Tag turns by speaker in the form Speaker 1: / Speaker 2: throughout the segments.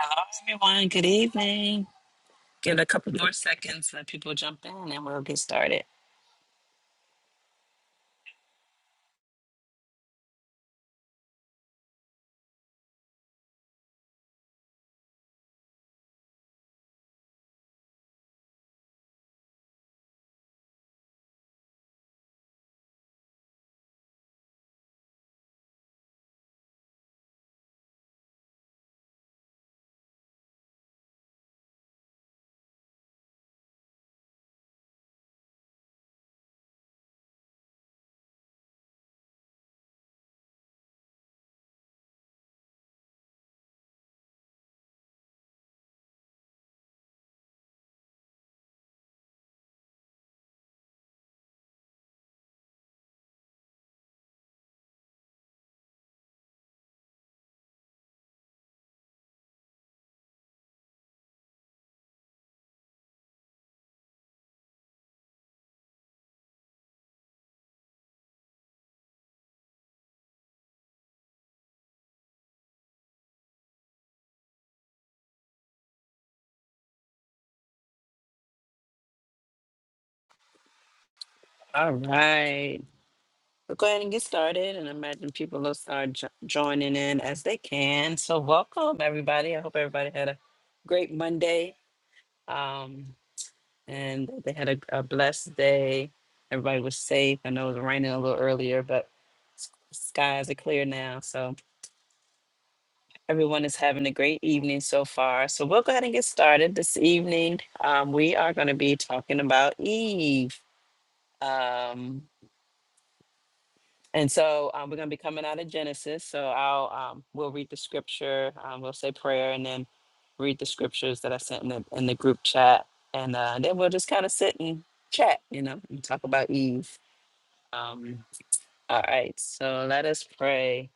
Speaker 1: Hello, everyone. Good evening. Give it a couple more seconds, let people jump in, and we'll get started. All right. We'll go ahead and get started, and imagine people will start jo- joining in as they can. So, welcome, everybody. I hope everybody had a great Monday um, and they had a, a blessed day. Everybody was safe. I know it was raining a little earlier, but s- skies are clear now. So, Everyone is having a great evening so far. So we'll go ahead and get started this evening. Um, we are going to be talking about Eve. Um, and so um, we're going to be coming out of Genesis. So I'll um, we'll read the scripture. Um, we'll say prayer and then read the scriptures that I sent in the in the group chat, and uh, then we'll just kind of sit and chat, you know, and talk about Eve. Um, all right. So let us pray.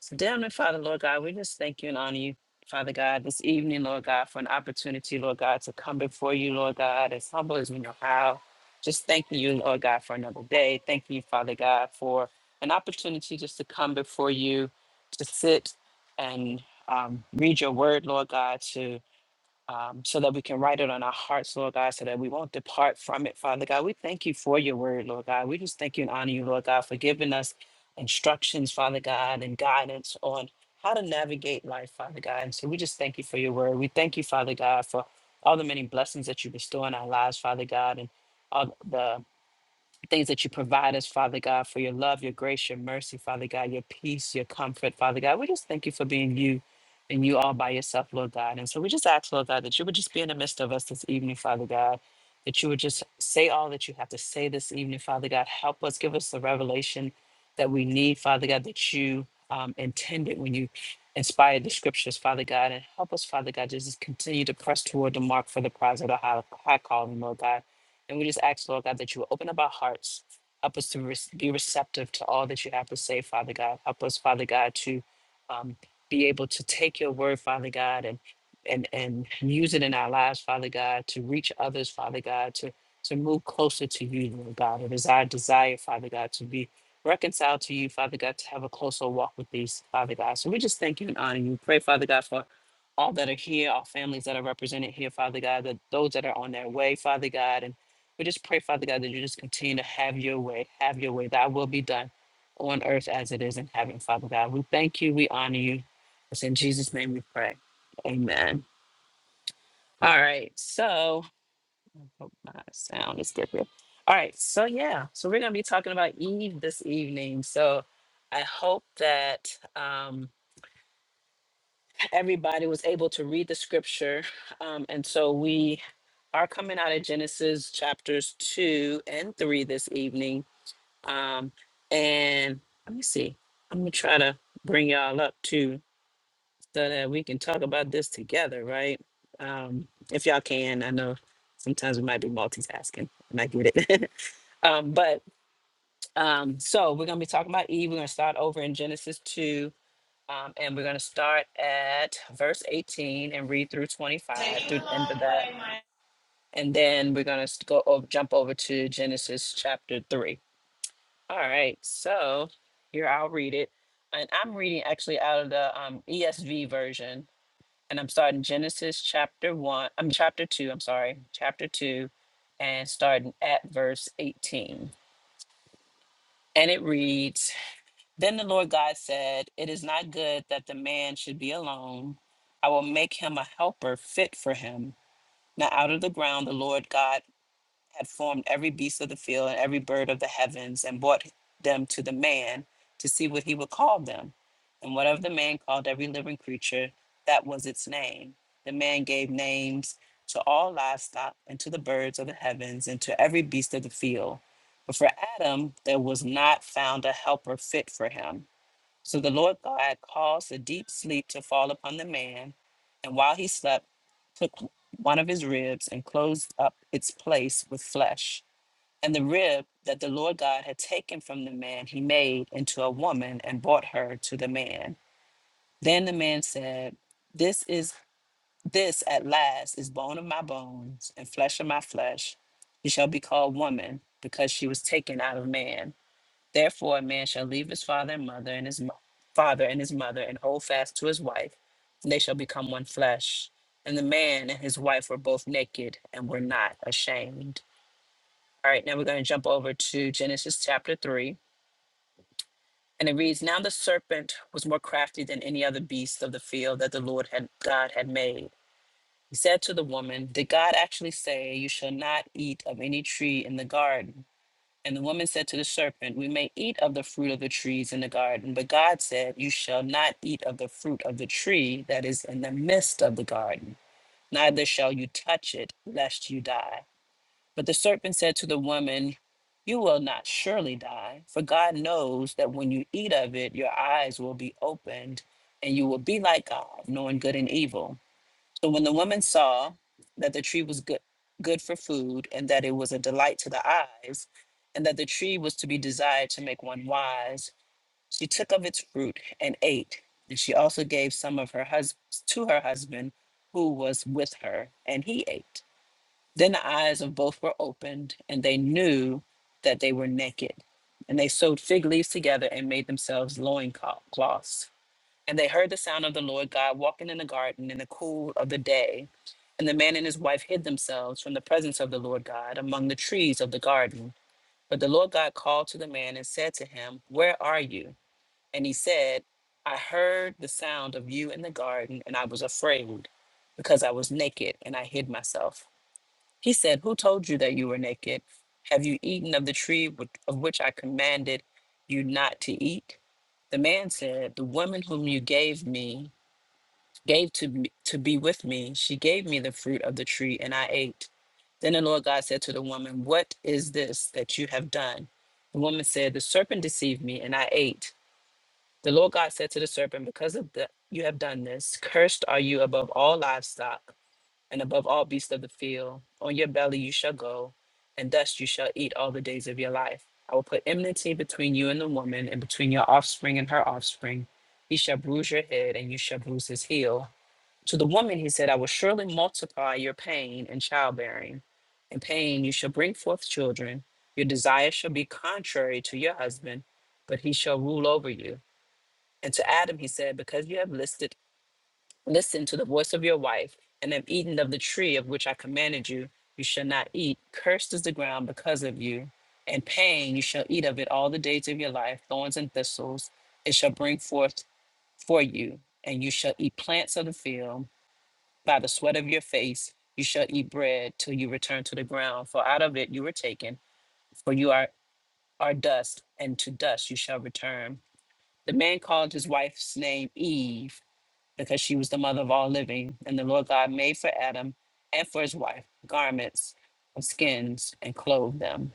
Speaker 1: So, dear Heavenly Father, Lord God, we just thank you and honor you, Father God, this evening, Lord God, for an opportunity, Lord God, to come before you, Lord God, as humble as we know how. Just thanking you, Lord God, for another day. Thanking you, Father God, for an opportunity just to come before you, to sit and um, read your word, Lord God, to um, so that we can write it on our hearts, Lord God, so that we won't depart from it, Father God. We thank you for your word, Lord God. We just thank you and honor you, Lord God, for giving us instructions, Father God, and guidance on how to navigate life, Father God. And so we just thank you for your word. We thank you, Father God, for all the many blessings that you bestow in our lives, Father God, and all the things that you provide us, Father God, for your love, your grace, your mercy, Father God, your peace, your comfort, Father God. We just thank you for being you and you all by yourself, Lord God. And so we just ask, Lord God, that you would just be in the midst of us this evening, Father God, that you would just say all that you have to say this evening, Father God. Help us, give us the revelation that we need, Father God, that you um, intended when you inspired the scriptures, Father God. And help us, Father God, just continue to press toward the mark for the prize of the high, high calling, Lord God. And we just ask, Lord God, that you will open up our hearts. Help us to re- be receptive to all that you have to say, Father God. Help us, Father God, to um, be able to take your word, Father God, and and and use it in our lives, Father God, to reach others, Father God, to to move closer to you, Lord God. It is our desire, Father God, to be reconciled to you, Father God, to have a closer walk with these, Father God. So we just thank you and honor you. Pray, Father God, for all that are here, all families that are represented here, Father God, that those that are on their way, Father God, and we just pray, Father God, that you just continue to have your way, have your way. Thy will be done on earth as it is in heaven, Father God. We thank you. We honor you. It's in Jesus' name we pray. Amen. All right. So, hope my sound is good here. All right. So, yeah. So, we're going to be talking about Eve this evening. So, I hope that um, everybody was able to read the scripture. Um, and so, we are coming out of Genesis chapters 2 and 3 this evening Um, and let me see. I'm gonna try to bring y'all up too, so that we can talk about this together, right? Um, if y'all can, I know sometimes we might be multitasking, and I get it. um, but um, so we're gonna be talking about Eve. We're gonna start over in Genesis two, um, and we're gonna start at verse 18 and read through 25
Speaker 2: Taking
Speaker 1: through
Speaker 2: the
Speaker 1: the end of
Speaker 2: long
Speaker 1: that,
Speaker 2: way, my
Speaker 1: and then we're gonna s- go over, jump over to Genesis chapter three. All right, so here I'll read it. And I'm reading actually out of the um, ESV version. And I'm starting Genesis chapter one, I'm chapter two, I'm sorry, chapter two, and starting at verse 18. And it reads Then the Lord God said, It is not good that the man should be alone. I will make him a helper fit for him. Now out of the ground the Lord God had formed every beast of the field and every bird of the heavens and brought them to the man to see what he would call them. And whatever the man called every living creature, that was its name. The man gave names to all livestock and to the birds of the heavens and to every beast of the field. But for Adam, there was not found a helper fit for him. So the Lord God caused a deep sleep to fall upon the man, and while he slept, took one of his ribs and closed up its place with flesh. And the rib that the Lord God had taken from the man, he made into a woman and brought her to the man. Then the man said, This is this at last is bone of my bones and flesh of my flesh. She shall be called woman because she was taken out of man. Therefore, a man shall leave his father and mother and his mo- father and his mother and hold fast to his wife, and they shall become one flesh. And the man and his wife were both naked and were not ashamed. All right, now we're going to jump over to Genesis chapter 3. And it reads Now the serpent was more crafty than any other beast of the field that the Lord had God had made. He said to the woman, Did God actually say, You shall not eat of any tree in the garden? And the woman said to the serpent, We may eat of the fruit of the trees in the garden, but God said, You shall not eat of the fruit of the tree that is in the midst of the garden, neither shall you touch it, lest you die. But the serpent said to the woman, You will not surely die, for God knows that when you eat of it, your eyes will be opened, and you will be like God, knowing good and evil. So when the woman saw that the tree was good, good for food, and that it was a delight to the eyes, and that the tree was to be desired to make one wise, she took of its fruit and ate. And she also gave some of her hus to her husband, who was with her, and he ate. Then the eyes of both were opened, and they knew that they were naked. And they sewed fig leaves together and made themselves loincloths. And they heard the sound of the Lord God walking in the garden in the cool of the day. And the man and his wife hid themselves from the presence of the Lord God among the trees of the garden. But the Lord God called to the man and said to him, Where are you? And he said, I heard the sound of you in the garden, and I was afraid because I was naked and I hid myself. He said, Who told you that you were naked? Have you eaten of the tree which- of which I commanded you not to eat? The man said, The woman whom you gave me gave to me, to be with me. She gave me the fruit of the tree, and I ate. Then the Lord God said to the woman, "What is this that you have done?" The woman said, "The serpent deceived me, and I ate." The Lord God said to the serpent, "Because of the you have done this, cursed are you above all livestock and above all beasts of the field. On your belly you shall go, and dust you shall eat all the days of your life. I will put enmity between you and the woman, and between your offspring and her offspring. He shall bruise your head, and you shall bruise his heel." To the woman he said, I will surely multiply your pain and childbearing. In pain you shall bring forth children. Your desire shall be contrary to your husband, but he shall rule over you. And to Adam he said, Because you have listed, listened to the voice of your wife, and have eaten of the tree of which I commanded you, you shall not eat. Cursed is the ground because of you. And pain you shall eat of it all the days of your life, thorns and thistles, it shall bring forth for you, and you shall eat plants of the field by the sweat of your face you shall eat bread till you return to the ground, for out of it you were taken, for you are, are dust, and to dust you shall return. The man called his wife's name Eve, because she was the mother of all living, and the Lord God made for Adam and for his wife garments of skins and clothed them.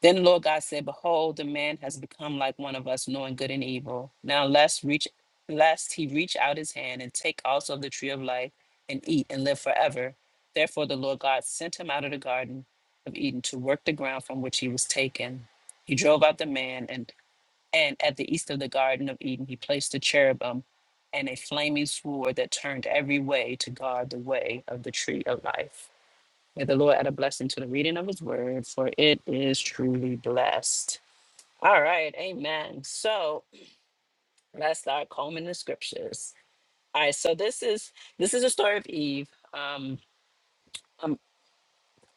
Speaker 1: Then Lord God said, Behold, the man has become like one of us, knowing good and evil. Now lest reach lest he reach out his hand and take also of the tree of life and eat and live forever. Therefore the Lord God sent him out of the garden of Eden to work the ground from which he was taken. He drove out the man and and at the east of the garden of Eden he placed a cherubim and a flaming sword that turned every way to guard the way of the tree of life. May the Lord add a blessing to the reading of his word, for it is truly blessed. All right, amen. So let's start combing the scriptures. All right, so this is this is the story of Eve. Um, um,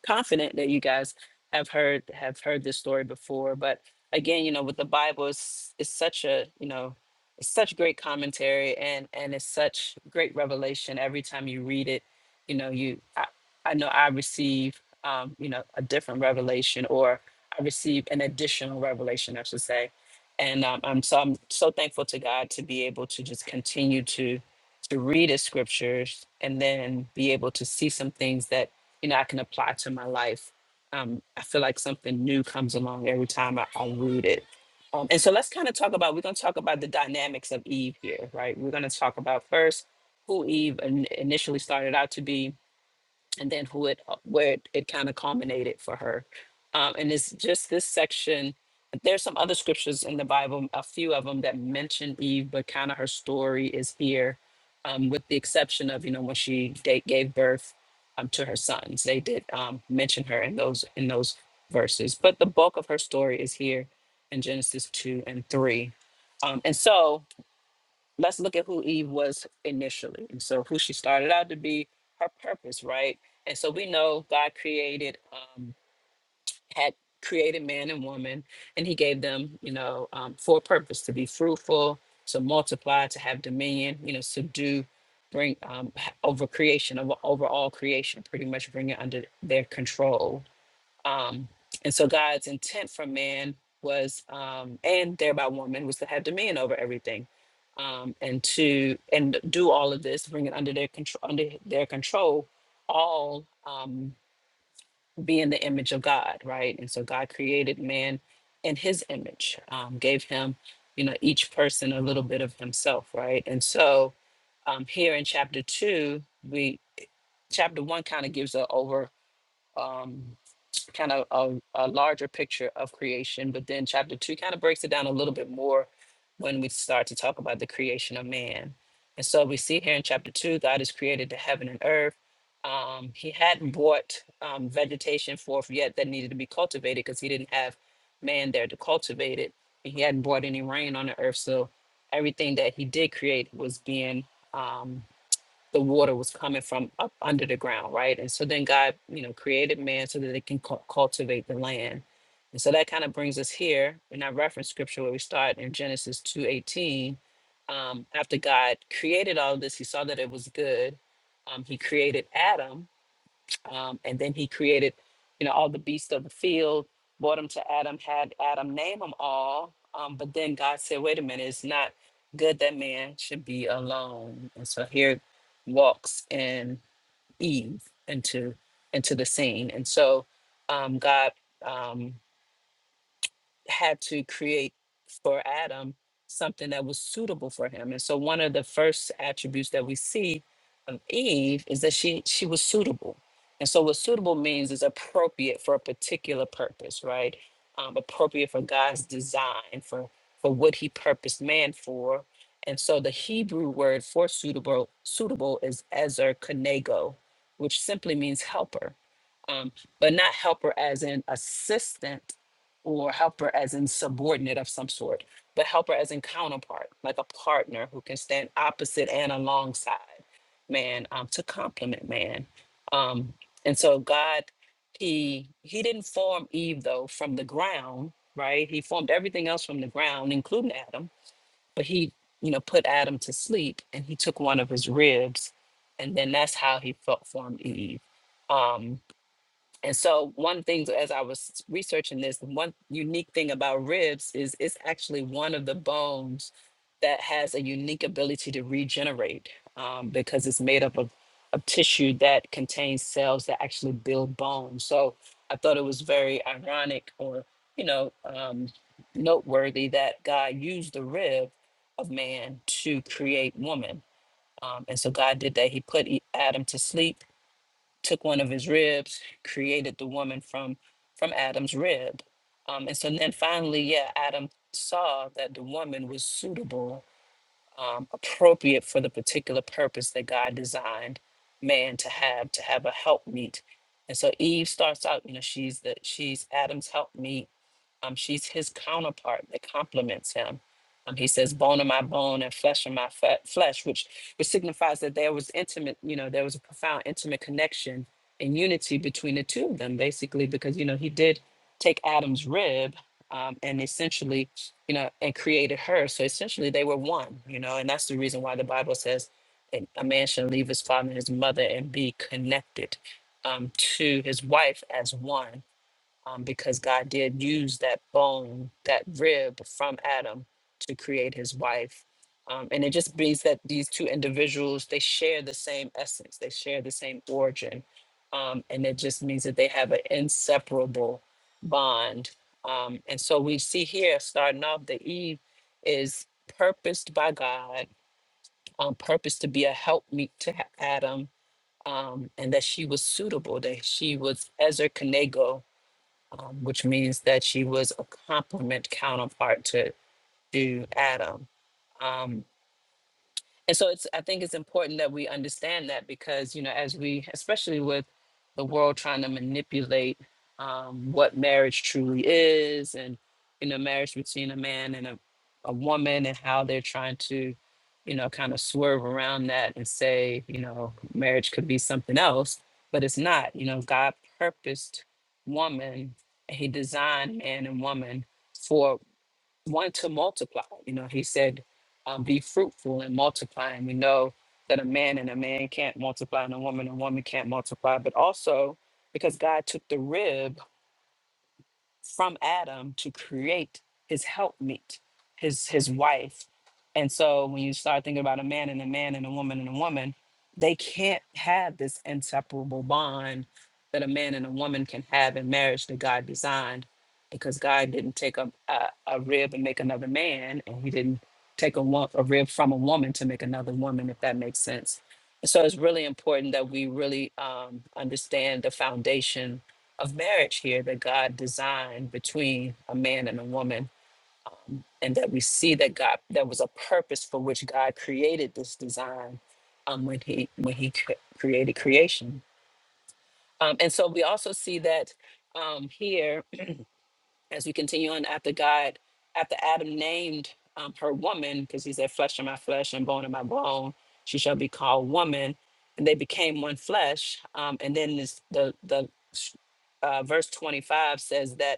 Speaker 1: confident that you guys have heard have heard this story before. But again, you know, with the Bible, it's, it's such a you know, it's such great commentary and and it's such great revelation. Every time you read it, you know, you I, I know I receive um, you know a different revelation or I receive an additional revelation, I should say. And um, I'm so I'm so thankful to God to be able to just continue to to read his scriptures and then be able to see some things that you know, I can apply to my life. Um, I feel like something new comes along every time I, I read it. Um, and so let's kind of talk about, we're going to talk about the dynamics of Eve here, right? We're going to talk about first who Eve in, initially started out to be, and then who it where it, it kind of culminated for her um, and it's just this section there's some other scriptures in the bible a few of them that mention eve but kind of her story is here um, with the exception of you know when she da- gave birth um, to her sons they did um, mention her in those in those verses but the bulk of her story is here in genesis 2 and 3 um, and so let's look at who Eve was initially. And so who she started out to be, her purpose, right? And so we know God created, um, had created man and woman, and he gave them, you know, um, for a purpose to be fruitful, to multiply, to have dominion, you know, to do, bring um, h- over creation, over, over all creation, pretty much bring it under their control um, and so God's intent for man was, um, and thereby woman, was to have dominion over everything, um, and to and do all of this, bring it under their control, under their control, all um, being the image of God, right? And so God created man in His image, um, gave him, you know, each person a little bit of Himself, right? And so um, here in chapter two, we chapter one kind of gives a over um, kind of a, a larger picture of creation. But then chapter two kind of breaks it down a little bit more when we start to talk about the creation of man. And so we see here in chapter two, God has created the heaven and earth. Um, he hadn't brought um, vegetation forth yet that needed to be cultivated because he didn't have man there to cultivate it. And he hadn't brought any rain on the earth. So everything that he did create was being um, the water was coming from up under the ground, right? And so then God, you know, created man so that they can cul- cultivate the land. And so that kind of brings us here in our reference scripture where we start in Genesis 2:18. Um, after God created all of this, he saw that it was good. Um, he created Adam, um, and then he created, you know, all the beasts of the field, brought them to Adam, had Adam name them all. Um, but then God said, wait a minute, it's not good that man should be alone. And so here walks in Eve into into the scene. And so um, God um, had to create for Adam something that was suitable for him. And so one of the first attributes that we see of Eve is that she she was suitable. And so what suitable means is appropriate for a particular purpose, right? Um, appropriate for God's design, for for what he purposed man for. And so the Hebrew word for suitable suitable is ezer kanego, which simply means helper. Um, but not helper as in assistant, or helper as in subordinate of some sort, but helper as in counterpart, like a partner who can stand opposite and alongside man um, to complement man. Um, and so God, he he didn't form Eve though from the ground, right? He formed everything else from the ground, including Adam, but he you know put Adam to sleep and he took one of his ribs, and then that's how he felt formed Eve. Um, and so, one thing as I was researching this, one unique thing about ribs is it's actually one of the bones that has a unique ability to regenerate um, because it's made up of, of tissue that contains cells that actually build bone. So, I thought it was very ironic or, you know, um, noteworthy that God used the rib of man to create woman. Um, and so, God did that. He put E- Adam to sleep took one of his ribs, created the woman from from Adam's rib. Um, and so then finally, yeah, Adam saw that the woman was suitable, um, appropriate for the particular purpose that God designed man to have, to have a helpmeet. And so Eve starts out, you know, she's the she's Adam's helpmeet. Um, she's his counterpart that complements him. Um, he says, "Bone of my bone and flesh of my fe- flesh," which which signifies that there was intimate, you know, there was a profound intimate connection and unity between the two of them, basically, because you know he did take Adam's rib um, and essentially, you know, and created her. So essentially, they were one, you know, and that's the reason why the Bible says that a man shall leave his father and his mother and be connected um, to his wife as one um, because God did use that bone, that rib from Adam to create his wife. Um, and it just means that these two individuals, they share the same essence, they share the same origin. Um, and it just means that they have an inseparable bond. Um, and so we see here, starting off, that Eve is purposed by God, um, purposed to be a helpmeet to Ha- Adam, um, and that she was suitable, that she was Ezer um, which means that she was a complement counterpart to, to Adam. Um, and so it's i think it's important that we understand that because you know as we especially with the world trying to manipulate um, what marriage truly is and you know marriage between a man and a, a woman and how they're trying to you know kind of swerve around that and say you know marriage could be something else but it's not you know god purposed woman and he designed man and woman for want to multiply. You know, he said, um, be fruitful and multiply. And we know that a man and a man can't multiply, and a woman and a woman can't multiply, but also because God took the rib from Adam to create his helpmeet, his his wife. And so when you start thinking about a man and a man and a woman and a woman, they can't have this inseparable bond that a man and a woman can have in marriage that God designed because God didn't take a, a, a rib and make another man, and he didn't take a, wo- a rib from a woman to make another woman, if that makes sense. So it's really important that we really um, understand the foundation of marriage here that God designed between a man and a woman, and that we see that God there was a purpose for which God created this design um, when he when he cre- created creation. Um, and so we also see that um, here as we continue on after God, after Adam named um, her woman, because he said, flesh of my flesh and bone of my bone, she shall be called woman. And they became one flesh. Um, and then this, the, the uh, verse 25 says that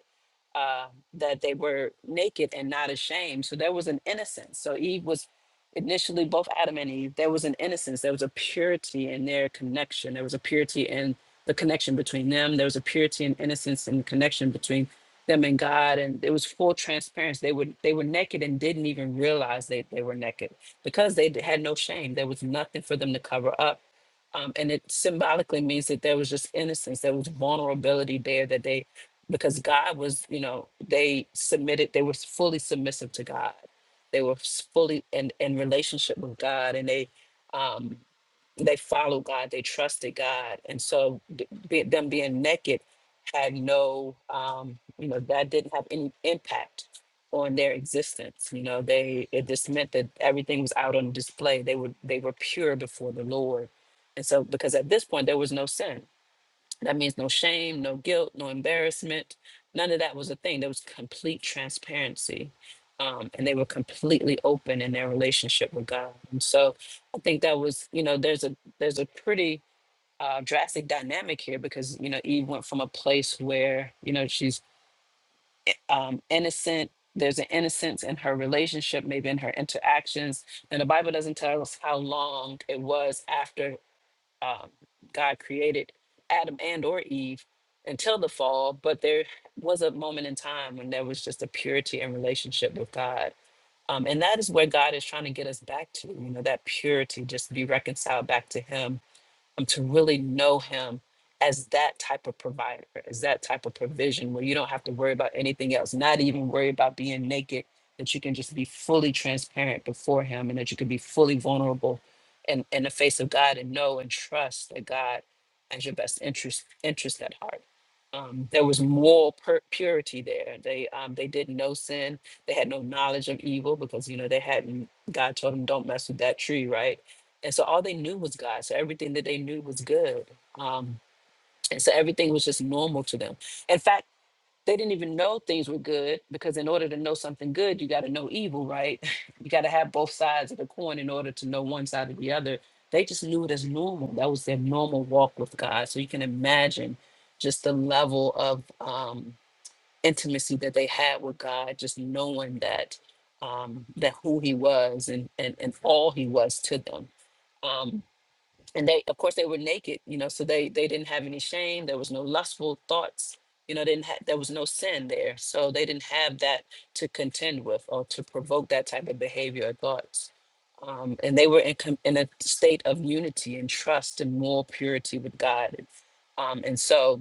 Speaker 1: uh, that they were naked and not ashamed. So there was an innocence. So Eve was initially both Adam and Eve. There was an innocence. There was a purity in their connection. There was a purity in the connection between them. There was a purity and innocence and connection between them and God, and it was full transparency. They were they were naked and didn't even realize they, they were naked because they d- had no shame. There was nothing for them to cover up, um, and it symbolically means that there was just innocence. There was vulnerability there that they, because God was, you know, they submitted. They were fully submissive to God. They were s- fully in in relationship with God, and they. Um, they followed God, they trusted God, and so th- be, them being naked had no, um, you know, that didn't have any impact on their existence. You know, they it just meant that everything was out on display. They were they were pure before the Lord, and so because at this point there was no sin that means no shame, no guilt, no embarrassment. None of that was a thing. There was complete transparency. Um, and they were completely open in their relationship with God. And so I think that was, you know, there's a there's a pretty uh, drastic dynamic here because, you know, Eve went from a place where, you know, she's um, innocent. There's an innocence in her relationship, maybe in her interactions. And the Bible doesn't tell us how long it was after um, God created Adam and or Eve until the fall, but there was a moment in time when there was just a purity in relationship with God. Um, and that is where God is trying to get us back to, you know, that purity, just to be reconciled back to Him um, to really know him as that type of provider, as that type of provision where you don't have to worry about anything else, not even worry about being naked, that you can just be fully transparent before him and that you can be fully vulnerable in, in the face of God and know and trust that God has your best interest interest at heart. Um, there was moral pur- purity there. They um, they did no sin. They had no knowledge of evil because you know they hadn't. God told them, "Don't mess with that tree," right? and so all they knew was God. So everything that they knew was good. Um, and so everything was just normal to them. In fact, they didn't even know things were good because in order to know something good, you got to know evil, right? You got to have both sides of the coin in order to know one side or the other. They just knew it as normal. That was their normal walk with God. So you can imagine just the level of um, intimacy that they had with God, just knowing that um, that who He was and and and all He was to them. Um, and they of course they were naked you know so they they didn't have any shame there was no lustful thoughts you know didn't ha- there was no sin there so they didn't have that to contend with or to provoke that type of behavior or thoughts um, and they were in, com- in a state of unity and trust and moral purity with god um, and so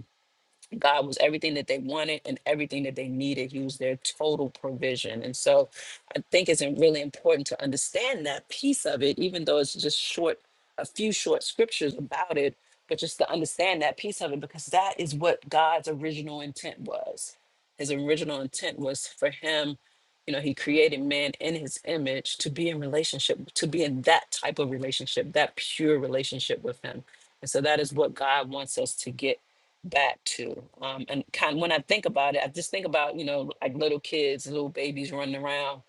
Speaker 1: God was everything that they wanted and everything that they needed. He was their total provision. And so I think it's im- really important to understand that piece of it, even though it's just short, a few short scriptures about it, but just to understand that piece of it, because that is what God's original intent was. His original intent was for him, you know, he created man in his image to be in relationship, to be in that type of relationship, that pure relationship with him. And so that is what God wants us to get back to. Um, and kind when I think about it, I just think about you know like little kids, little babies running around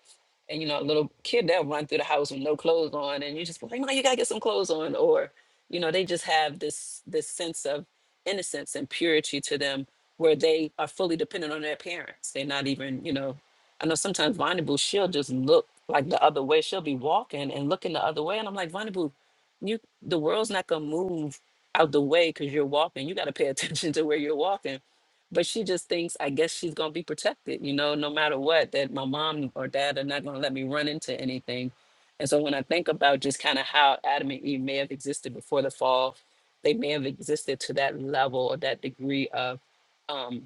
Speaker 1: and you know a little kid they'll run through the house with no clothes on and you just be like no you gotta get some clothes on or you know they just have this this sense of innocence and purity to them where they are fully dependent on their parents they're not even you know i know sometimes vulnerable she'll just look like the other way she'll be walking and looking the other way and i'm like vulnerable you the world's not gonna move out the way because you're walking you got to pay attention to where you're walking but she just thinks i guess she's going to be protected you know no matter what that my mom or dad are not going to let me run into anything and so when i think about just kind of how adam and eve may have existed before the fall they may have existed to that level or that degree of um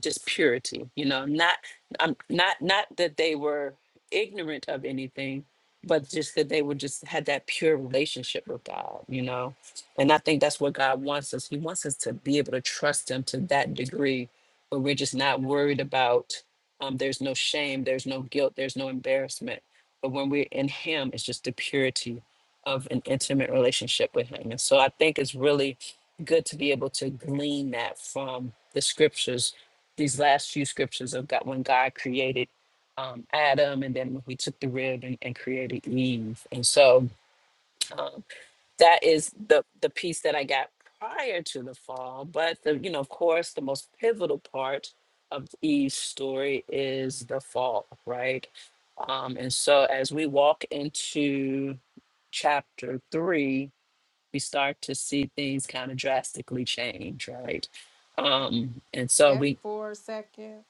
Speaker 1: just purity you know not um, not not that they were ignorant of anything but just that they were just had that pure relationship with god you know and I think that's what God wants us. He wants us to be able to trust Him to that degree where we're just not worried about um, there's no shame, there's no guilt, there's no embarrassment. But when we're in Him, it's just the purity of an intimate relationship with Him. And so I think it's really good to be able to glean that from the scriptures, these last few scriptures of God, when God created um, Adam and then when He took the rib and, and created Eve. And so. um, that is the the piece that I got prior to the fall. But the you know, of course, the most pivotal part of Eve's story is the fall, right? Um, and so as we walk into chapter three, we start to see things kind of drastically change, right? Um, and so
Speaker 3: Back
Speaker 1: we
Speaker 3: for a second.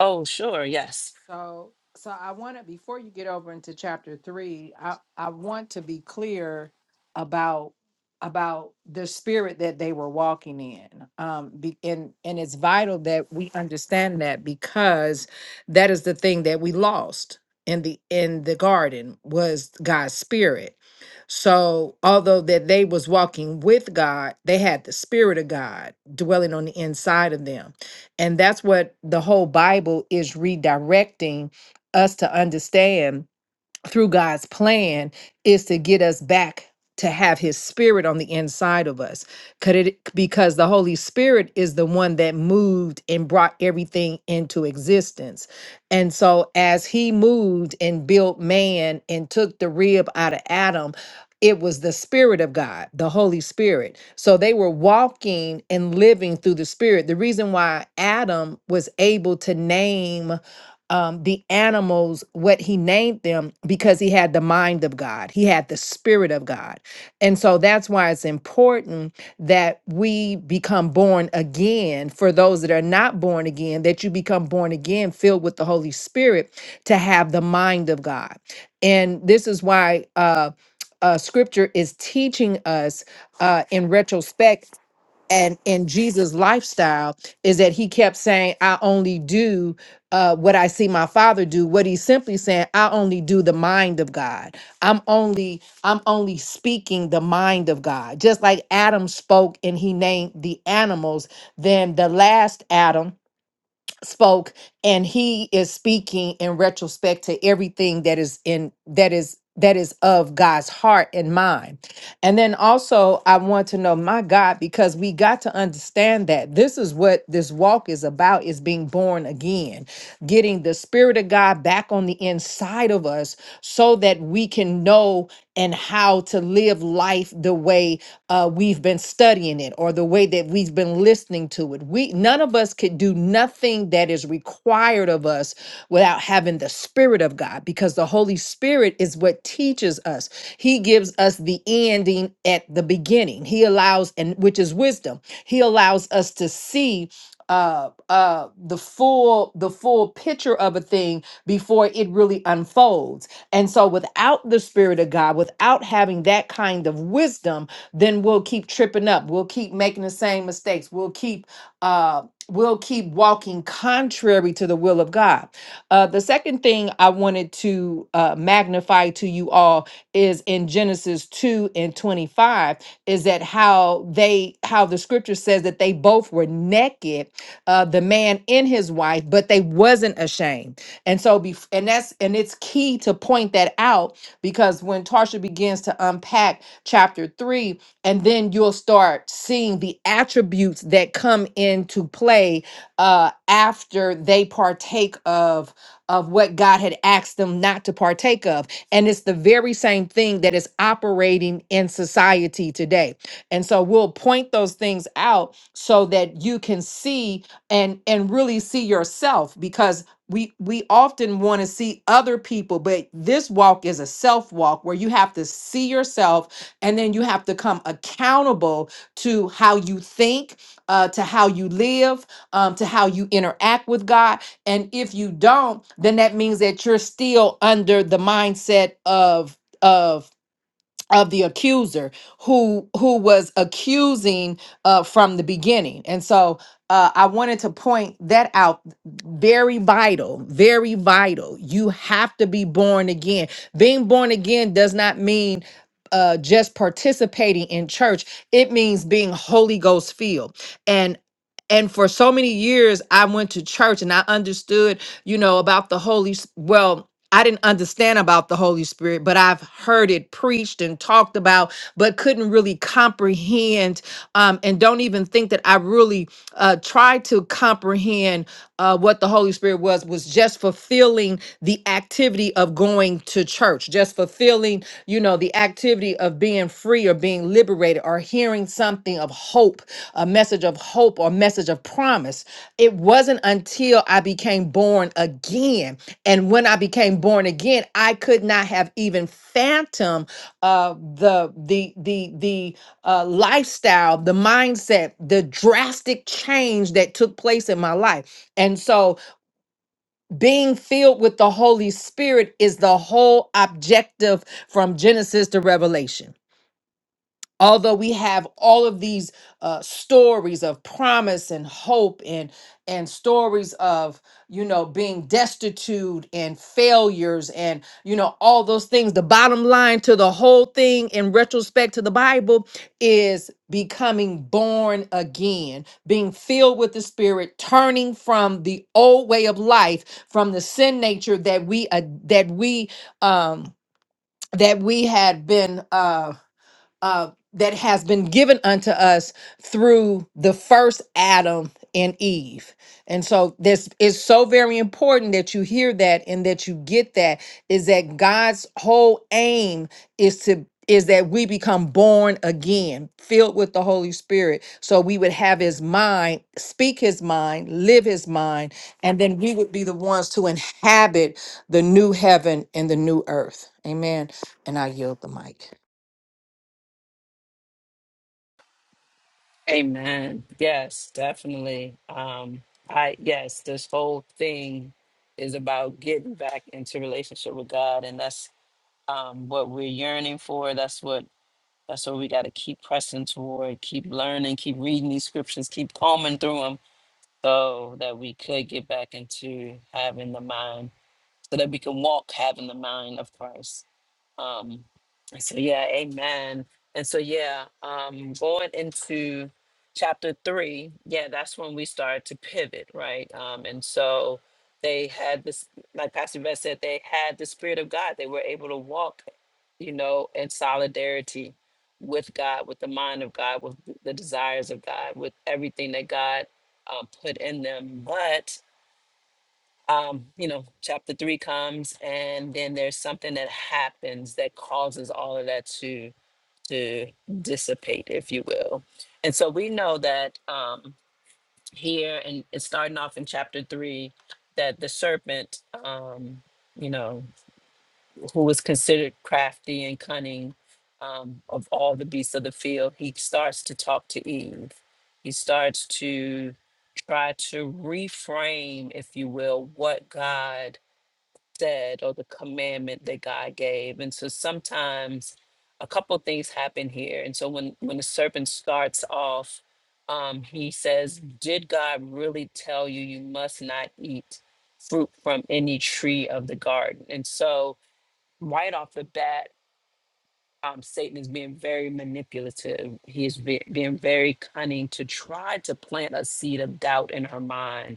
Speaker 1: oh sure, yes.
Speaker 3: So, so I want to before you get over into chapter three, I I want to be clear about about the spirit that they were walking in. Um, be, and and it's vital that we understand that because that is the thing that we lost in the in the garden was God's spirit. So, although that they was walking with God, they had the spirit of God dwelling on the inside of them and that's what the whole Bible is redirecting us to understand through God's plan is to get us back to have his spirit on the inside of us. Could it because the Holy Spirit is the one that moved and brought everything into existence. And so as he moved and built man and took the rib out of Adam, it was the spirit of God, the Holy Spirit. So they were walking and living through the spirit. The reason why Adam was able to name um, the animals what he named them because he had the mind of God, he had the spirit of God. And so that's why it's important that we become born again. For those that are not born again, that you become born again, filled with the Holy Spirit to have the mind of God. And this is why uh, uh, scripture is teaching us uh, in retrospect and in Jesus' lifestyle is that he kept saying, I only do uh, what I see my father do. What he's simply saying, I only do the mind of God. I'm only, I'm only speaking the mind of God. Just like Adam spoke and he named the animals, then the last Adam spoke and he is speaking in retrospect to everything that is in that is that is of God's heart and mind. And then also I want to know my God because we got to understand that this is what this walk is about is being born again, getting the spirit of God back on the inside of us so that we can know and how to live life the way uh, we've been studying it or the way that we've been listening to it. We none of us could do nothing that is required of us without having the Spirit of God, because the Holy Spirit is what teaches us. He gives us the ending at the beginning. He allows, and which is wisdom. He allows us to see uh uh the full the full picture of a thing before it really unfolds and so without the spirit of god without having that kind of wisdom then we'll keep tripping up we'll keep making the same mistakes we'll keep uh, will keep walking contrary to the will of God. Uh, the second thing I wanted to uh, magnify to you all is in Genesis 2 and 25 is that how they how the scripture says that they both were naked uh the man and his wife but they wasn't ashamed and so bef- and that's and it's key to point that out because when tarsha begins to unpack chapter 3 and then you'll start seeing the attributes that come into play uh, after they partake of of what God had asked them not to partake of, and it's the very same thing that is operating in society today. And so we'll point those things out so that you can see and and really see yourself because. We, we often want to see other people, but this walk is a self walk where you have to see yourself and then you have to come accountable to how you think, uh, to how you live, um, to how you interact with God. And if you don't, then that means that you're still under the mindset of of of the accuser who who was accusing uh from the beginning and so uh i wanted to point that out very vital very vital you have to be born again being born again does not mean uh just participating in church it means being holy ghost filled and and for so many years i went to church and i understood you know about the holy S- well I didn't understand about the Holy Spirit, but I've heard it preached and talked about but couldn't really comprehend um, and don't even think that I really uh, tried to comprehend uh, what the Holy Spirit was, was just fulfilling the activity of going to church, just fulfilling, you know, the activity of being free or being liberated or hearing something of hope, a message of hope or message of promise. It wasn't until I became born again. And when I became born again, I could not have even fathomed uh, the the the the uh, lifestyle, the mindset, the drastic change that took place in my life. And so, being filled with the Holy Spirit is the whole objective from Genesis to Revelation although we have all of these uh, stories of promise and hope and and stories of you know being destitute and failures and you know all those things the bottom line to the whole thing in retrospect to the bible is becoming born again being filled with the spirit turning from the old way of life from the sin nature that we uh, that we um that we had been um uh, that has been given unto us through the first Adam and Eve. And so this is so very important that you hear that and that you get that is that God's whole aim is to is that we become born again, filled with the Holy Spirit. So we would have his mind, speak his mind, live his mind, and then we would be the ones to inhabit the new heaven and the new earth. Amen. And I yield the mic.
Speaker 1: Amen. Yes, definitely. Um, I yes, this whole thing is about getting back into relationship with God, and that's um what we're yearning for. That's what that's what we got to keep pressing toward, keep learning, keep reading these scriptures, keep combing through them, so that we could get back into having the mind, so that we can walk having the mind of Christ. Um, so yeah, amen. And so yeah, um, going into chapter three, yeah, that's when we started to pivot, right? Um, and so they had this, like Pastor Beth said, they had the Spirit of God. They were able to walk, you know, in solidarity with God, with the mind of God, with the desires of God, with everything that God uh, put in them. But um, you know, chapter three comes, and then there's something that happens that causes all of that to to dissipate, if you will. And so we know that um, here, and it's starting off in chapter three, that the serpent, um, you know, who was considered crafty and cunning um, of all the beasts of the field, he starts to talk to Eve. He starts to try to reframe, if you will, what God said or the commandment that God gave. And so sometimes a couple things happen here. And so when when the serpent starts off, um, he says, "Did God really tell you you must not eat fruit from any tree of the garden?" And so right off the bat. Um, Satan is being very manipulative. He is be- being very cunning to try to plant a seed of doubt in her mind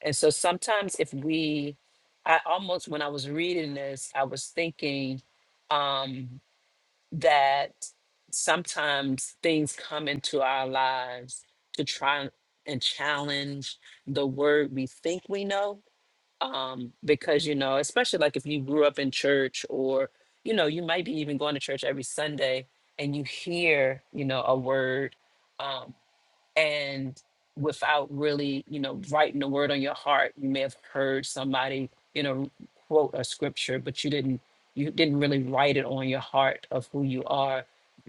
Speaker 1: and so sometimes if we, I almost, when I was reading this, I was thinking um, that sometimes things come into our lives to try and and challenge the word we think we know. Um, because, you know, especially like if you grew up in church or, you know, you might be even going to church every Sunday and you hear, you know, a word. um, and without really you know writing a word on your heart you may have heard somebody you know quote a scripture but you didn't you didn't really write it on your heart of who you are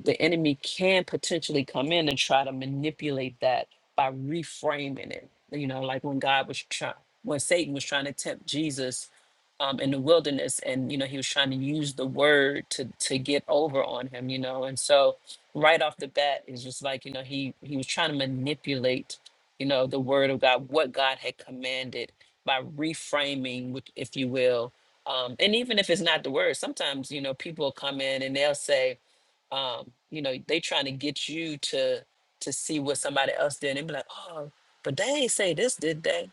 Speaker 1: the enemy can potentially come in and try to manipulate that by reframing it you know like when god was trying when satan was trying to tempt jesus um, in the wilderness and you know he was trying to use the word to to get over on him you know and so right off the bat is just like you know he he was trying to manipulate you know the word of god what god had commanded by reframing which- if you will um and even if it's not the word sometimes you know people come in and they'll say um you know they trying to get you to to see what somebody else did and be like oh but they ain't say this did they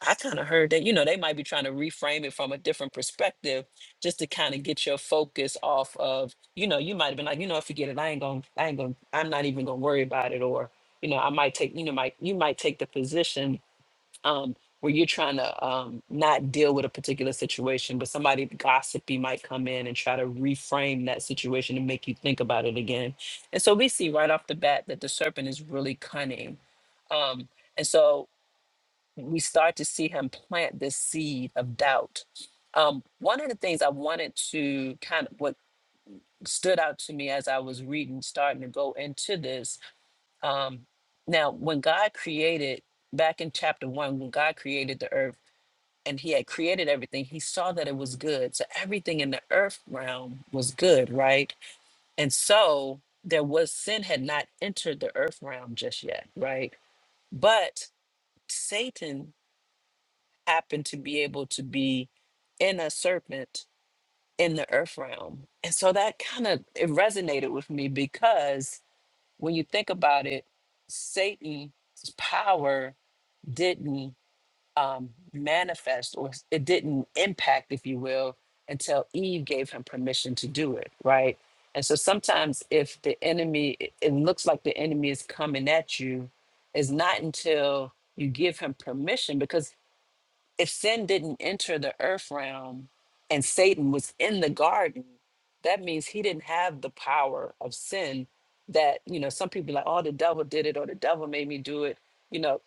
Speaker 1: I kind of heard that, you know, they might be trying to reframe it from a different perspective just to kind of get your focus off of, you know, you might have been like, you know, forget it. I ain't gonna, I ain't gonna, I'm not even gonna worry about it. Or, you know, I might take, you know, might, you might take the position um, where you're trying to um, not deal with a particular situation, but somebody gossipy might come in and try to reframe that situation and make you think about it again. And so we see right off the bat that the serpent is really cunning. Um, and so we start to see him plant this seed of doubt. Um, one of the things I wanted to kind of what stood out to me as I was reading, starting to go into this. Um, now, when God created back in chapter one, when God created the earth and he had created everything, he saw that it was good. So everything in the earth realm was good, right? And so there was sin had not entered the earth realm just yet, right? But Satan happen to be able to be in a serpent in the earth realm. And so that kind of it resonated with me because when you think about it, Satan's power didn't um, manifest or it didn't impact, if you will, until Eve gave him permission to do it, right? And so sometimes if the enemy, it it looks like the enemy is coming at you, it's not until you give him permission because if sin didn't enter the earth realm and Satan was in the garden, that means he didn't have the power of sin that, you know, some people like, oh, the devil did it or the devil made me do it. You know,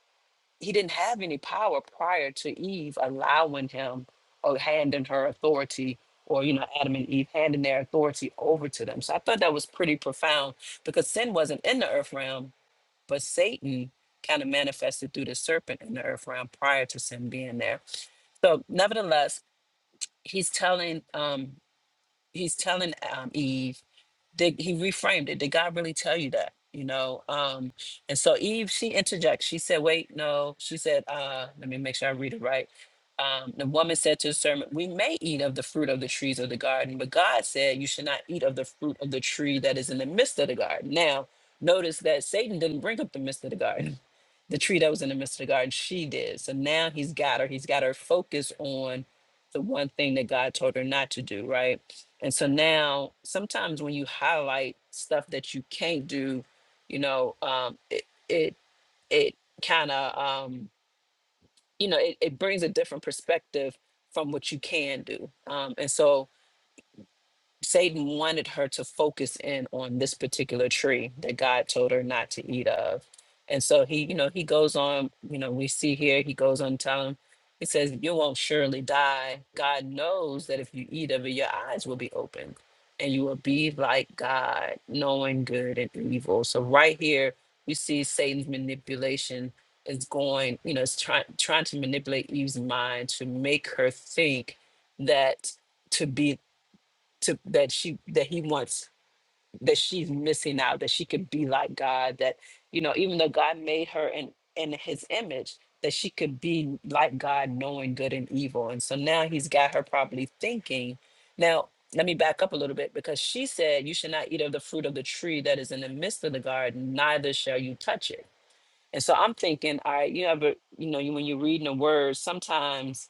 Speaker 1: he didn't have any power prior to Eve allowing him or handing her authority or, you know, Adam and Eve handing their authority over to them. So I thought that was pretty profound because sin wasn't in the earth realm, but Satan kind of manifested through the serpent in the earth realm prior to sin being there. So nevertheless, he's telling um he's telling um Eve did he reframed it? Did God really tell you that? You know, um, and so Eve, she interjects. She said, "Wait, no." She said, uh, "Let me make sure I read it right." Um, the woman said to the serpent, "We may eat of the fruit of the trees of the garden, but God said you should not eat of the fruit of the tree that is in the midst of the garden." Now, notice that Satan didn't bring up the midst of the garden the tree that was in the midst of the garden, she did. So now he's got her. He's got her focused on the one thing that God told her not to do, right? And so now, sometimes when you highlight stuff that you can't do, you know, um, it it it kind of um, you know it, it brings a different perspective from what you can do. Um, and so Satan wanted her to focus in on this particular tree that God told her not to eat of. And so he, you know, he goes on, you know, we see here, he goes on telling, he says, You won't surely die. God knows that if you eat of it, your eyes will be opened and you will be like God, knowing good and evil. So right here, you see Satan's manipulation is going, you know, it's trying trying to manipulate Eve's mind to make her think that to be to that she that he wants that she's missing out that she could be like god that you know even though god made her in in his image that she could be like god knowing good and evil and so now he's got her probably thinking now let me back up a little bit because she said you should not eat of the fruit of the tree that is in the midst of the garden neither shall you touch it and so i'm thinking all right you ever you know you when you're reading a word sometimes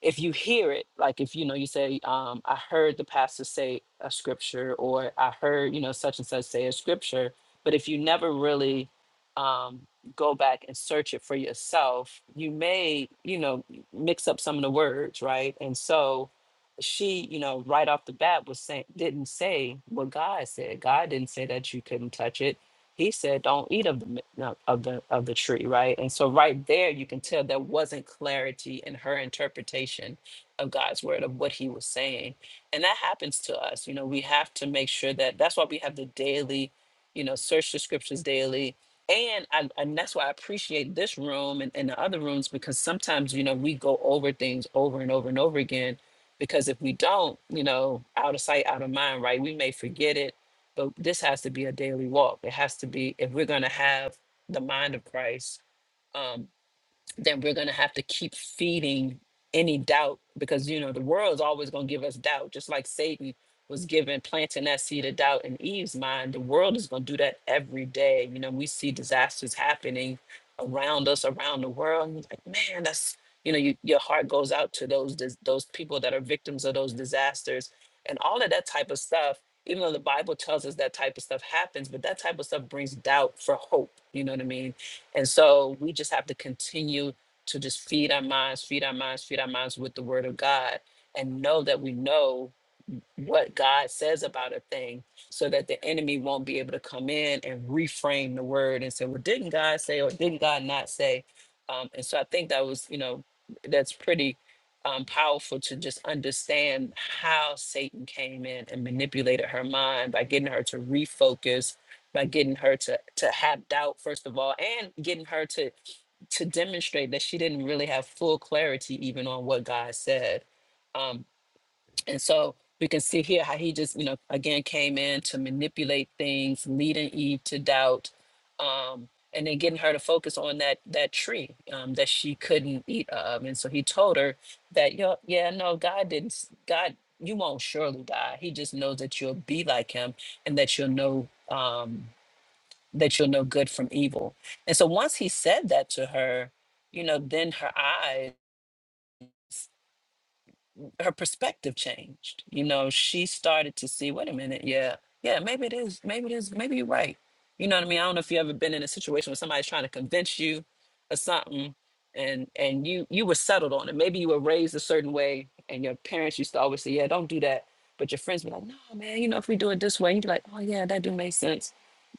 Speaker 1: if you hear it, like if you know, you say, um, I heard the pastor say a scripture, or I heard, you know, such and such say a scripture, but if you never really um, go back and search it for yourself, you may, you know, mix up some of the words, right? And so she, you know, right off the bat was saying, didn't say what God said. God didn't say that you couldn't touch it he said don't eat of the mi- no, of the of the tree right and so right there you can tell there wasn't clarity in her interpretation of god's word of what he was saying and that happens to us you know we have to make sure that that's why we have the daily you know search the scriptures daily and I, and that's why i appreciate this room and, and the other rooms because sometimes you know we go over things over and over and over again because if we don't you know out of sight out of mind right we may forget it but this has to be a daily walk. It has to be if we're going to have the mind of Christ. Um, then we're going to have to keep feeding any doubt because you know the world's always going to give us doubt just like satan was given planting that seed of doubt in eve's mind the world is going to do that every day you know we see disasters happening around us around the world and you're like man that's you know you, your heart goes out to those dis- those people that are victims of those disasters and all of that type of stuff even though the bible tells us that type of stuff happens but that type of stuff brings doubt for hope you know what i mean and so we just have to continue to just feed our minds, feed our minds, feed our minds with the word of God and know that we know what God says about a thing so that the enemy won't be able to come in and reframe the word and say, well, didn't God say or didn't God not say? Um, and so I think that was, you know, that's pretty um, powerful to just understand how Satan came in and manipulated her mind by getting her to refocus by getting her to to have doubt first of all and getting her to to demonstrate that she didn't really have full clarity even on what God said Um, and so we can see here how he just, you know, again came in to manipulate things, leading Eve to doubt, um, and then getting her to focus on that that tree um, that she couldn't eat of. And so he told her that, Yo, yeah, no, God didn't. s- God, you won't surely die. He just knows that you'll be like him, and that you'll know um, that you'll know good from evil. And so once he said that to her, you know, then her eyes her perspective changed. You know, she started to see, wait a minute, yeah, yeah, maybe it is, maybe it is, maybe you're right. You know what I mean? I don't know if you ever been in a situation where somebody's trying to convince you of something and and you you were settled on it. Maybe you were raised a certain way and your parents used to always say, Yeah, don't do that. But your friends were like, No, man, you know, if we do it this way, you'd be like, Oh yeah, that do make sense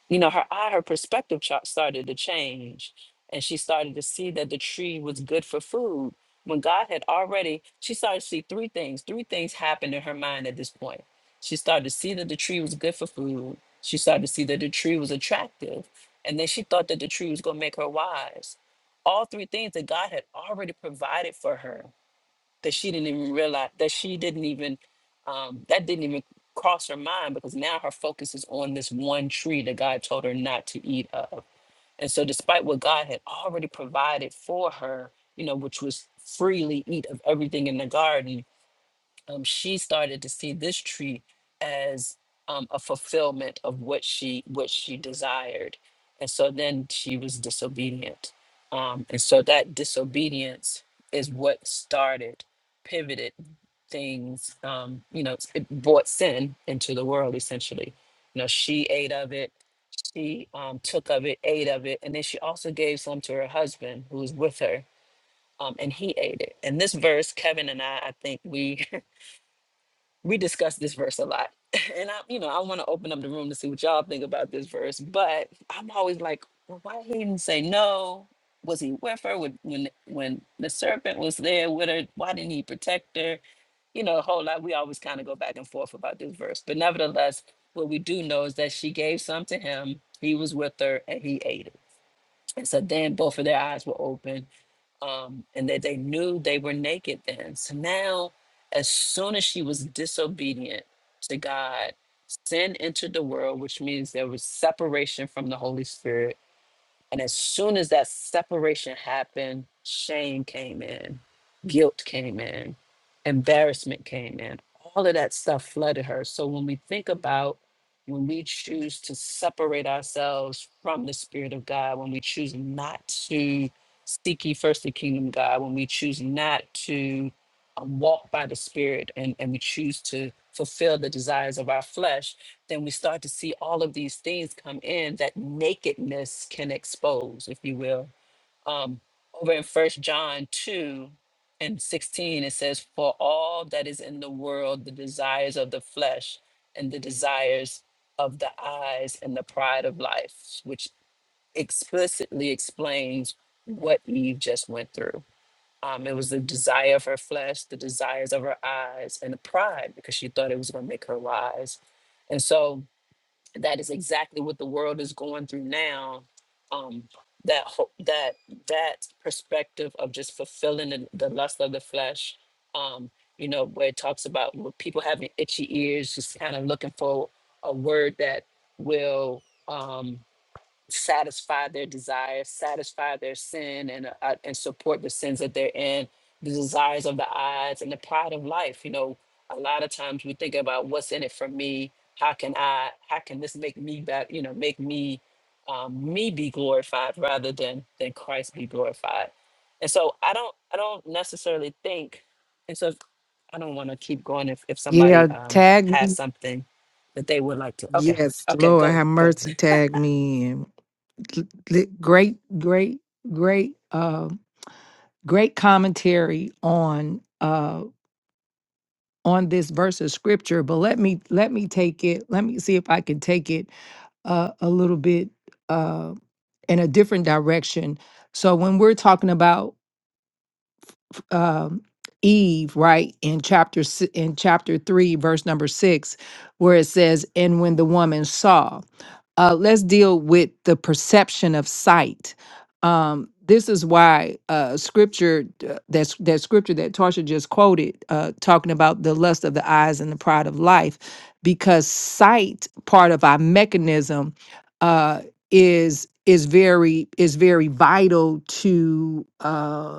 Speaker 1: you know, her eye, her perspective chart started to change. And she started to see that the tree was good for food. When God had already, she started to see three things. Three things happened in her mind at this point. She started to see that the tree was good for food. She started to see that the tree was attractive. And then she thought that the tree was going to make her wise. All three things that God had already provided for her that she didn't even realize that she didn't even um, that didn't even cross her mind because now her focus is on this one tree that God told her not to eat of. And so despite what God had already provided for her, you know, which was freely eat of everything in the garden, um, she started to see this tree as um, a fulfillment of what she what she desired, and so then she was disobedient, um, and so that disobedience is what started, pivoted things. Um, you know, it brought sin into the world essentially. You know, she ate of it. She um, took of it, ate of it, and then she also gave some to her husband who was with her um, and he ate it. And this verse, Kevin and I, I think we we discuss this verse a lot. And I, you know, I want to open up the room to see what y'all think about this verse, but I'm always like, well, why he didn't say no? Was he with her when when when the serpent was there with her? Why didn't he protect her? You know, a whole lot. We always kind of go back and forth about this verse. But nevertheless, what we do know is that she gave some to him, he was with her, and he ate it. And so then both of their eyes were open um, and that they knew they were naked then. So now, as soon as she was disobedient to God, sin entered the world, which means there was separation from the Holy Spirit and as soon as that separation happened, shame came in, guilt came in, embarrassment came in. All of that stuff flooded her. So when we think about when we choose to separate ourselves from the Spirit of God, when we choose not to seek ye first the kingdom of God, when we choose not to um, walk by the Spirit and, and we choose to fulfill the desires of our flesh, then we start to see all of these things come in that nakedness can expose, if you will. Um, over in First John 2 and 16, it says, For all that is in the world, the desires of the flesh and the desires of the eyes and the pride of life, which explicitly explains what Eve just went through. Um, it was the desire of her flesh, the desires of her eyes, and the pride because she thought it was going to make her wise. And so that is exactly what the world is going through now. Um, that ho- that that perspective of just fulfilling the, the lust of the flesh, um, you know, where it talks about where people having itchy ears, just kind of looking for a word that will. Um, satisfy their desires, satisfy their sin, and uh, and support the sins that they're in, the desires of the eyes, and the pride of life. You know, a lot of times we think about what's in it for me. How can I? How can this make me back? You know, make me um, me be glorified rather than than Christ be glorified. And so I don't I don't necessarily think. And so I don't want to keep going if if
Speaker 3: Yeah,
Speaker 1: somebody um,
Speaker 3: tag
Speaker 1: has
Speaker 3: me.
Speaker 1: something that they would like to. Okay,
Speaker 3: Yes,
Speaker 1: okay,
Speaker 3: Lord
Speaker 1: go
Speaker 3: have
Speaker 1: go.
Speaker 3: mercy, tag me in. L- l- Great, great, great, uh, great commentary on uh on this verse of scripture. But let me let me take it. Let me see if I can take it uh, a little bit uh in a different direction. So when we're talking about um, Eve, right in chapter si- in chapter three, verse number six, where it says, "And when the woman saw," uh, let's deal with the perception of sight. Um, this is why uh, scripture uh, that's that scripture that Tarsha just quoted, uh, talking about the lust of the eyes and the pride of life, because sight part of our mechanism uh, is is very is very vital to. Uh,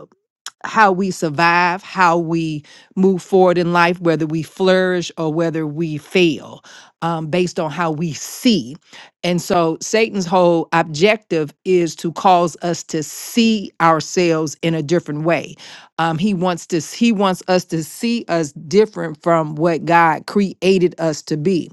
Speaker 3: how we survive, how we move forward in life, whether we flourish or whether we fail, um, based on how we see. And so Satan's whole objective is to cause us to see ourselves in a different way. Um, he wants to he wants us to see us different from what God created us to be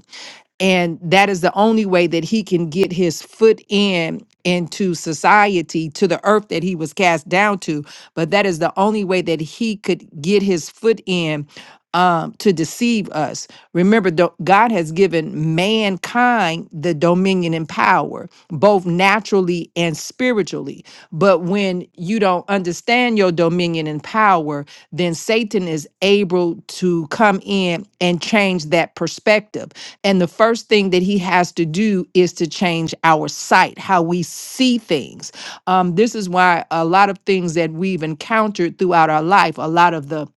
Speaker 3: and that is the only way that he can get his foot in into society to the earth that he was cast down to but that is the only way that he could get his foot in um, to deceive us remember do- god has given mankind the dominion and power both naturally and spiritually but when you don't understand your dominion and power power, then Satan is able to come in and change that perspective. And the first thing that he has to do is to change our sight, how we see things. Um, this is why a lot of things that we've encountered throughout our life, a lot of the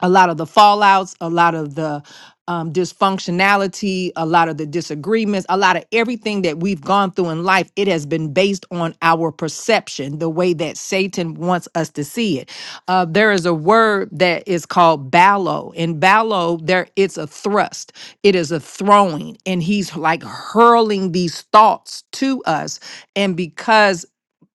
Speaker 3: a lot of the fallouts, a lot of the um, dysfunctionality, a lot of the disagreements, a lot of everything that we've gone through in life, it has been based on our perception, the way that Satan wants us to see it. Uh, there is a word that is called ballo. In ballo, there it's a thrust, it is a throwing, and he's like hurling these thoughts to us. And because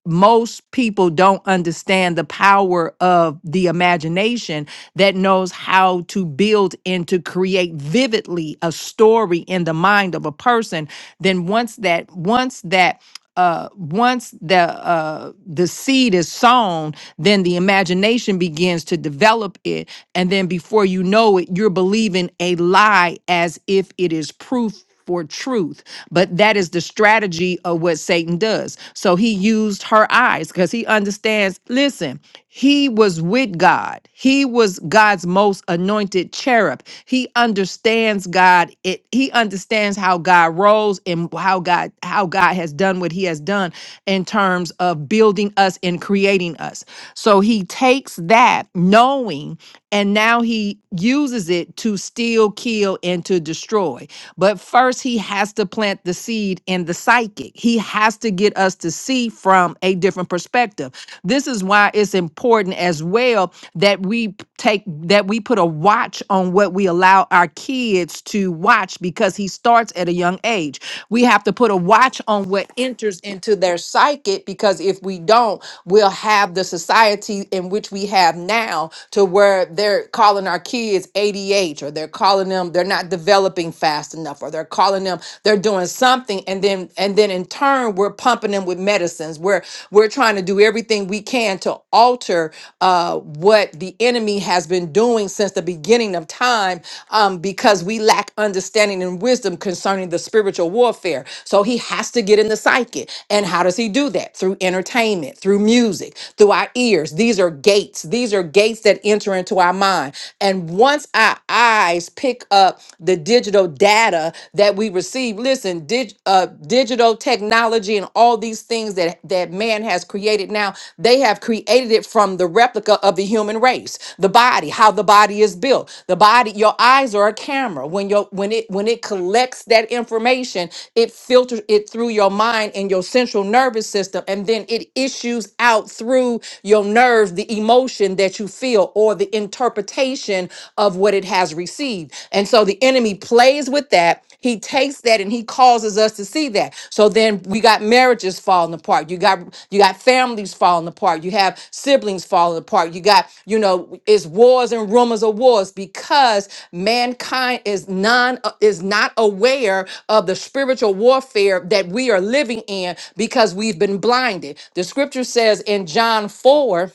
Speaker 3: most people don't understand the power of the imagination that knows how to build and to create vividly a story in the mind of a person then once that once that uh once the uh the seed is sown then the imagination begins to develop it and then before you know it you're believing a lie as if it is proof for truth. But that is the strategy of what Satan does. So he used her eyes because he understands listen, he was with God, he was God's most anointed cherub. He understands God, it he understands how God rolls and how God how God has done what he has done in terms of building us and creating us. So he takes that knowing and now he uses it to steal, kill, and to destroy. But first, he has to plant the seed in the psychic. He has to get us to see from a different perspective. This is why it's important as well that we p- take that we put a watch on what we allow our kids to watch because he starts at a young age. We have to put a watch on what enters into their psychic because if we don't, we'll have the society in which we have now to where they're calling our kids ADH or they're calling them they're not developing fast enough or they're calling them they're doing something and then and then in turn we're pumping them with medicines we're we're trying to do everything we can to alter uh, what the enemy has been doing since the beginning of time um, because we lack understanding and wisdom concerning the spiritual warfare so he has to get in the psyche and how does he do that through entertainment through music through our ears these are gates these are are gates that enter into our mind. And once our eyes pick up the digital data that we receive, listen, dig, uh, digital technology and all these things that, that man has created now, they have created it from the replica of the human race, the body, how the body is built. The body, your eyes are a camera. When your when it when it collects that information, it filters it through your mind and your central nervous system, and then it issues out through your nerves the emotion emotion that you feel or the interpretation of what it has received. And so the enemy plays with that. He takes that and he causes us to see that. So then we got marriages falling apart. You got you got families falling apart. You have siblings falling apart. You got, you know, it's wars and rumors of wars because mankind is non uh, is not aware of the spiritual warfare that we are living in because we've been blinded. The scripture says in John 4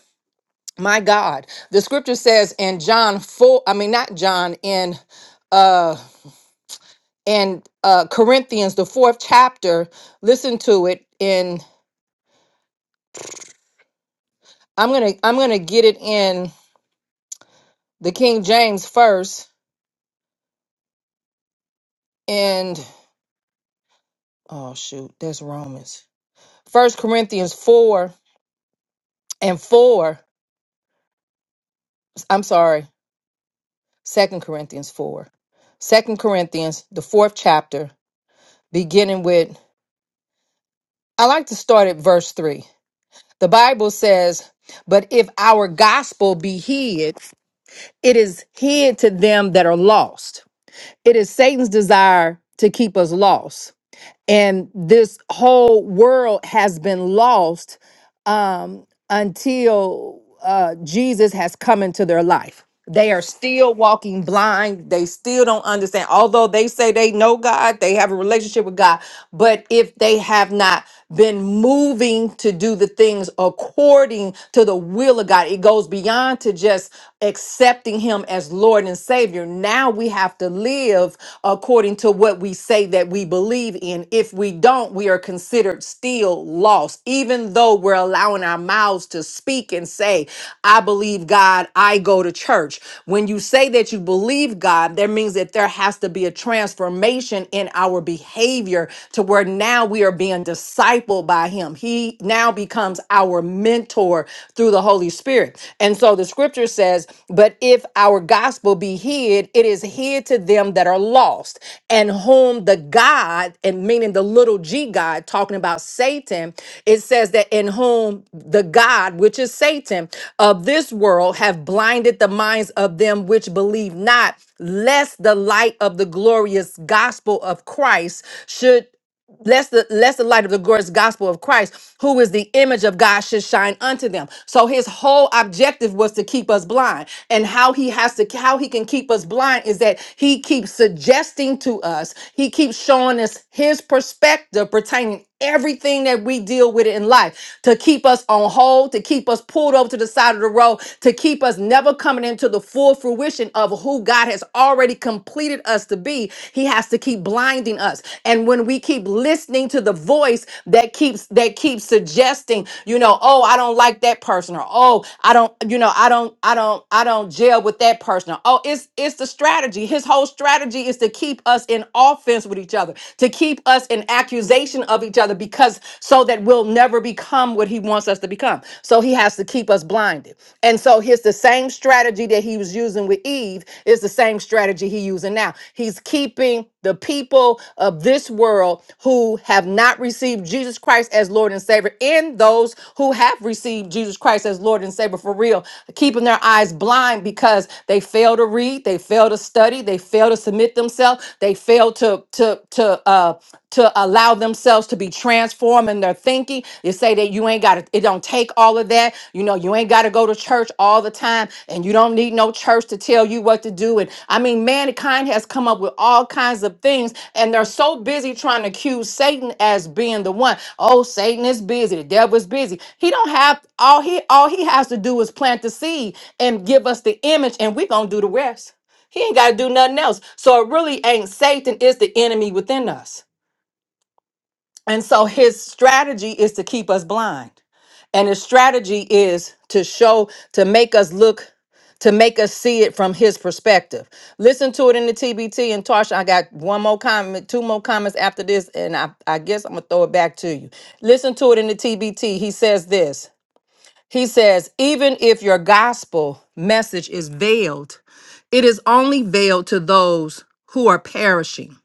Speaker 3: my god the scripture says in john 4 i mean not john in uh in uh corinthians the fourth chapter listen to it in i'm gonna i'm gonna get it in the king james first and oh shoot that's romans first corinthians 4 and 4 i'm sorry second corinthians 4 second corinthians the fourth chapter beginning with i like to start at verse 3 The Bible says, But if our gospel be hid, it is hid to them that are lost. It is Satan's desire to keep us lost and this whole world has been lost um, until uh, Jesus has come into their life. They are still walking blind. They still don't understand. Although they say they know God, they have a relationship with God. But if they have not been moving to do the things according to the will of God, it goes beyond to just accepting Him as Lord and Savior. Now we have to live according according to what we say that we believe in. If we don't, we are considered still lost, even though we're allowing our mouths to speak and say, I believe God, I go to church. When you say that you believe God, that means that there has to be a transformation in our behavior to where now we are being discipled by Him. He now becomes our mentor through the Holy Spirit. Spirit. And so the scripture says, But if our gospel be hid, it is hid to them that are lost, and whom the God, and meaning the little g God, talking about Satan, it says that in whom the God, which is Satan, of this world have blinded the minds of them which believe not, lest the light of the glorious gospel of Christ should Lest the, lest the light of the glorious gospel of Christ, who is the image of God, should shine unto them. So his whole objective was to keep us blind. And how he has to, how he can keep us blind is that he keeps suggesting to us, he keeps showing us his perspective pertaining everything that we deal with in life to keep us on hold, to keep us pulled over to the side of the road, to keep us never coming into the full fruition of who God has already completed us to be. He has to keep blinding us. And when we keep listening to the voice that keeps that keeps suggesting, you know, oh, I don't like that person or oh, I don't, you know, I don't I don't I don't gel with that person. or, Oh, it's it's the strategy. His whole strategy is to keep us in offense with each other to keep us in accusation of each other because so that we'll never become what he wants us to become. So he has to keep us blinded. And so here's the same strategy that he was using with Eve is the same strategy he using now. He's keeping the people of this world who have not received Jesus Christ as Lord and Savior and those who have received Jesus Christ as Lord and Savior for real, keeping their eyes blind because they fail to read, they fail to study, they fail to submit themselves themselves. They fail to to to uh to allow themselves to be transformed in their thinking. They say that you ain't got to, it don't take all of that. You know, you ain't got to go to church all the time and you don't need no church to tell you what to do. And I mean, mankind has come up with all kinds of things and they're so busy trying to accuse Satan as being the one. Oh, Satan is busy. The devil is busy. He don't have all he all he has to do is plant the seed and give us the image and we're going to do the rest. He ain't got to do nothing else. So it really ain't Satan, it's the enemy within us. And so his strategy is to keep us blind. And his strategy is to show, to make us look, to make us see it from his perspective. Listen to it in the TBT. And Tarsha, I got one more comment, two more comments after this, and I, I guess I'm going to throw it back to you. Listen to it in the TBT. He says this. He says, even if your gospel message is veiled, it is only veiled to those who are perishing,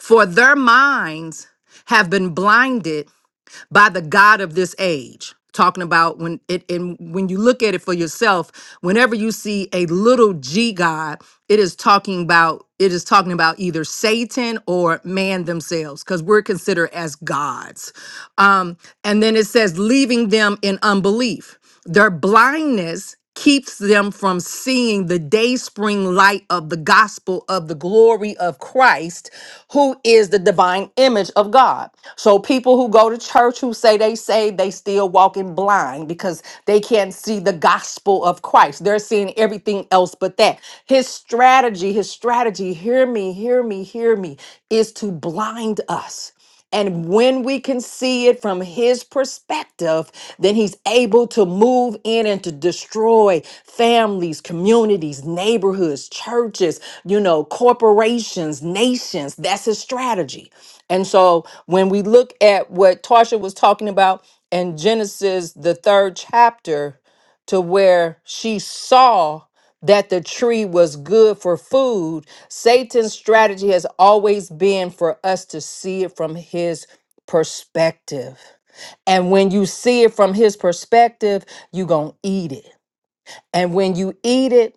Speaker 3: for their minds have been blinded by the God of this age. Talking about when it and when you look at it for yourself, whenever you see a little G God, it is talking about it is talking about either Satan or man themselves, because we're considered as gods. Um, and then it says, leaving them in unbelief. Their blindness keeps them from seeing the day spring light of the gospel of the glory of Christ, who is the divine image of God. So people who go to church who say they say they still walking blind because they can't see the gospel of Christ. They're seeing everything else but that. His strategy, his strategy, hear me, hear me, hear me, is to blind us. And when we can see it from his perspective, then he's able to move in and to destroy families, communities, neighborhoods, churches, you know, corporations, nations. That's his strategy. And so when we look at what Tarsha was talking about in Genesis, the third chapter, to where she saw that the tree was good for food, Satan's strategy has always been for us to see it from his perspective. And when you see it from his perspective, you're going to eat it. And when you eat it,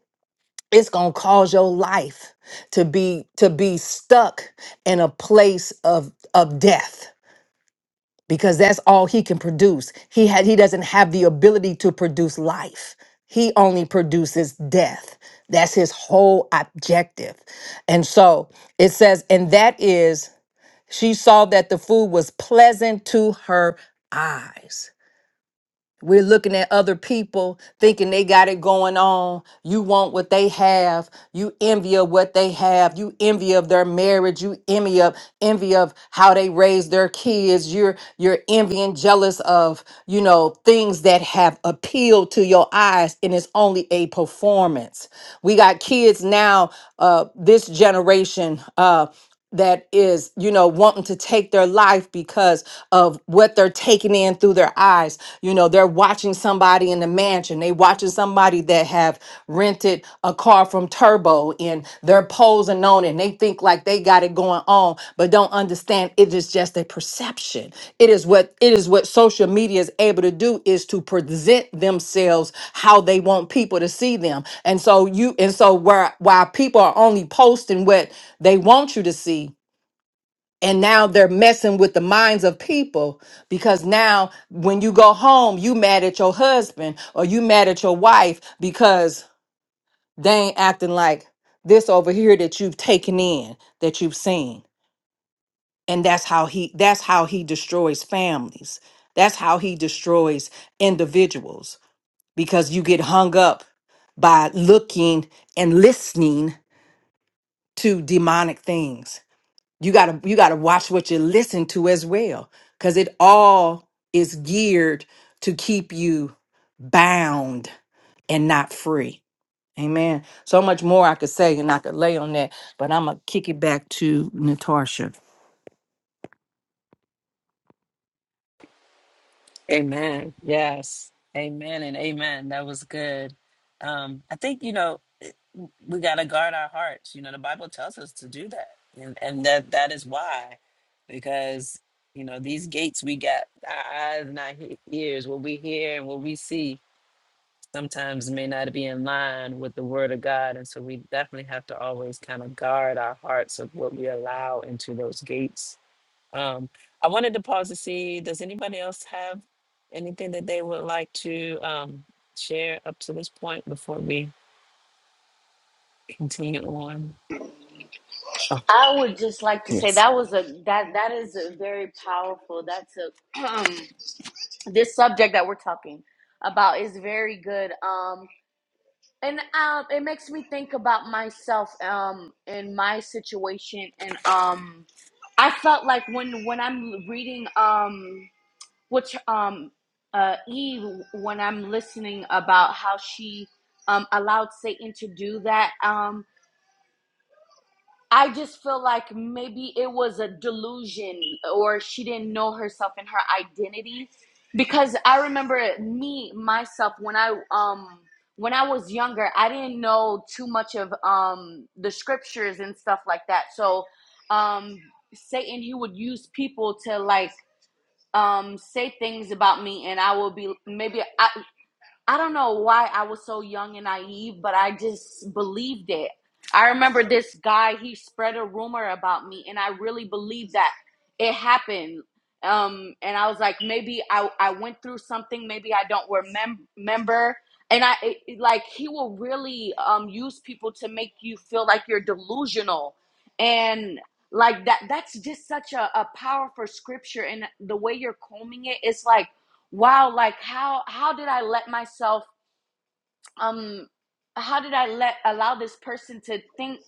Speaker 3: it's going to cause your life to be to be stuck in a place of of death because that's all he can produce. He had he doesn't have the ability to produce life. He only produces death. That's his whole objective. And so it says, and that is she saw that the food was pleasant to her eyes. We're looking at other people thinking they got it going on. You want what they have. You envy of what they have. You envy of their marriage. You envy of envy of how they raise their kids. You're you're envying, jealous of, you know, things that have appealed to your eyes and it's only a performance. We got kids now, uh, this generation. Uh that is, you know, wanting to take their life because of what they're taking in through their eyes. You know, they're watching somebody in the mansion. They watching somebody that have rented a car from Turbo and they're posing on it. And they think like they got it going going on but don't understand it is just a perception it is what it is what social media is able to do is to present themselves how they want people to see them and so you and so where while people are only posting what they want you to see and now they're messing with the minds of people because now when you go home you mad at your husband or you mad at your wife because they ain't acting like this over here that you've taken in that you've seen and that's how he that's how he destroys families that's how he destroys individuals because you get hung up by looking and listening to demonic things you got to you got to watch what you listen to as well cuz it all is geared to keep you bound and not free amen so much more i could say and i could lay on that but i'm gonna kick it back to natasha
Speaker 1: Amen. Yes. Amen and amen. That was good. Um, I think, you know, we got to guard our hearts. You know, the Bible tells us to do that. And, and that that is why, because, you know, these gates we got our eyes and our he- ears, what we hear and what we see sometimes may not be in line with the word of God. And so we definitely have to always kind of guard our hearts of what we allow into those gates um, I wanted to pause to see, does anybody else have anything that they would like to um, share up to this point before we continue on? Oh,
Speaker 2: I would just like to say
Speaker 1: yes.
Speaker 2: that was a that that is a very powerful. That's a um, this subject that we're talking about is very good. Um, and um, it makes me think about myself um in my situation and um, I felt like when when I'm reading um which um uh Eve when I'm listening about how she um allowed Satan to do that um. I just feel like maybe it was a delusion or she didn't know herself and her identity because I remember me myself when I um when I was younger I didn't know too much of um the scriptures and stuff like that so um Satan he would use people to like um say things about me and I will be maybe I, I don't know why I was so young and naive, but I just believed it. I remember this guy, he spread a rumor about me, and I really believed that it happened. Um, and I was like, maybe I, I went through something, maybe I don't remem- remember. And I it, it- like, he will really um, use people to make you feel like you're delusional. And like that, that's just such a, a powerful scripture. And the way you're combing it, it's like, wow like how how did i let myself um how did i let allow this person to think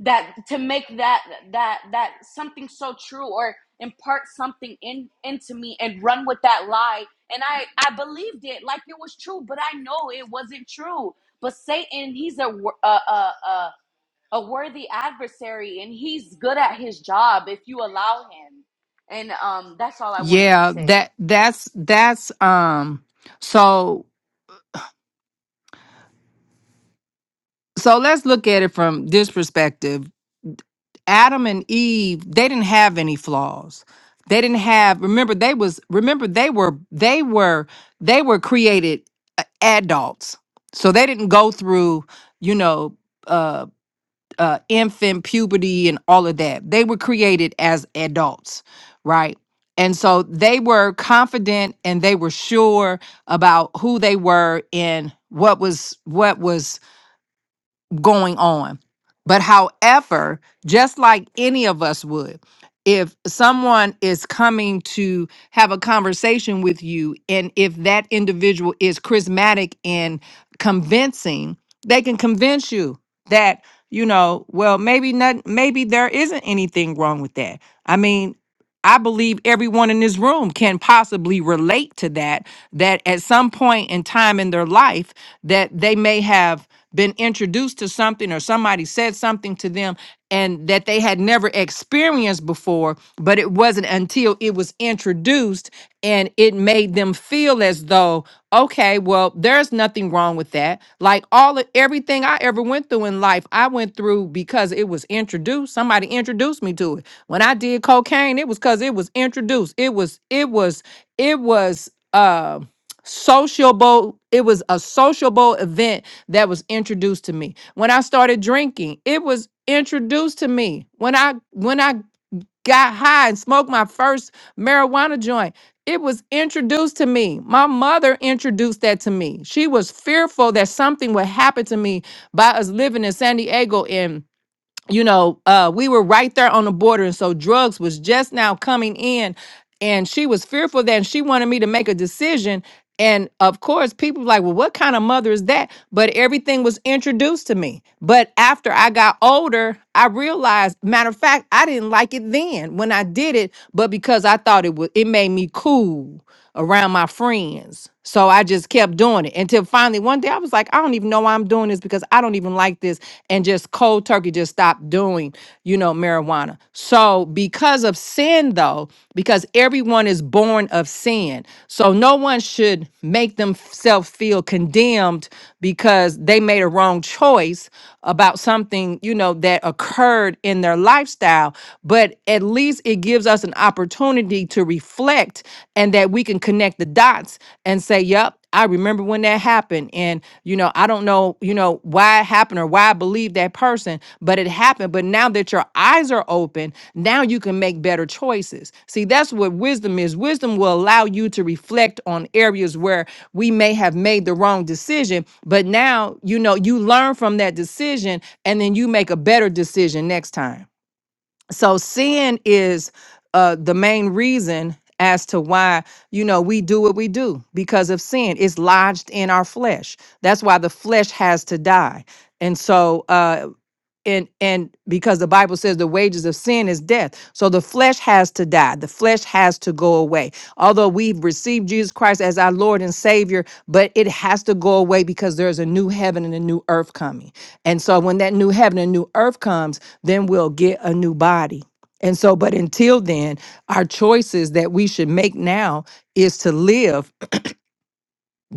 Speaker 2: that to make that that that something so true or impart something in into me and run with that lie and i i believed it like it was true but i know it wasn't true but satan he's a wor- a a, a, a worthy adversary and he's good at his job if you allow him and um that's all i wanted to
Speaker 3: yeah,
Speaker 2: say
Speaker 3: that that's that's um so so let's look at it from this perspective. Adam and Eve, they didn't have any flaws. They didn't have remember they was remember they were they were they were created uh, adults. So they didn't go through, you know, uh, uh, infant puberty and all of that. They were created as adults, right? And so they were confident and they were sure about who they were and what was what was going on. But however, just like any of us would, if someone is coming to have a conversation with you, and if that individual is charismatic and convincing, they can convince you that, you know, well, maybe not, maybe there isn't anything wrong with that. I mean, I believe everyone in this room can possibly relate to that, that at some point in time in their life, that they may have been introduced to something or somebody said something to them and that they had never experienced before, but it wasn't until it was introduced and it made them feel as though, okay, well, there's nothing wrong with that. Like all of everything I ever went through in life, I went through because it was introduced. Somebody introduced me to it. When I did cocaine, it was because it was introduced. It was, it was, it was uh sociable, it was a sociable event that was introduced to me when i started drinking it was introduced to me when i when i got high and smoked my first marijuana joint it was introduced to me my mother introduced that to me she was fearful that something would happen to me by us living in san diego and you know, uh, we were right there on the border, and so drugs was just now coming in, and she was fearful of that and she wanted me to make a decision. And of course, people were like, well, what kind of mother is that? But everything was introduced to me. But after I got older, I realized, matter of fact, I didn't like it then when I did it, but because I thought it was, it made me cool around my friends. So I just kept doing it until finally one day I was like, I don't even know why I'm doing this because I don't even like this. And just cold turkey just stopped doing, you know, marijuana. So because of sin, though, because everyone is born of sin. So no one should make themselves feel condemned because they made a wrong choice about something, you know, that occurred in their lifestyle. But at least it gives us an opportunity to reflect and that we can connect the dots and say, yep. I remember when that happened and you know I don't know you know why it happened or why I believe that person, but it happened. But now that your eyes are open, now you can make better choices. See, that's what wisdom is. Wisdom will allow you to reflect on areas where we may have made the wrong decision, but now you know you learn from that decision and then you make a better decision next time so sin is uh the main reason as to why you know we do what we do because of sin it's lodged in our flesh that's why the flesh has to die and so uh and and because the bible says the wages of sin is death so the flesh has to die the flesh has to go away although we've received jesus christ as our lord and savior but it has to go away because there's a new heaven and a new earth coming and so when that new heaven and new earth comes then we'll get a new body and so but until then our choices that we should make now is to live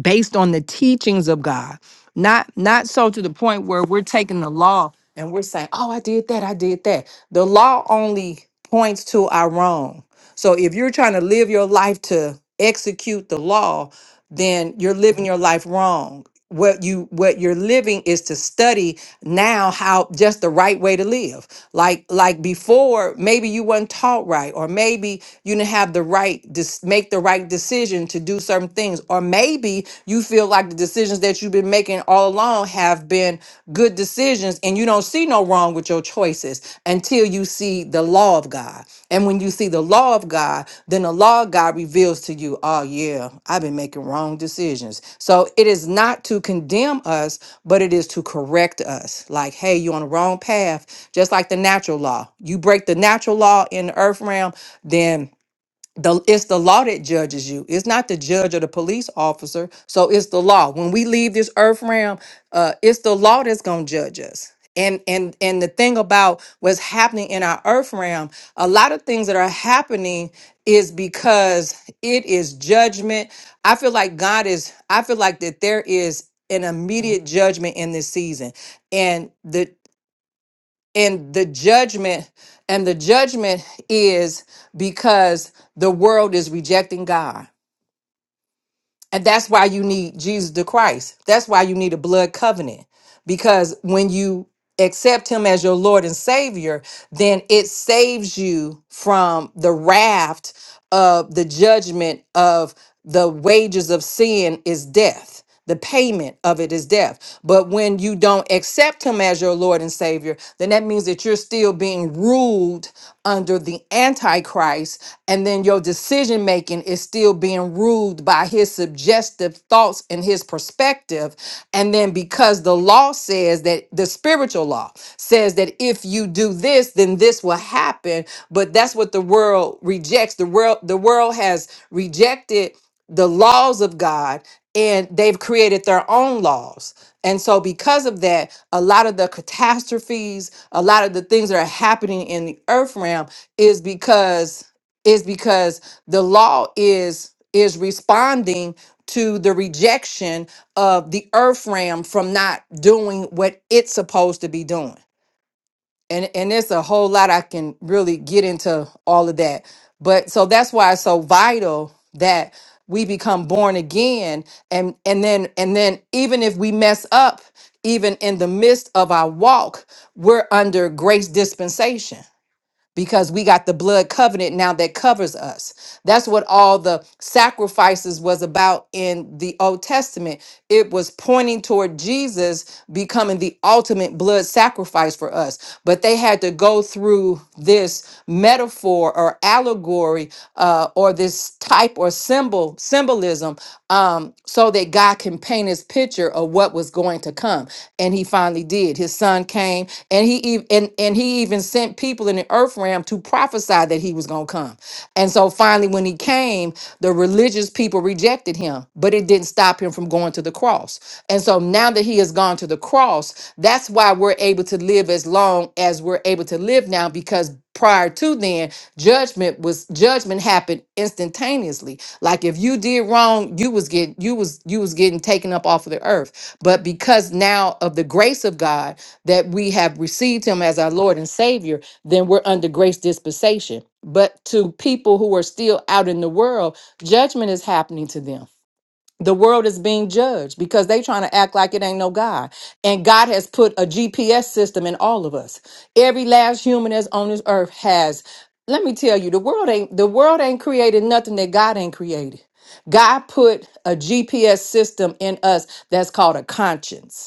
Speaker 3: based on the teachings of God, not not so to the point where we're taking the law and we're saying, "Oh, I did that, I did that." The law only points to our wrong. So if you're trying to live your life to execute the law, then you're living your life wrong. What you what you're living is to study now how just the right way to live. Like like before, maybe you weren't taught right, or maybe you didn't have the right to make the right decision to do certain things, or maybe you feel like the decisions that you've been making all along have been good decisions and you don't see no wrong with your choices until you see the law of God. And when you see the law of God, then the law of God reveals to you, oh, yeah, I've been making wrong decisions. So it is not to condemn us, but it is to correct us. Like, hey, you're on the wrong path, just like the natural law. You break the natural law in the earth realm, then the it's the law that judges you it's not the judge or the police officer so it's the law when we leave this earth realm uh it's the law that's gonna judge us and and and the thing about what's happening in our earth realm a lot of things that are happening is because it is judgment i feel like god is i feel like that there is an immediate judgment in this season and the and the judgment and the judgment is because the world is rejecting god and that's why you need jesus the christ that's why you need a blood covenant because when you accept him as your lord and savior then it saves you from the raft of the judgment of the wages of sin is death the payment of it is death. But when you don't accept him as your Lord and Savior, then that means that you're still being ruled under the Antichrist. And then your decision making is still being ruled by his suggestive thoughts and his perspective. And then because the law says that the spiritual law says that if you do this, then this will happen. But that's what the world rejects. The world, the world has rejected the laws of God and they've created their own laws. And so, because of that, a lot of the catastrophes, a lot of the things that are happening in the earth realm is because is because the law is is responding to the rejection of the earth realm from not doing what it's supposed to be doing and and there's a whole lot I can really get into all of that. But so that's why it's so vital that we become born again and and then and then even if we mess up even in the midst of our walk, we're under grace dispensation because we got the blood covenant now that covers us. That's what all the sacrifices was about in the Old Testament. It was pointing toward Jesus becoming the ultimate blood sacrifice for us. But they had to go through this metaphor or allegory uh, or this type or symbol symbolism um, so that God can paint his picture of what was going to come. And he finally did. His son came and he even and, and he even sent people in the earth realm to prophesy that he was gonna come. And so finally when he came, the religious people rejected him, but it didn't stop him from going to the cross. And so now that he has gone to the cross, that's why we're able to live as long as we're able to live now because prior to then judgment was judgment happened instantaneously like if you did wrong you was getting you was you was getting taken up off of the earth but because now of the grace of god that we have received him as our lord and savior then we're under grace dispensation but to people who are still out in the world judgment is happening to them the world is being judged because they trying to act like it ain't no God. And God has put a GPS system in all of us. Every last human that's on this earth has. Let me tell you, the world ain't the world ain't created nothing that God ain't created. God put a GPS system in us that's called a conscience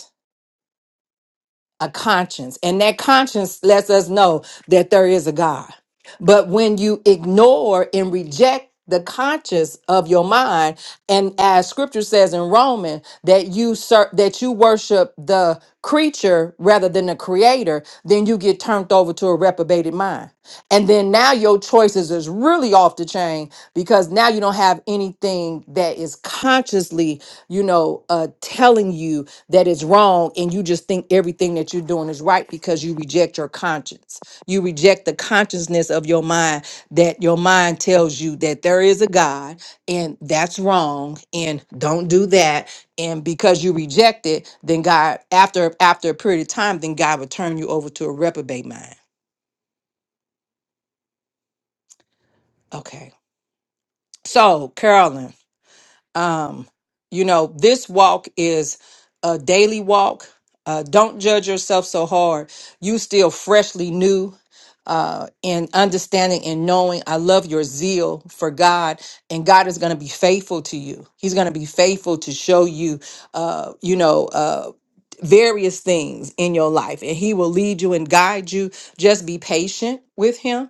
Speaker 3: a conscience, and that conscience lets us know that there is a God. But when you ignore and reject the conscience of your mind, and as Scripture says in Romans, that you ser- that you worship the creature rather than the Creator, then you get turned over to a reprobated mind, and then now your choices is really off the chain because now you don't have anything that is consciously, you know, uh, telling you that is wrong and you just think everything that you're doing is right because you reject your conscience. You reject the consciousness of your mind that your mind tells you that there is a God and that's wrong and don't do that. And because you reject it, then God after after a period of time, then God will turn you over to a reprobate mind. Okay. So Carolyn. um you know this walk is a daily walk uh don't judge yourself so hard you still freshly new uh in understanding and knowing i love your zeal for god and god is going to be faithful to you he's going to be faithful to show you uh you know uh various things in your life and he will lead you and guide you just be patient with him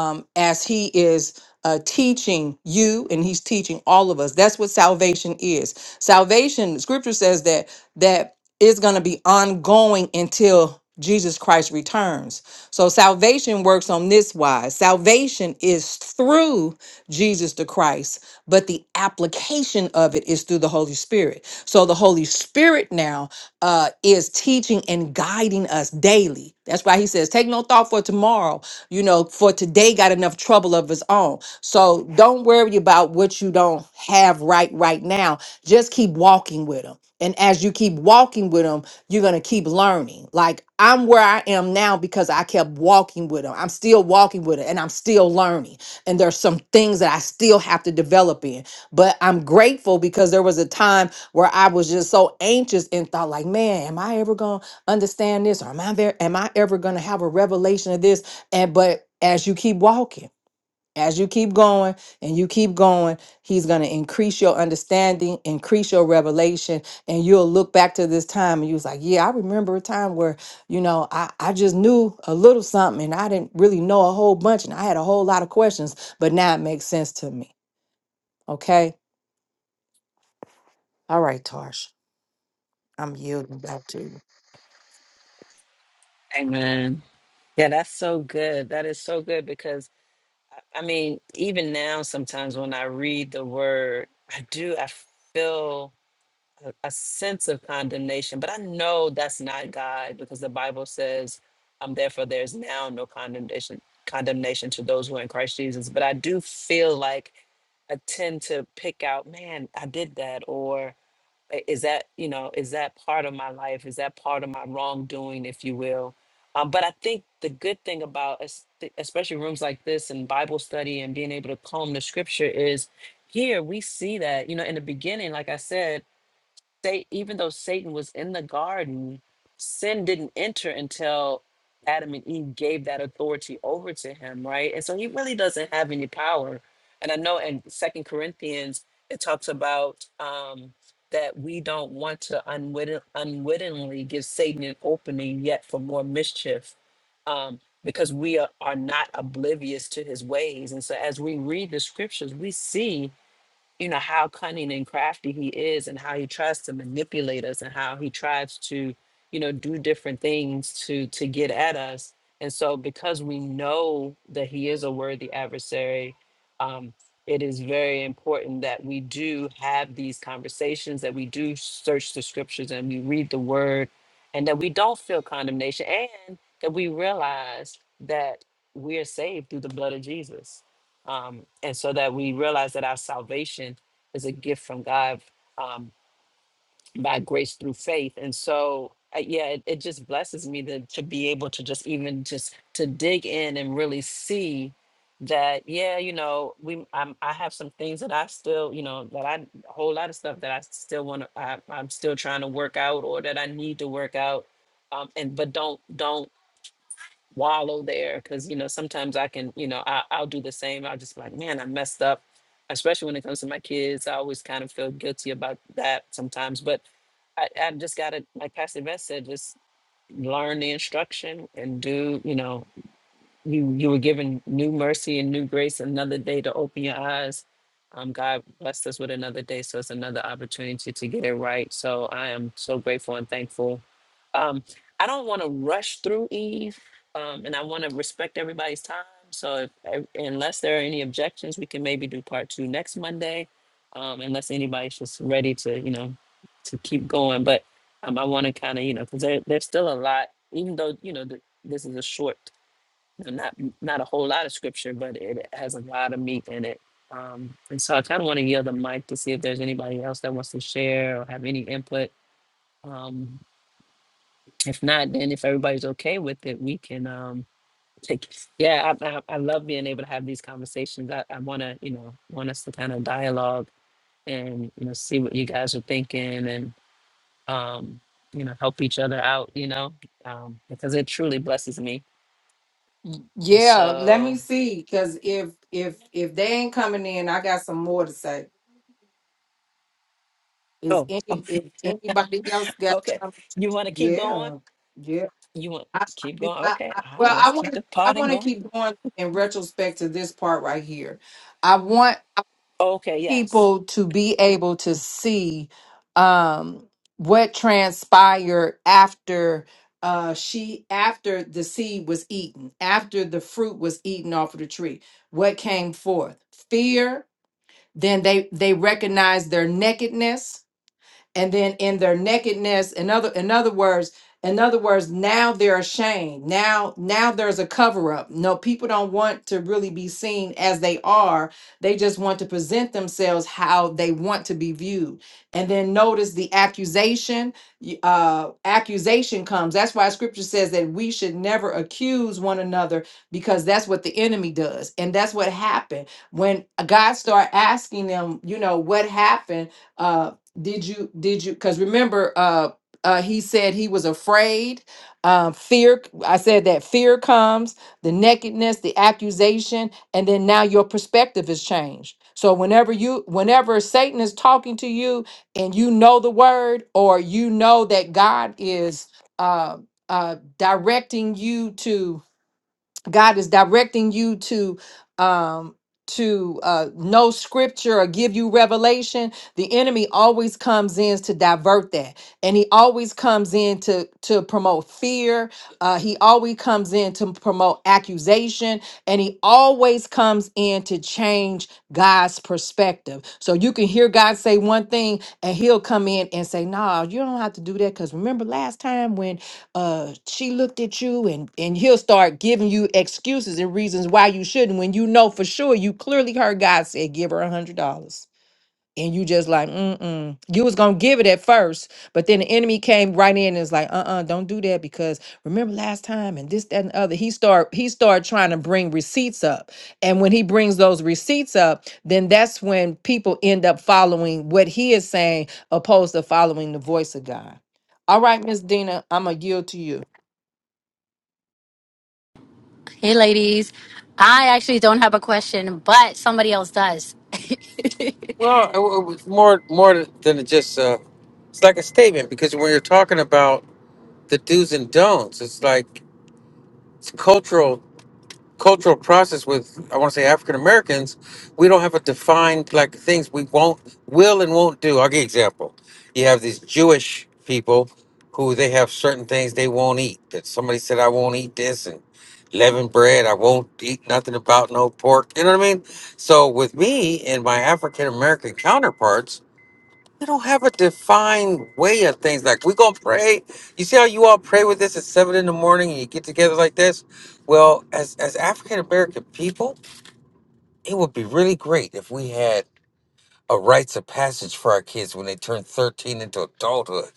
Speaker 3: um, as he is uh, teaching you and he's teaching all of us. That's what salvation is. Salvation, scripture says that that is going to be ongoing until Jesus Christ returns. So salvation works on this wise. Salvation is through Jesus the Christ, but the application of it is through the Holy Spirit. So the Holy Spirit now uh, is teaching and guiding us daily. That's why he says, take no thought for tomorrow you know, for today got enough trouble of his own. So don't worry about what you don't have right right now. Just keep walking with him. And as you keep walking with him, you're going to keep learning. Like I'm where I am now because I kept walking with him. I'm still walking with him and I'm still learning. And there's some things that I still have to develop in. But I'm grateful because there was a time where I was just so anxious and thought like, man, am I ever going to understand this? Or am I there? Am I ever going to have a revelation of this? And but as you keep walking, as you keep going and you keep going, he's going to increase your understanding, increase your revelation, and you'll look back to this time and you was like, yeah, I remember a time where, you know, I, I just knew a little something and I didn't really know a whole bunch and I had a whole lot of questions, but now it makes sense to me. Okay. All right, Tarsh. I'm yielding back to you.
Speaker 1: Amen. Yeah, that's so good. That is so good because, I mean, even now, sometimes when I read the word, I do, I feel. a, a sense of condemnation, but I know that's not God because the Bible says, um, therefore there's now no condemnation condemnation to those who are in Christ Jesus. But I do feel like I tend to pick out, man, I did that, or "I- is that, you know, is that part of my life? Is that part of my wrongdoing, if you will? Um, but I think the good thing about es- especially rooms like this and Bible study and being able to comb the scripture is here we see that, you know, in the beginning, like I said, say even though Satan was in the garden, sin didn't enter until Adam and Eve gave that authority over to him, right? And so he really doesn't have any power. And I know in Second Corinthians it talks about um, that we don't want to unwitting, unwittingly give Satan an opening yet for more mischief. Um, because we are, are not oblivious to his ways. And so, as we read the scriptures, we see you know how cunning and crafty he is and how he tries to manipulate us and how he tries to you know do different things to to get at us and so because we know that he is a worthy adversary um it is very important that we do have these conversations that we do search the scriptures and we read the word and that we don't feel condemnation and that we realize that we are saved through the blood of jesus um, and so that we realize that our salvation is a gift from God um, by grace through faith. And so, uh, yeah, it, it just blesses me to, to be able to just even just to dig in and really see that yeah you know we I'm, i have some things that i still you know that i a whole lot of stuff that i still want to i'm still trying to work out or that i need to work out um and but don't don't wallow there because you know sometimes I can you know I, I'll do the same I'll just be like man I messed up especially when it comes to my kids I always kind of feel guilty about that sometimes but I, I just gotta like Pastor Beth said just learn the instruction and do you know you you were given new mercy and new grace another day to open your eyes um god blessed us with another day so it's another opportunity to get it right so i am so grateful and thankful um i don't want to rush through eve um and i want to respect everybody's time so if, ev- unless there are any objections we can maybe do part two next monday um unless anybody's just ready to you know to keep going but um, i want to kind of you know because there, there's still a lot even though you know the, this is a short not not a whole lot of scripture, but it has a lot of meat in it. Um, and so I kind of want to yield the mic to see if there's anybody else that wants to share or have any input. Um, if not, then if everybody's okay with it, we can um, take. Yeah, I, I, I love being able to have these conversations. I, I want to, you know, want us to kind of dialogue and you know see what you guys are thinking and um, you know help each other out. You know, um, because it truly blesses me.
Speaker 3: Y-
Speaker 1: And
Speaker 3: Yeah, let me
Speaker 1: so,
Speaker 3: see. Cause if if if they ain't coming in, I got some more to say. Is
Speaker 1: oh,
Speaker 3: any if anybody else got
Speaker 1: Okay.
Speaker 3: time?
Speaker 1: You want to keep going?
Speaker 3: Yeah, yeah.
Speaker 1: You want
Speaker 3: I,
Speaker 1: keep
Speaker 3: I,
Speaker 1: going?
Speaker 3: I,
Speaker 1: Okay.
Speaker 3: I-
Speaker 1: All
Speaker 3: well,
Speaker 1: right. Let's
Speaker 3: I
Speaker 1: keep
Speaker 3: want
Speaker 1: the
Speaker 3: I
Speaker 1: party
Speaker 3: want to
Speaker 1: going.
Speaker 3: keep going in retrospect to this part right here. I want
Speaker 1: Okay. Yes.
Speaker 3: people to be able to see um, what transpired after uh, she after the seed was eaten, after the fruit was eaten off of the tree. What came forth? Fear. Then they they recognized their nakedness and then in their nakedness in other in other words in other words now they're ashamed now now there's a cover up no people don't want to really be seen as they are they just want to present themselves how they want to be viewed and then notice the accusation y- uh accusation comes that's why scripture says that we should never accuse one another because that's what the enemy does and that's what happened when god started asking them you know what happened uh, did you did you because remember uh uh he said he was afraid uh fear i said that fear comes the nakedness the accusation and then now your perspective is changed so whenever you whenever satan is talking to you and you know the word or you know that god is uh uh directing you to God is directing you to um to uh know scripture or give you revelation the enemy always comes in to divert that and he always comes in to to promote fear uh he always comes in to promote accusation and he always comes in to change god's perspective so you can hear god say one thing and he'll come in and say nah you don't have to do that because remember last time when uh she looked at you and and he'll start giving you excuses and reasons why you shouldn't when you know for sure you clearly heard god say give her a hundred dollars and you just like mm-mm you was gonna give it at first but then the enemy came right in and was like uh-uh don't do that because remember last time and this that and the other he start he start trying to bring receipts up and when he brings those receipts up then that's when people end up following what he is saying opposed to following the voice of god all right miss dina i'm gonna yield to you
Speaker 4: Hey, ladies. I actually don't have a question, but somebody else does. Well, it, it was more more than just uh, it's like a statement because when you're talking about the do's and don'ts, it's like it's cultural cultural process with I want to say African Americans, we don't have a defined like things we won't will and won't do. I'll give you an example. You have these Jewish people who they have certain things they won't eat. That somebody said I won't eat this and leavened bread, I won't eat nothing about no pork. You know what I mean? So with me and my African American counterparts, we don't have a defined way of things. Like we're gonna pray. You see how you all pray with this at seven in the morning and you get together like this? Well, as as African American people, it would be really great if we had a rites of passage for our kids when they turn 13 into adulthood.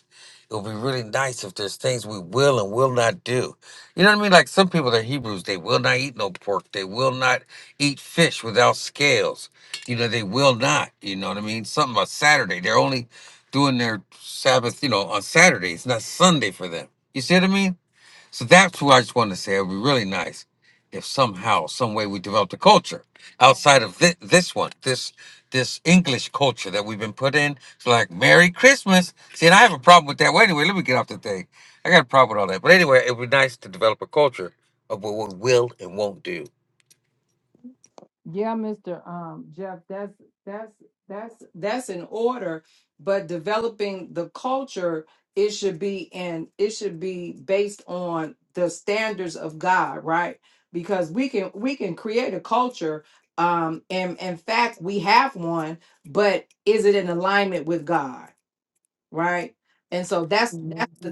Speaker 4: It would be really nice if there's things we will and will not do. You know what I mean? Like some people that are Hebrews, they will not eat no pork. They will not eat fish without scales. You know, they will not. You know what I mean? Something about Saturday. They're only doing their Sabbath, you know, on Saturday. It's not Sunday for them. You see what I mean? So that's what I just want to say. It would be really nice if somehow, some way, we developed a culture outside of thi- this one, this this English culture that we've been put in. It's like Merry Christmas. See, and I have a problem with that. Well, anyway, let me get off the thing. I got a problem with all that. But anyway, it would be nice to develop a culture of what we will and won't do.
Speaker 3: Yeah, Mr. Um, Jeff, that's that's that's that's in order, but developing the culture, it should be and it should be based on the standards of God, right? Because we can we can create a culture, um, and in fact we have one, but is it in alignment with God, right? And so that's that's the thing.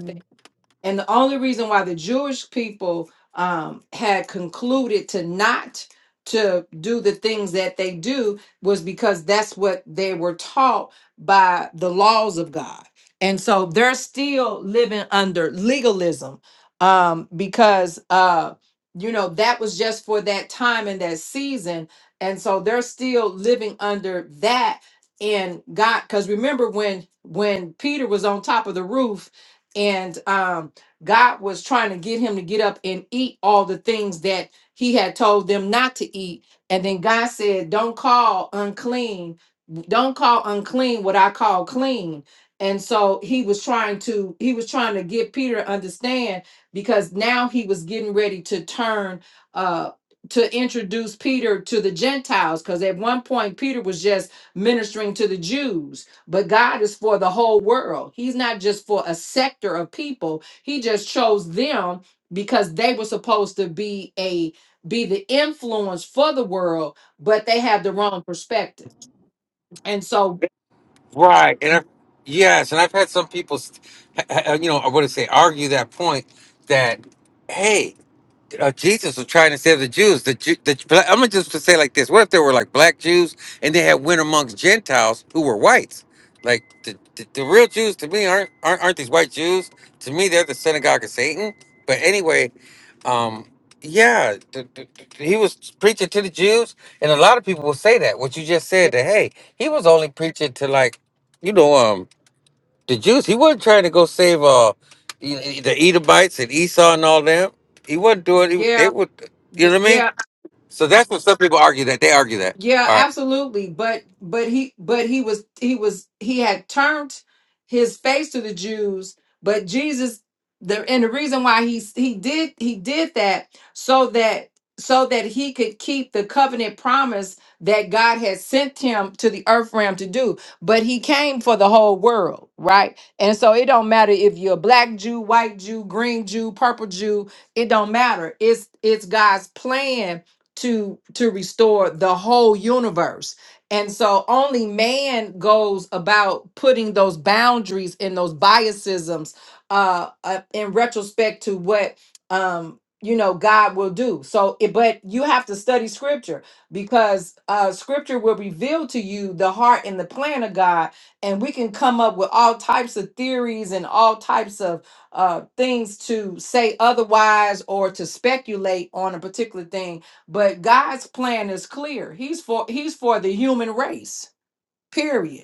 Speaker 3: And the only reason why the Jewish people um, had concluded to not to do the things that they do was because that's what they were taught by the laws of God. And so they're still living under legalism um, because, uh, you know, that was just for that time and that season. And so they're still living under that and God. Because remember when when Peter was on top of the roof and um, God was trying to get him to get up and eat all the things that he had told them not to eat. And then God said, Don't call unclean, don't call unclean what I call clean. And so he was trying to he was trying to get Peter to understand because now he was getting ready to turn uh to introduce Peter to the Gentiles because at one point Peter was just ministering to the Jews, but God is for the whole world. He's not just for a sector of people he just chose them because they were supposed to be a be the influence for the world, but they had the wrong perspective. And so
Speaker 4: Right. And I, yes, and I've had some people, st- uh, uh, you know, I want to say argue that point that, hey. uh, Jesus was trying to save the Jews. The, Ju- the bla- I'm gonna just say it like this: What if there were like black Jews and they had went amongst Gentiles who were whites? Like the, the, the real Jews to me aren't, aren't aren't these white Jews? To me, they're the synagogue of Satan. But anyway, um, yeah, the, the, the- he was preaching to the Jews, and a lot of people will say that what you just
Speaker 3: yeah,
Speaker 4: said that hey, he was only preaching to like, you know, um. The Jews, he wasn't trying to go save uh e- E, the Edomites and Esau and all them. He wasn't doing. He, they
Speaker 3: yeah,
Speaker 4: would, you know
Speaker 3: y-
Speaker 4: what I
Speaker 3: yeah.
Speaker 4: mean? So that's what some people argue that they argue that.
Speaker 3: Yeah,
Speaker 4: All right.
Speaker 3: absolutely. But but he but he was he was he had turned his face to the Jews, but Jesus the and the reason why he he did he did that so that so that he could keep the covenant promise that God had sent him to the earth realm to do. But he came for the whole world, right? And so it don't matter if you're a black Jew, white Jew, green Jew, purple Jew, it don't matter. It's it's God's plan to to restore the whole universe and so only man goes about putting those boundaries and those biasisms uh, uh in retrospect to what um you know god will do so it, but you have to study scripture because uh scripture will reveal to you the heart and the plan of god and we can come up with all types of theories and all types of uh things to say otherwise or to speculate on a particular thing but God's plan is clear. He's for he's for the human race. Period.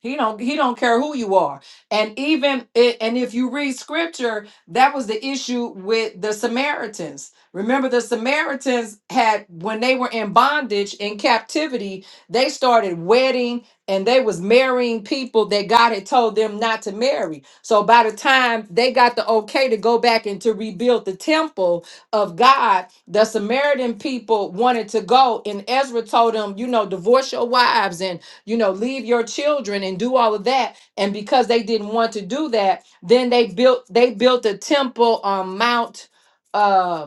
Speaker 3: He don't he don't care who you are. And even i- and if you read scripture, that was the issue with the Samaritans. Remember the Samaritans had when they were in bondage in captivity, they started wedding and they was marrying people that God had told them not to marry. So by the time they got the okay to go back and to rebuild the temple of God, the Samaritan people wanted to go and Ezra told them, you know, divorce your wives you know, leave your children and do all of that. And because they didn't want to do that, then they built they built a temple on Mount uh,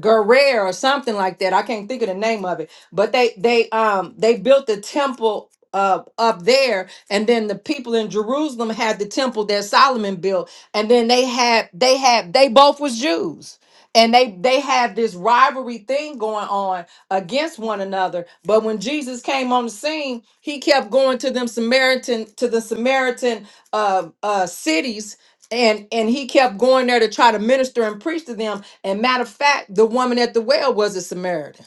Speaker 3: Guerrero or something like that. I can't think of the name of it. But they they um they built the temple uh, up there, and then the people in Jerusalem had the temple that Solomon built, and then they had they had they both was Jews. And they they had this rivalry thing going on against one another. But when Jesus came on the scene, he kept going to them Samaritan to the Samaritan uh, uh, cities, and and he kept going there to try to minister and preach to them and matter of fact, the woman at the well was a Samaritan.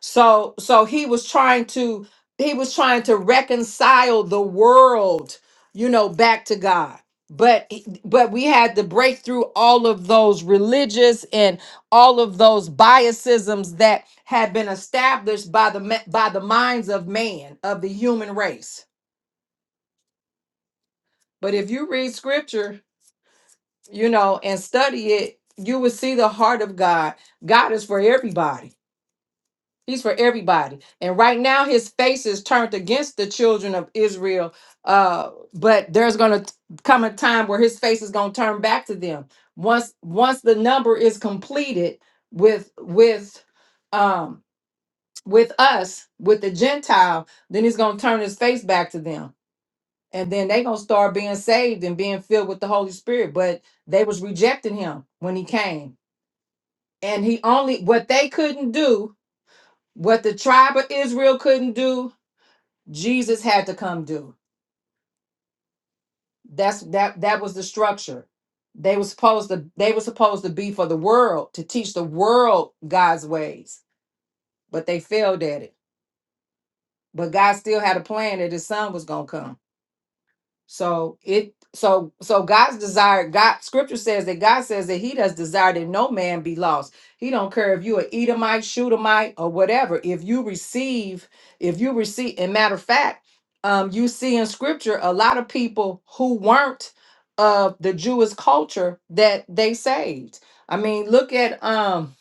Speaker 3: So so he was trying to he was trying to reconcile the world, you know, back to God. But he- but we had to break through all of those religious and all of those biasisms that had been established by the ma- by the minds of man of the human race. But if you read scripture, you know, and study it, you will see the heart of God. God is for everybody He's for everybody. And right now, his face is turned against the children of Israel. Uh, but there's going to come a time where his face is going to turn back to them. Once once the number is completed with with um with us with the Gentile, then he's going to turn his face back to them, and then they're going to start being saved and being filled with the Holy Spirit. But they was rejecting him when he came, and he only what they couldn't do, what the tribe of Israel couldn't do, Jesus had to come do. That's that that was the structure. They were supposed to they were supposed to be for the world to teach the world God's ways, but they failed at it. But God still had a plan that his son was gonna come. So it so so God's desire, God scripture says that God says that He does desire that no man be lost. He don't care if you a Edomite, Shootamite, or whatever. If you receive, if you receive, and matter of fact, um, you see in scripture a lot of people who weren't of the Jewish culture that they saved. I mean, look at um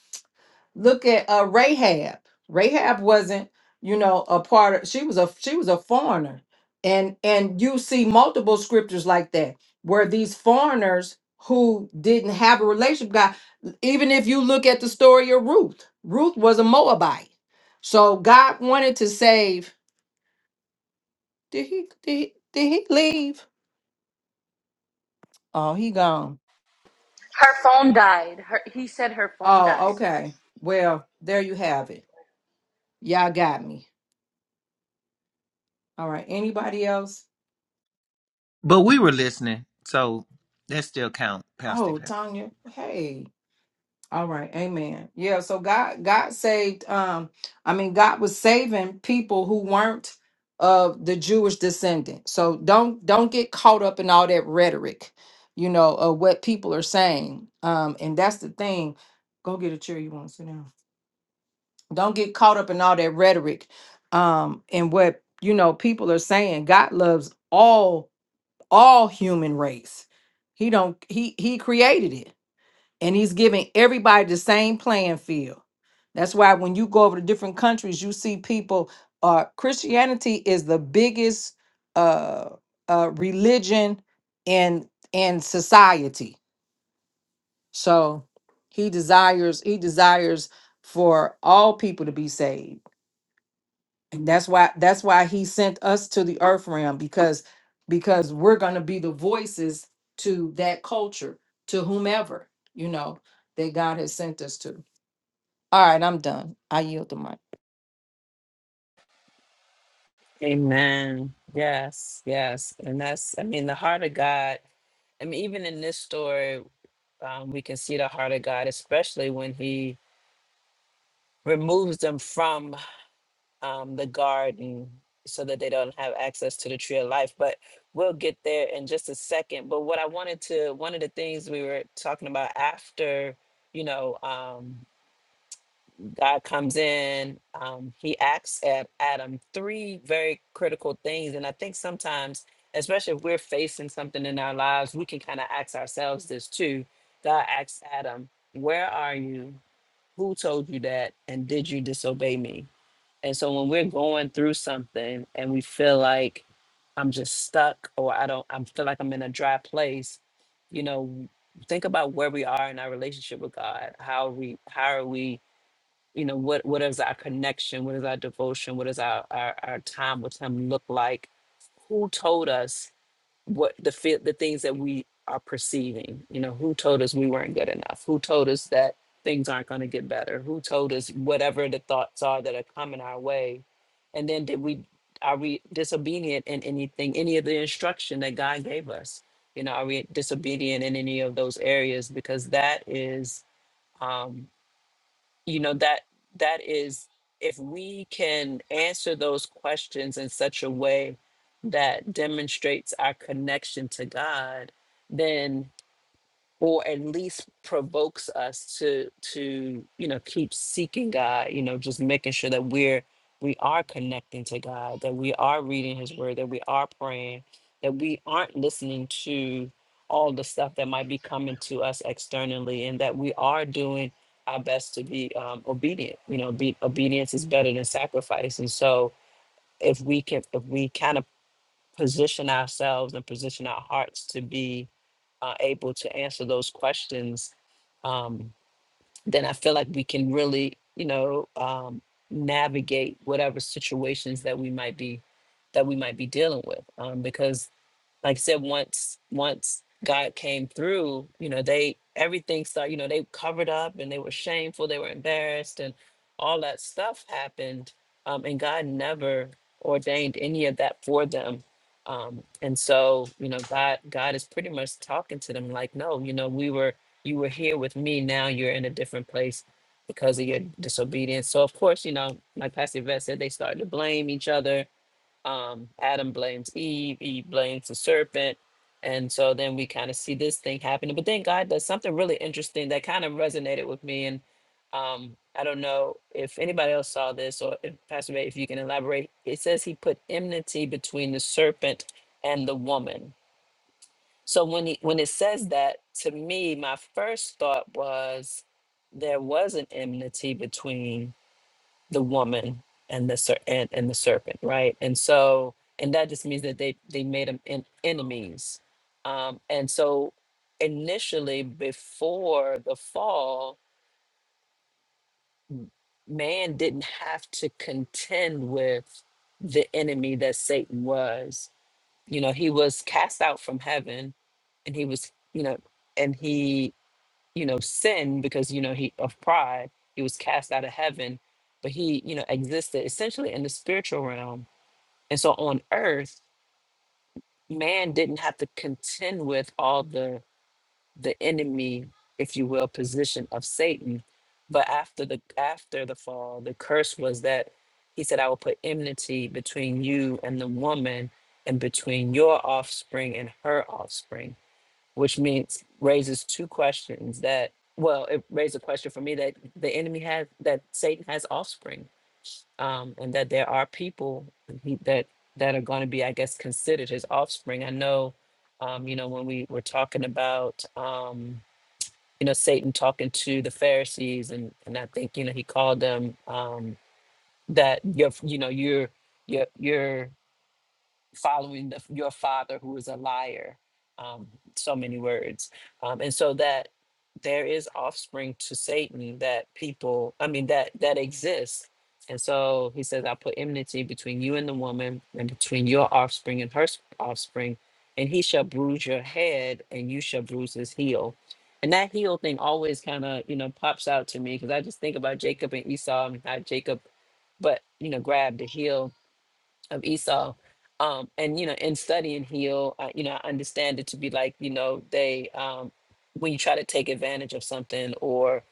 Speaker 3: Look at uh, Rahab. Rahab wasn't, you know, a part of. She was a she was a foreigner, and and you see multiple scriptures like that where these foreigners who didn't have a relationship with God. Even if you look at the story of Ruth, Ruth was a Moabite, so God wanted to save. Did he did he, did he leave? Oh, he gone.
Speaker 2: Her phone died. Her, he said her phone
Speaker 3: Oh,
Speaker 2: died.
Speaker 3: okay. Well, there you have it. Y'all got me. All right. Anybody else?
Speaker 5: But we were listening, so that still count,
Speaker 3: Oh,
Speaker 5: Pastor.
Speaker 3: Tanya. Hey. All right, amen. Yeah, so God God saved um I mean God was saving people who weren't of the Jewish descendant. So don't don't get caught up in all that rhetoric, you know, of what people are saying. Um and that's the thing. Go get a chair you want to sit down. Don't get caught up in all that rhetoric um and what, you know, people are saying. God loves all all human race. He don't he he created it and he's giving everybody the same playing field that's why when you go over to different countries, you see people. Uh, Christianity is the biggest uh, uh, religion in in society. So he desires he desires for all people to be saved, and that's why that's why he sent us to the earth realm because because we're gonna be the voices to that culture to whomever you know that God has sent us to. All right, I'm done. I yield the mic.
Speaker 1: Amen. Yes. Yes. And that's, I mean, the heart of God. I mean, even in this story, um, we can see the heart of God, especially when He removes them from um, the garden so that they don't have access to the tree of life. But we'll get there in just a second. But what I wanted to, one of the things we were talking about after, you know, um, God comes in. Um, he acts at Adam three very critical things. And I think sometimes, especially if we're facing something in our lives, we can kind of ask ourselves this too. God asks Adam, Where are you? Who told you that? And did you disobey me? And so when we're going through something and we feel like I'm just stuck or I don't, I feel like I'm in a dry place, you know, think about where we are in our relationship with God. How we, how are we? you know what what is our connection what is our devotion what is our our, our time with him look like who told us what the fe- the things that we are perceiving you know who told us we weren't good enough who told us that things aren't going to get better who told us whatever the thoughts are that are coming our way and then did we are we disobedient in anything any of the instruction that god gave us you know are we disobedient in any of those areas because that is um, you know that that is if we can answer those questions in such a way that demonstrates our connection to god then or at least provokes us to to you know keep seeking god you know just making sure that we're we are connecting to god that we are reading his word that we are praying that we aren't listening to all the stuff that might be coming to us externally and that we are doing our best to be um, obedient you know be, obedience is better than sacrifice and so if we can if we kind of position ourselves and position our hearts to be uh, able to answer those questions, um, then I feel like we can really, you know, um, navigate whatever situations that we might be that we might be dealing with. Um, because like I said, once once God came through, you know, they everything started, you know, they covered up and they were shameful, they were embarrassed, and all that stuff happened. Um, and God never ordained any of that for them. Um, and so, you know, God God is pretty much talking to them like, no, you know, we were you were here with me, now you're in a different place because of your disobedience. So of course, you know, like Pastor Yvette said, they started to blame each other um, Adam blames Eve, Eve blames the serpent. And so then we kind of see this thing happening. But then God does something really interesting that kind of resonated with me. And um, I don't know if anybody else saw this or if Pastor Ray, if you can elaborate. It says he put enmity between the serpent and the woman. So when he when it says that, to me, my first thought was there was an enmity between the woman and the ser- and, and the serpent, right? And so, and that just means that they they made them en- enemies. Um, and so, initially, before the fall, man didn't have to contend with the enemy that Satan was. You know, he was cast out from heaven, and he was, you know, and he, you know, sinned because you know he of pride. He was cast out of heaven, but he, you know, existed essentially in the spiritual realm And so on earth, man didn't have to contend with all the the enemy, if you will, position of Satan. But after the after the fall, the curse was that he said, I will put enmity between you and the woman and between your offspring and her offspring, which means raises two questions that well, it raised a question for me that the enemy has that Satan has offspring um, and that there are people he- that that are going to be, I guess, considered his offspring. I know, um, you know, when we were talking about, um, you know, Satan talking to the Pharisees, and and I think you know he called them um, that you're, you know, you're you're you're following the, your father who is a liar um, so many words um, and so that there is offspring to satan that people i mean that that exists and so he says i put enmity between you and the woman and between your offspring and her s- offspring and he shall bruise your head and you shall bruise his heel and that heel thing always kind of you know pops out to me because i just think about jacob and esau and how jacob but you know grabbed the heel of Esau. Um, and you know, in studying heel, I, you know, I understand it to be like you know they um, when you try to take advantage of something or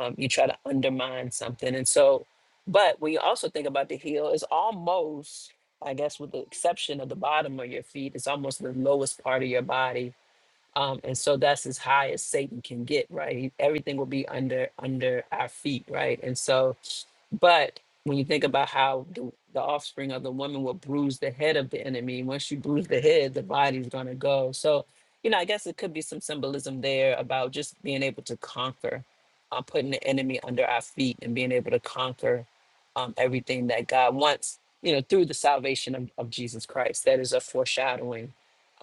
Speaker 1: um, you try to undermine something, and so. But when you also think about the heel, it's almost, I guess, with the exception of the bottom of your feet, it's almost the lowest part of your body, um, and so that's as high as Satan can get, right? Everything will be under under our feet, right? And so but when you think about how the, the offspring of the woman will bruise the head of the enemy, once you bruise the head, the body's going to go. So, you know, I guess it could be some symbolism there about just being able to conquer, uh, putting the enemy under our feet and being able to conquer um, everything that God wants, you know, through the salvation of, of Jesus Christ. That is a foreshadowing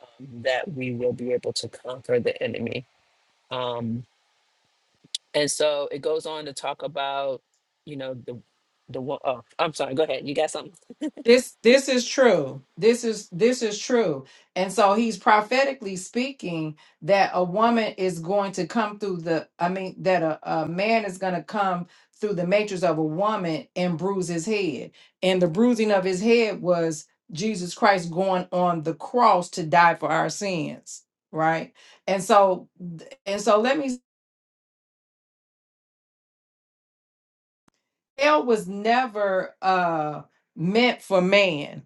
Speaker 1: um, that we will be able to conquer the enemy. Um, and so it goes on to talk about, you know, the the wo- oh, I'm sorry. Go ahead. You got something?
Speaker 3: This this is true. This is this is true. And so he's prophetically speaking that a woman is going to come through the I mean that a, a man is going to come through the matrix of a woman and bruise his head. And the bruising of his head was Jesus Christ going on the cross to die for our sins, right? And so and so let me hell was never uh meant for man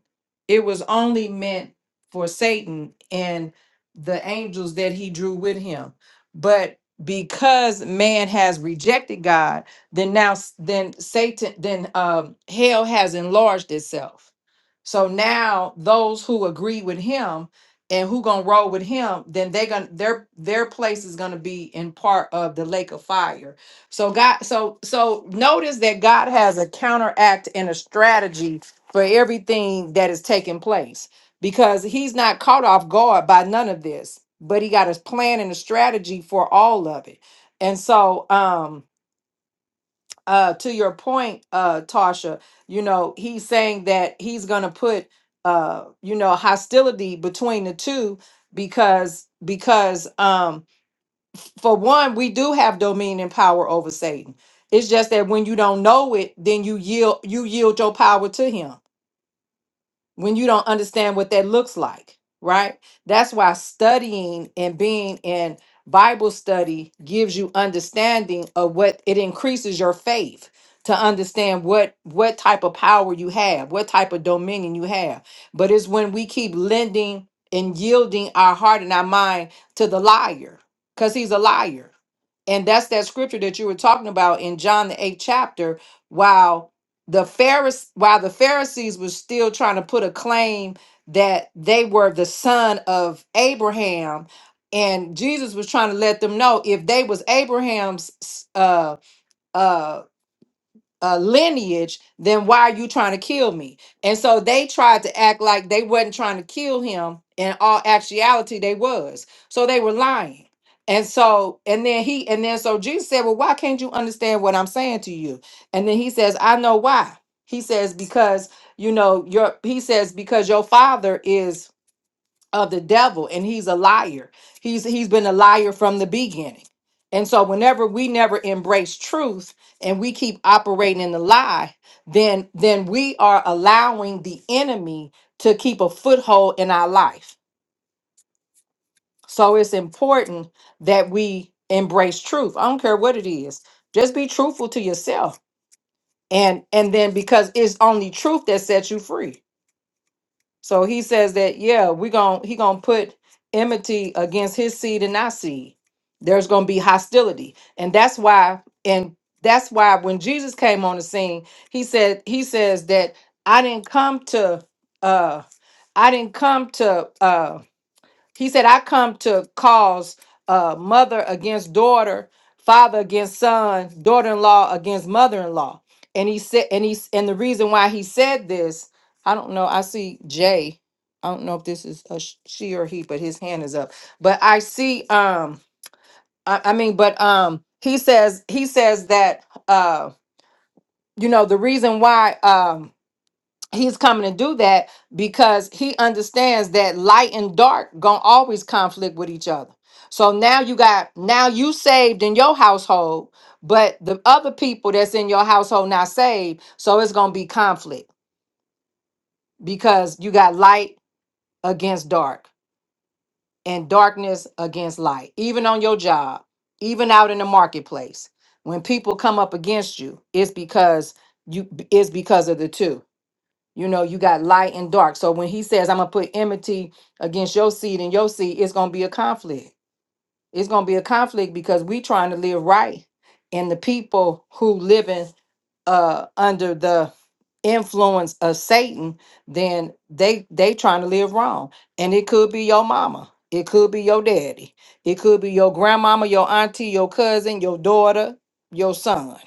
Speaker 3: it was only meant for satan and the angels that he drew with him but because man has rejected god then now s- then satan then um hell has enlarged itself so now those who agree with him and who gonna roll with him then they're gonna their their place is gonna be in part of the lake of fire so God, so so notice that God has a counteract and a strategy for everything that is taking place because he's not caught off guard by none of this, but he got a plan and a strategy for all of it. And so um uh to your point, uh Tasha, you know, he's saying that he's gonna put uh you know hostility between the two because because um for one, we do have dominion and power over Satan. It's just that when you don't know it, then you yield you yield your power to him when you don't understand what that looks like, right? That's why studying and being in Bible study gives you understanding of what it increases your faith to understand what what type of power you have, what type of dominion you have. But it's when we keep lending and yielding our heart and our mind to the liar cuz he's a liar. And that's that scripture that you were talking about in John the 8th chapter. Wow the Pharisees, while the Pharisees were still trying to put a claim that they were the son of Abraham, and Jesus was trying to let them know if they was Abraham's s- uh uh uh, lineage, then why are you trying to kill me? And so they tried to act like they wasn't trying to kill him. In all actuality, they was. So they were lying. And so, and then he, and then so Jesus said, Well, why can't you understand what I'm saying to you? And then he says, I know why. He says, Because, you know, your, he says, because your father is of the devil and he's a liar he's he's been a liar from the beginning and so whenever we never embrace truth and we keep operating in the lie then then we are allowing the enemy to keep a foothold in our life so it's important that we embrace truth i don't care what it is just be truthful to yourself and and then because it's only truth that sets you free So he says that, yeah, we gon' he gonna put enmity against his seed and our seed. There's gonna be hostility. And that's why, and that's why when Jesus came on the scene, he said, he says that I didn't come to uh I didn't come to um he said, I come to cause uh, mother against daughter, father against son, daughter-in-law against mother-in-law. And he said, and he's and the reason why he said this, I don't know. I see Jay. I don't know if this is a sh- she or he, but his hand is up. But I see um I, I mean, but um he says he says that uh you know the reason why um he's coming to do that because he understands that light and dark gonna always conflict with each other so now you got now you saved in your household but the other people that's in your household not saved so it's gonna be conflict because you got light against dark and darkness against light even on your job even out in the marketplace when people come up against you it's because you it's because of the two You know, you got light and dark. So when he says, I'm going to put enmity against your seed and your seed, it's going to be a conflict. It's going to be a conflict because we trying to live right. And the people who living uh, under the influence of Satan, then they they trying to live wrong. And it could be your mama. It could be your daddy. It could be your grandmama, your auntie, your cousin, your daughter, your son.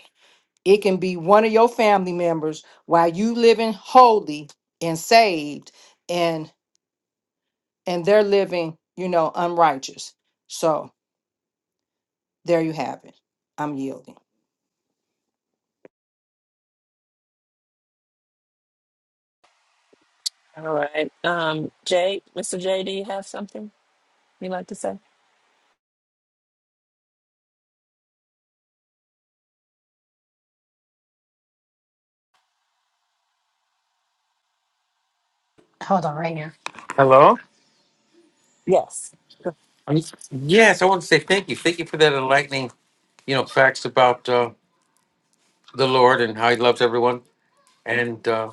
Speaker 3: It can be one of your family members while you living holy and saved and and they're living, you know, unrighteous. So there you have it. I'm yielding.
Speaker 1: All right. Um, Jay, Mr. Jay, do you have something you'd like to say?
Speaker 6: Hold on right now. Hello.
Speaker 1: Yes.
Speaker 6: Um, Yes, I want to say thank you. Thank you for that enlightening, you know, facts about uh, the Lord and how He loves everyone. And uh,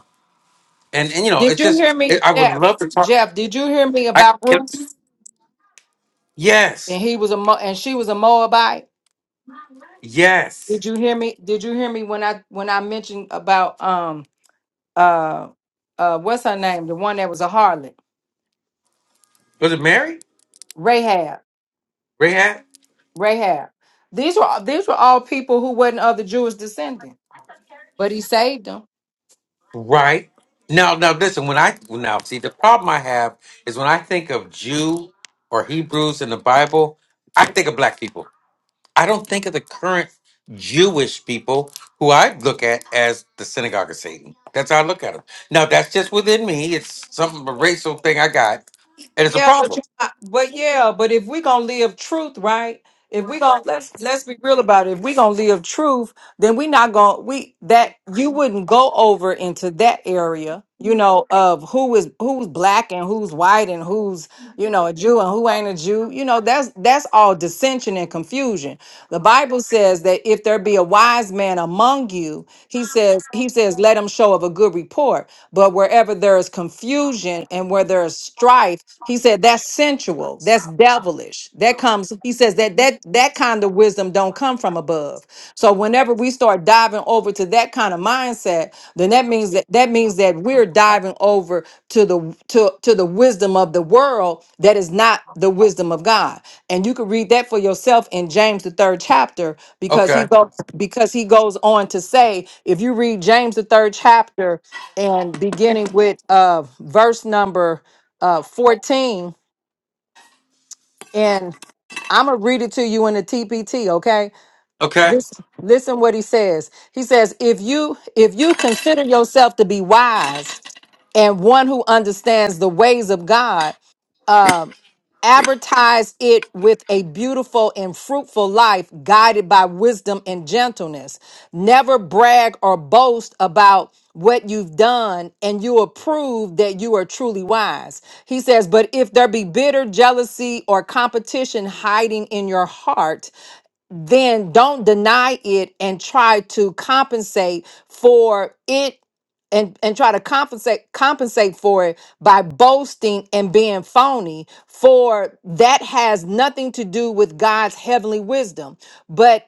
Speaker 6: and and you know,
Speaker 3: Did
Speaker 6: it's
Speaker 3: you hear
Speaker 6: just
Speaker 3: me,
Speaker 6: it, I would
Speaker 3: Jeff?
Speaker 6: love to talk.
Speaker 3: Jeff, did you hear me
Speaker 6: I
Speaker 3: about
Speaker 6: can.
Speaker 3: Ruth? And
Speaker 6: Yes,
Speaker 3: he was a Mo- and she was a Moabite.
Speaker 6: yes.
Speaker 3: Did you hear me? Did you hear me when I when I mentioned about um uh uh what's her name? The one that was a harlot,
Speaker 6: Was it Mary?
Speaker 3: Rahab.
Speaker 6: Rahab?
Speaker 3: Rahab. These were these were all people who wasn't of the Jewish descendant. But he saved them.
Speaker 6: Right. Now, now, listen. When I now see the problem I have is when I think of Jew or Hebrews in the Bible, I think of black people. I don't think of the current Jewish people who I look at as the synagogue of Satan. That's how I look at them. Now, that's just within me. It's some racial thing I got, and it's a
Speaker 3: Yeah, but
Speaker 6: problem.
Speaker 3: you, but yeah, but if we gonna live truth, right? If we gonna let's let's be real about it. If we gonna live truth, then we not gonna we that you wouldn't go over into that area, you know, of who is who's black and who's white and who's you know a Jew and who ain't a Jew. You know, that's that's all dissension and confusion. The Bible says that if there be a wise man among you, he says, he says, let him show of a good report. But wherever there is confusion and where there is strife, he said that's sensual, that's devilish. That comes, he says that that that kind of wisdom don't come from above. So whenever we start diving over to that kind of mindset, then that means that that means that we're diving over to the to to the wisdom of the world that is not the wisdom of God. And you can read that for yourself in James the 3rd chapter because he
Speaker 6: Okay,
Speaker 3: goes because he goes on to say if you read James the 3rd chapter and beginning with uh verse number uh 14 and I'm going to read it to you in the TPT, okay?
Speaker 6: okay,
Speaker 3: Listen, listen what he says. He says, if you if you consider yourself to be wise and one who understands the ways of God, uh, advertise it with a beautiful and fruitful life guided by wisdom and gentleness. Never brag or boast about what you've done, and you will prove that you are truly wise. He says, But if there be bitter jealousy or competition hiding in your heart, then don't deny it and try to compensate for it and and try to compensate compensate for it by boasting and being phony for that has nothing to do with God's heavenly wisdom but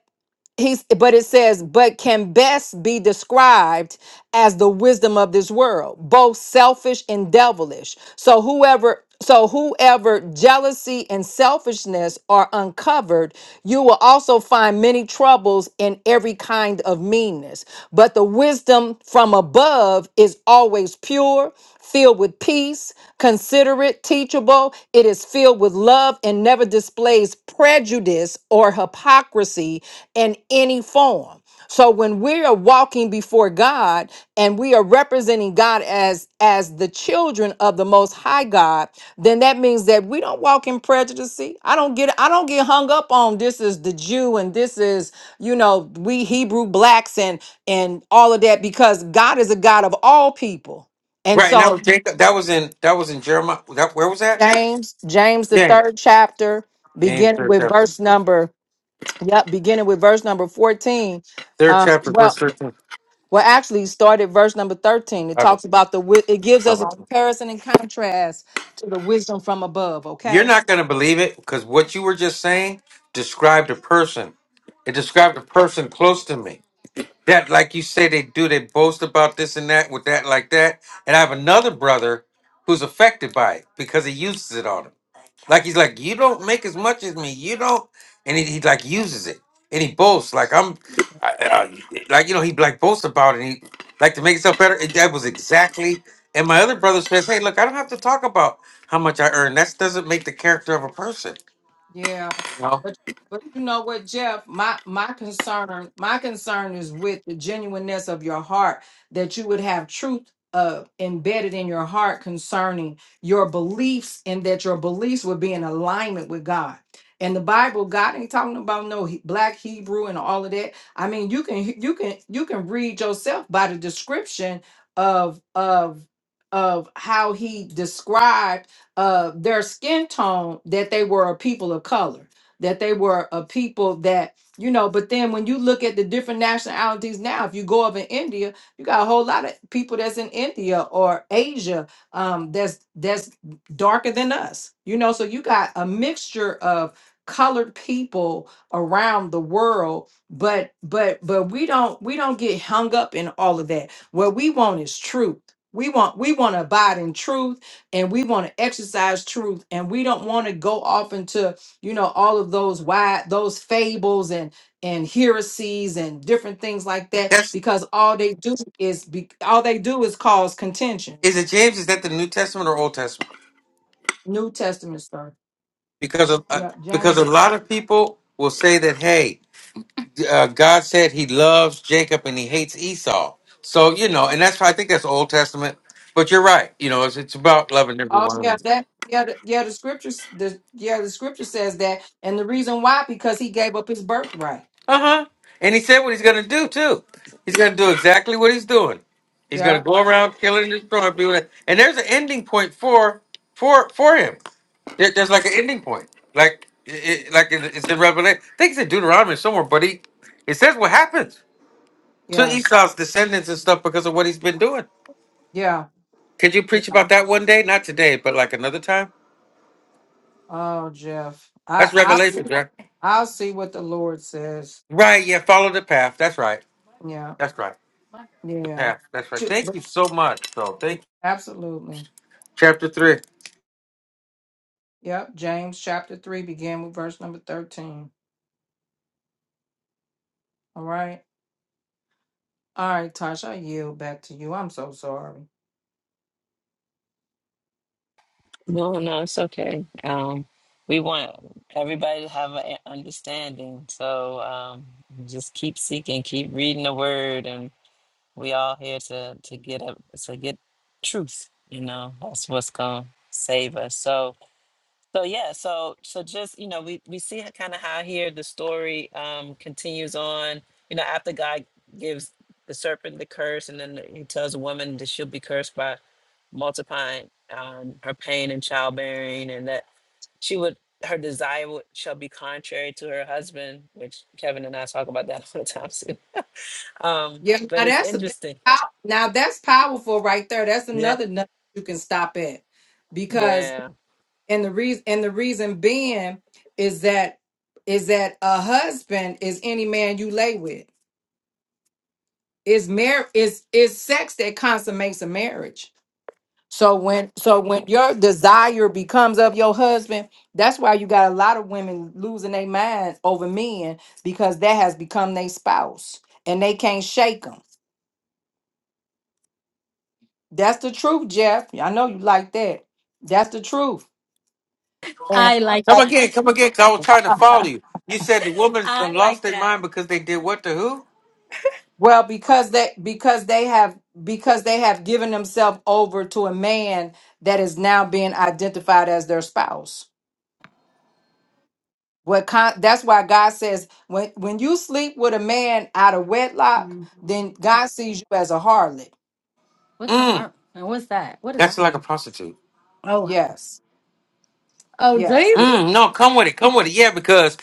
Speaker 3: he's but it says but can best be described as the wisdom of this world both selfish and devilish so whoever so whoever jealousy and selfishness are uncovered you will also find many troubles in every kind of meanness but the wisdom from above is always pure filled with peace considerate accurate, teachable, it is filled with love and never displays prejudice or hypocrisy in any form. So when we are walking before God and we are representing God as as the children of the most high God, then that means that we don't walk in prejudice. I don't get I don't get hung up on this is the Jew and this is, you know, we Hebrew blacks and and all of that because God is a God of all people. And
Speaker 6: right. And that
Speaker 3: so
Speaker 6: was Jacob. That was in that was in Jeremiah. That, where was that?
Speaker 3: James, James, the
Speaker 6: James,
Speaker 3: third chapter,
Speaker 6: James,
Speaker 3: beginning
Speaker 6: third
Speaker 3: with
Speaker 6: chapter,
Speaker 3: verse number, yep, beginning with verse number 14.
Speaker 6: third
Speaker 3: Uh,
Speaker 6: chapter, verse
Speaker 3: well,
Speaker 6: thirteen.
Speaker 3: well, actually, started verse number 13. It
Speaker 6: I will-
Speaker 3: talks about the, wi- it gives
Speaker 6: I
Speaker 3: us a
Speaker 6: will-
Speaker 3: comparison and contrast to the wisdom from above,
Speaker 6: You're
Speaker 3: okay?
Speaker 6: not going to believe it because what you were just saying described a person. It described a person close to me. that like you say they do they boast about this and that with that like that and i have another brother who's affected by it because he uses it on him like he's like you don't make as much as me you don't and he, he like uses it and he boasts like i'm I, I, like you know he like boasts about it and he like to make himself better and that was exactly and my other brother says hey look i don't have to talk about how much i earn that doesn't make the character of a person
Speaker 3: Yeah,
Speaker 6: you know
Speaker 3: but but you know what, Jeff, my my concern, my concern is with the genuineness of your heart that you would have truth uh embedded in your heart concerning your beliefs and that your beliefs would be in alignment with God. And the Bible, God ain't talking about no He- black Hebrew and all of that. I mean, you can you can you can read yourself by the description of of of how he described uh, their skin tone that they were a people of color, that they were a people that, you know, but then when you look at the different nationalities now, if you go over in India, you got a whole lot of people that's in India or Asia um, that's that's darker than us, you know, so you got a mixture of colored people around the world but but but we don't we don't get hung up in all of that what we want is truth we want we want to abide in truth and we want to exercise truth and we don't want to go off into you know all of those wide those fables and and heresies and different things like that
Speaker 6: that's
Speaker 3: because all they do is be, all they do is cause contention
Speaker 6: is it james is that the new testament or old testament
Speaker 3: new testament stuff
Speaker 6: because of, uh,
Speaker 3: yeah
Speaker 6: because
Speaker 3: james
Speaker 6: a lot of people will say that hey uh, god said he loves jacob and he hates esau so you know and that's why i think that's old testament but you're right you know it's, it's about loving
Speaker 3: oh
Speaker 6: everyone
Speaker 3: yeah that yeah the, yeah the scriptures the yeah the scripture says that and the reason why because he gave up his birthright
Speaker 6: uh-huh and he said what he's gonna do too he's gonna do exactly what he's doing he's gonna
Speaker 3: yeah
Speaker 6: go around killing and destroying people and there's an ending point for for for him there, there's like an ending point, like it, it- like it, it's in Revelation. I think it's in Deuteronomy somewhere, but he it says what happens. to
Speaker 3: yeah
Speaker 6: Esau's descendants and stuff because of what he's been doing.
Speaker 3: yeah
Speaker 6: Could you preach about that one day? Not today, but like another time.
Speaker 3: oh jeff i
Speaker 6: That's
Speaker 3: i
Speaker 6: revelation,
Speaker 3: see
Speaker 6: right?
Speaker 3: i'll see what the lord says
Speaker 6: Right. Yeah. Follow the path. That's right.
Speaker 3: Yeah.
Speaker 6: That's right. The
Speaker 3: Yeah.
Speaker 6: path. That's right.
Speaker 3: Ju-
Speaker 6: Thank
Speaker 3: but-
Speaker 6: you so much. So thank you.
Speaker 3: Absolutely.
Speaker 6: Chapter three.
Speaker 3: Yep. James chapter 3 began with verse number 13. All right. All right, Tasha, I yield back to you. I'm so sorry.
Speaker 1: No, no, it's okay. Um, we want everybody to have an understanding. So um, just keep seeking, keep reading the word, and we all here to to get up to get truth. You know, that's what's gonna save us. So So yeah, so so just you know, we we see kind of how here the story um continues on. You know, after God gives the serpent the curse, and then he tells a woman that she'll be cursed by multiplying um, her pain and childbearing, and that she would her desire would, shall be contrary to her husband, which Kevin and I talk about that all the time too. Um,
Speaker 3: Yeah,
Speaker 1: but
Speaker 3: now
Speaker 1: it's
Speaker 3: that's a
Speaker 1: interesting.
Speaker 3: pow- now that's powerful right there. That's
Speaker 1: Yeah,
Speaker 3: another nut you can stop at. Because
Speaker 1: yeah.
Speaker 3: and the reason and the reason being is that is that a husband is any man you lay with. Is mar is is sex that consummates a marriage. So when so when your desire becomes of your husband, that's why you got a lot of women losing their minds over men because that has become their spouse and they can't shake them. That's the truth, Jeff. I know you like that. That's the truth. And
Speaker 6: I like Come that. again. Come again. 'cause I was trying to follow you. You said the woman I lost like their that. mind because they did what to who?
Speaker 3: well, because they because they have because they have given themselves over to a man that is now being identified as their spouse. What con- that's why God says when when you sleep with a man out of wedlock, then God sees you as a harlot.
Speaker 6: What's the Mm. arm? What's that? What is That's like a arm? prostitute. Oh.
Speaker 3: Yes,
Speaker 6: Oh, Jesus.
Speaker 3: yes. It-
Speaker 6: Mm, no, come with it. Come with it. Yeah, because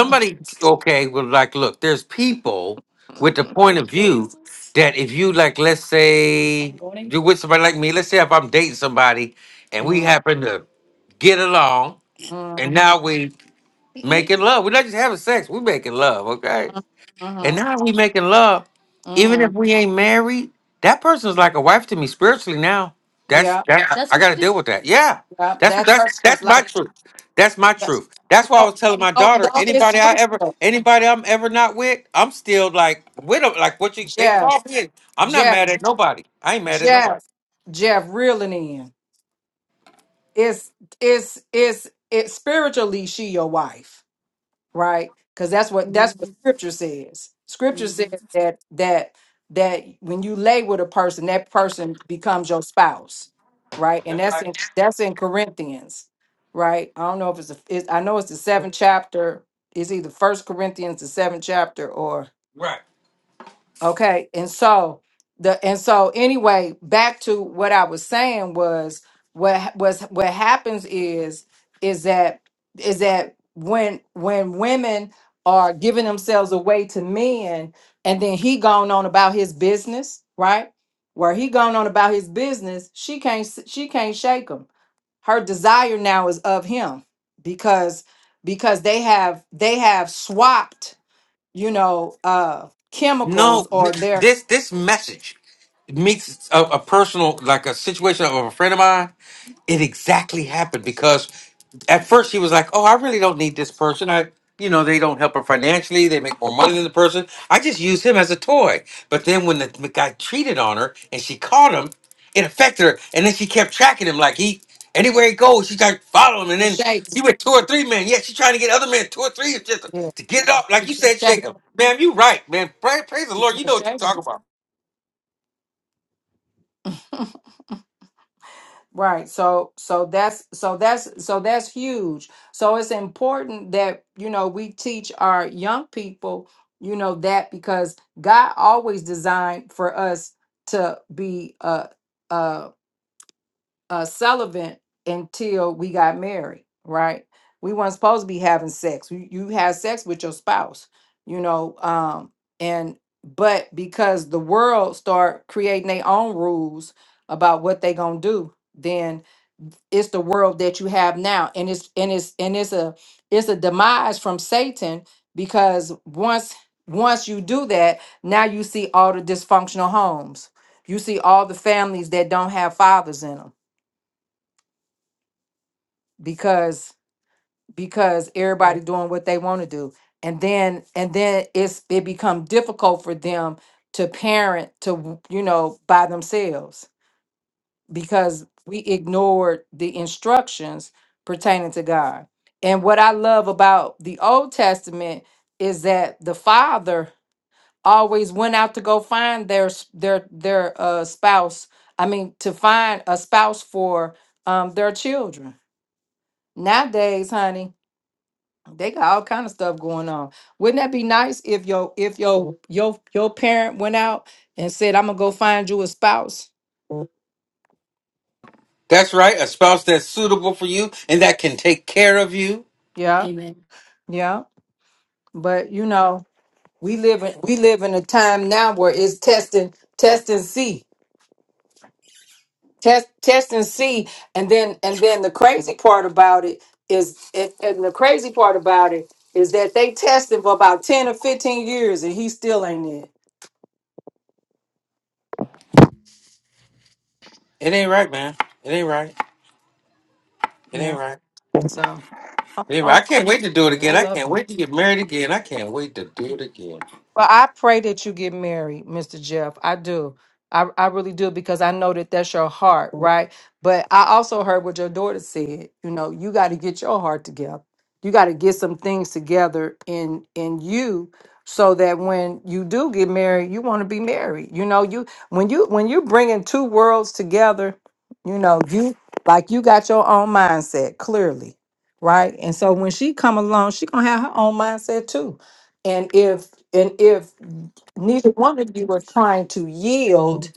Speaker 6: okay was like, look, there's people with the point of view that if you like, let's say you with somebody like me, let's say if I'm dating somebody and we
Speaker 3: Mm,
Speaker 6: happen to get along, and
Speaker 3: Mhm, mhm,
Speaker 6: now we making love. We're not just having sex. We're making love. Okay. And
Speaker 3: mhm,
Speaker 6: now we making love, even if
Speaker 3: mhm.
Speaker 6: we ain't married. That person's like a wife to me spiritually now. That's
Speaker 3: Yeah,
Speaker 6: that Yeah. That's I, what got to you. deal with that. Yeah,
Speaker 3: yeah.
Speaker 6: that's
Speaker 3: That
Speaker 6: that's
Speaker 3: person is
Speaker 6: that's
Speaker 3: like
Speaker 6: my truth. That's my
Speaker 3: yes.
Speaker 6: truth. That's why I
Speaker 3: Oh,
Speaker 6: was telling
Speaker 3: no,
Speaker 6: my daughter.
Speaker 3: no, it's
Speaker 6: Anybody I ever,
Speaker 3: scriptural.
Speaker 6: anybody I'm ever not with, I'm still like with them. Like what you they
Speaker 3: Jeff,
Speaker 6: call me. I'm not
Speaker 3: Jeff,
Speaker 6: mad at nobody. I ain't mad at
Speaker 3: Jeff,
Speaker 6: nobody.
Speaker 3: Jeff, reeling in. It's it's it's it's spiritually she your wife. right? Because that's what that's
Speaker 6: Mhm.
Speaker 3: what scripture says. Scripture says that that that when you lay with a person, that person becomes your spouse, right? And
Speaker 6: That's
Speaker 3: that's in
Speaker 6: right.
Speaker 3: that's in Corinthians, right? I don't know if it's a, it, I know it's the seventh chapter. It's either First Corinthians, the seventh chapter, or
Speaker 6: Right.
Speaker 3: Okay. And so the and so anyway, back to what I was saying was what ha- was what happens is is that is that when when women are giving themselves away to men and then he gone on about his business, right? Where he gone on about his business, she can't s- she can't shake him. Her desire now is of him because because they have they have swapped you know, uh, chemicals
Speaker 6: No,
Speaker 3: or
Speaker 6: th-
Speaker 3: their
Speaker 6: this this message meets a, a personal like a situation of a friend of mine. it exactly happened because at first she was like, "Oh, I really don't need this person. I, you know, they don't help her financially. They make more money than the person. I just use him as a toy." But then when the guy cheated on her and she caught him, it affected her, and then she kept tracking him like he. Anywhere he goes, she tried to follow him, and then
Speaker 3: shake.
Speaker 6: he went two or three men. Yeah, she trying to get other men, two or three, just
Speaker 3: Yeah.
Speaker 6: to get it off.
Speaker 3: She
Speaker 6: Like you
Speaker 3: couldn't
Speaker 6: said, shake
Speaker 3: shake.
Speaker 6: him. Man, you right, man. Pray, praise the
Speaker 3: She
Speaker 6: Lord. You
Speaker 3: couldn't
Speaker 6: know what
Speaker 3: shake.
Speaker 6: you're talking about.
Speaker 3: Right. So so that's so that's so that's huge. So it's important that you know we teach our young people, you know, that because God always designed for us to be a uh, uh, celibate until we got married, right? We weren't supposed to be having sex. You, you had sex with your spouse, you know, um, and but because the world start creating their own rules about what they gonna do, then it's the world that you have now, and it's and it's and it's a it's a demise from Satan because once once you do that, now you see all the dysfunctional homes, you see all the families that don't have fathers in them because because everybody Right. doing what they want to do and then and then it's it become difficult for them to parent to w- you know by themselves because we ignored the instructions pertaining to God and what I love about the Old Testament is that the father always went out to go find their s- their their uh spouse I mean to find a spouse for um their children nowadays honey They got all kind of stuff going on. Wouldn't that be nice if your if your your your parent went out and said, "I'm gonna go find you a spouse"?
Speaker 6: That's right. A spouse that's suitable for you and that can take care of you.
Speaker 3: Yeah,
Speaker 6: Amen.
Speaker 3: yeah. But you know, we live in we live in a time now where it's testing, test and see, test test and see, and then and then the crazy part about it is, and and the crazy part about it is that they tested for about ten or fifteen years, and he still ain't in.
Speaker 6: It ain't right, man. It ain't right. It
Speaker 3: Yeah.
Speaker 6: ain't right.
Speaker 3: So,
Speaker 6: It ain't right.
Speaker 3: oh,
Speaker 6: I can't wait to do it
Speaker 3: I
Speaker 6: again. I
Speaker 3: love
Speaker 6: can't
Speaker 3: it.
Speaker 6: wait to get married again. I can't wait to do it again.
Speaker 3: Well, I pray that you get married, Mr. Jeff. I do. I, I really do because I know that that's your heart, right? But I also heard what your daughter said. You know, you got to get your heart together. You got to get some things together in in you so that when you do get married, you want to be married. You know, you when you when you're bringing two worlds together, you know, you like you got your own mindset clearly, right? And so when she come along, she going to have her own mindset too and if and if neither one of you are trying to yield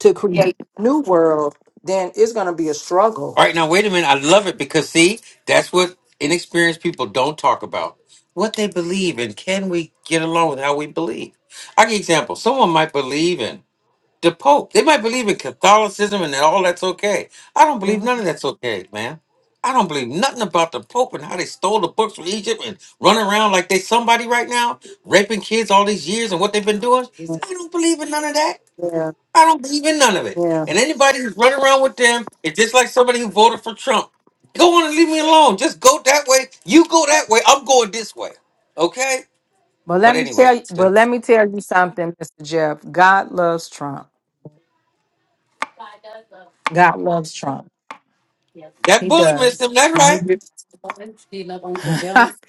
Speaker 3: to create a new world, then it's going to be a struggle.
Speaker 6: All right, now wait a minute. I love it because see, that's what inexperienced people don't talk about. What they believe in. can we get along with how we believe? I'll give you an example. Someone might believe in the Pope. They might believe in Catholicism and that all that's okay. I don't believe
Speaker 3: Mhm.
Speaker 6: none of that's okay, man. I don't believe nothing about the Pope and how they stole the books from Egypt and run around like they somebody right now, raping kids all these years and what they've been doing. I don't believe in none of that.
Speaker 3: Yeah,
Speaker 6: I don't believe in none of it.
Speaker 3: yeah.
Speaker 6: And anybody who's running around with them is just like somebody who voted for Trump. Go on and leave me alone. Just go that way. You go that way. I'm going this way. Okay?
Speaker 3: But
Speaker 6: But
Speaker 3: let me
Speaker 6: anyway,
Speaker 3: tell you, but
Speaker 6: that's,
Speaker 3: let me tell you something, Mr. Jeff. God loves Trump. God loves Trump.
Speaker 6: that
Speaker 3: He
Speaker 6: bullet missed
Speaker 3: does.
Speaker 6: him.
Speaker 3: And he
Speaker 6: That's right.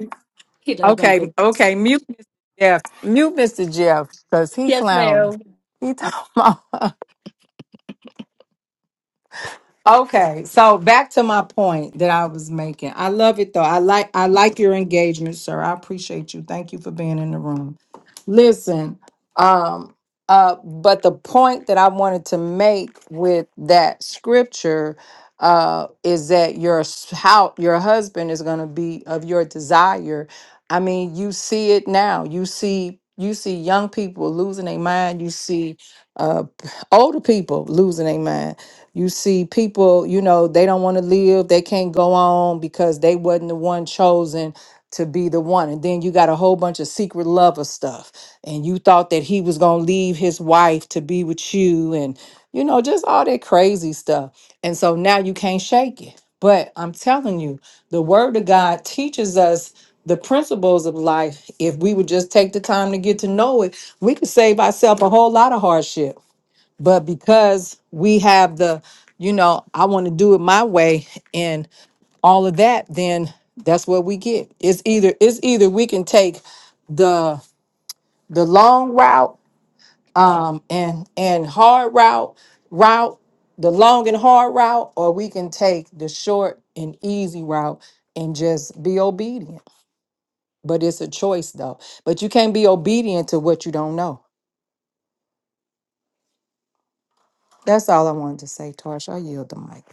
Speaker 3: Okay, okay, mute Mr. Jeff. Mute Mr. Jeff, because he
Speaker 6: Yes.
Speaker 3: clowning. He talking about Okay, so back to my point that I was making. I love it though. I like I like your engagement, sir. I appreciate you. Thank you for being in the room. Listen, um uh but the point that I wanted to make with that scripture uh is that your s- how your husband is going to be of your desire. I mean, you see it now. You see you see young people losing their mind. You see uh older people losing their mind you see people, you know, they don't want to live, they can't go on because they wasn't the one chosen to be the one. And then you got a whole bunch of secret lover stuff. And you thought that he was going to leave his wife to be with you and you know, just all that crazy stuff. And so now you can't shake it. But I'm telling you, the word of God teaches us the principles of life. If we would just take the time to get to know it, we could save ourselves a whole lot of hardship but because we have the you know i want to do it my way and all of that then that's what we get it's either it's either we can take the the long route um and and hard route route the long and hard route or we can take the short and easy route and just be obedient but it's a choice though but you can't be obedient to what you don't know that's all i wanted to say Tarsha. i yield the mic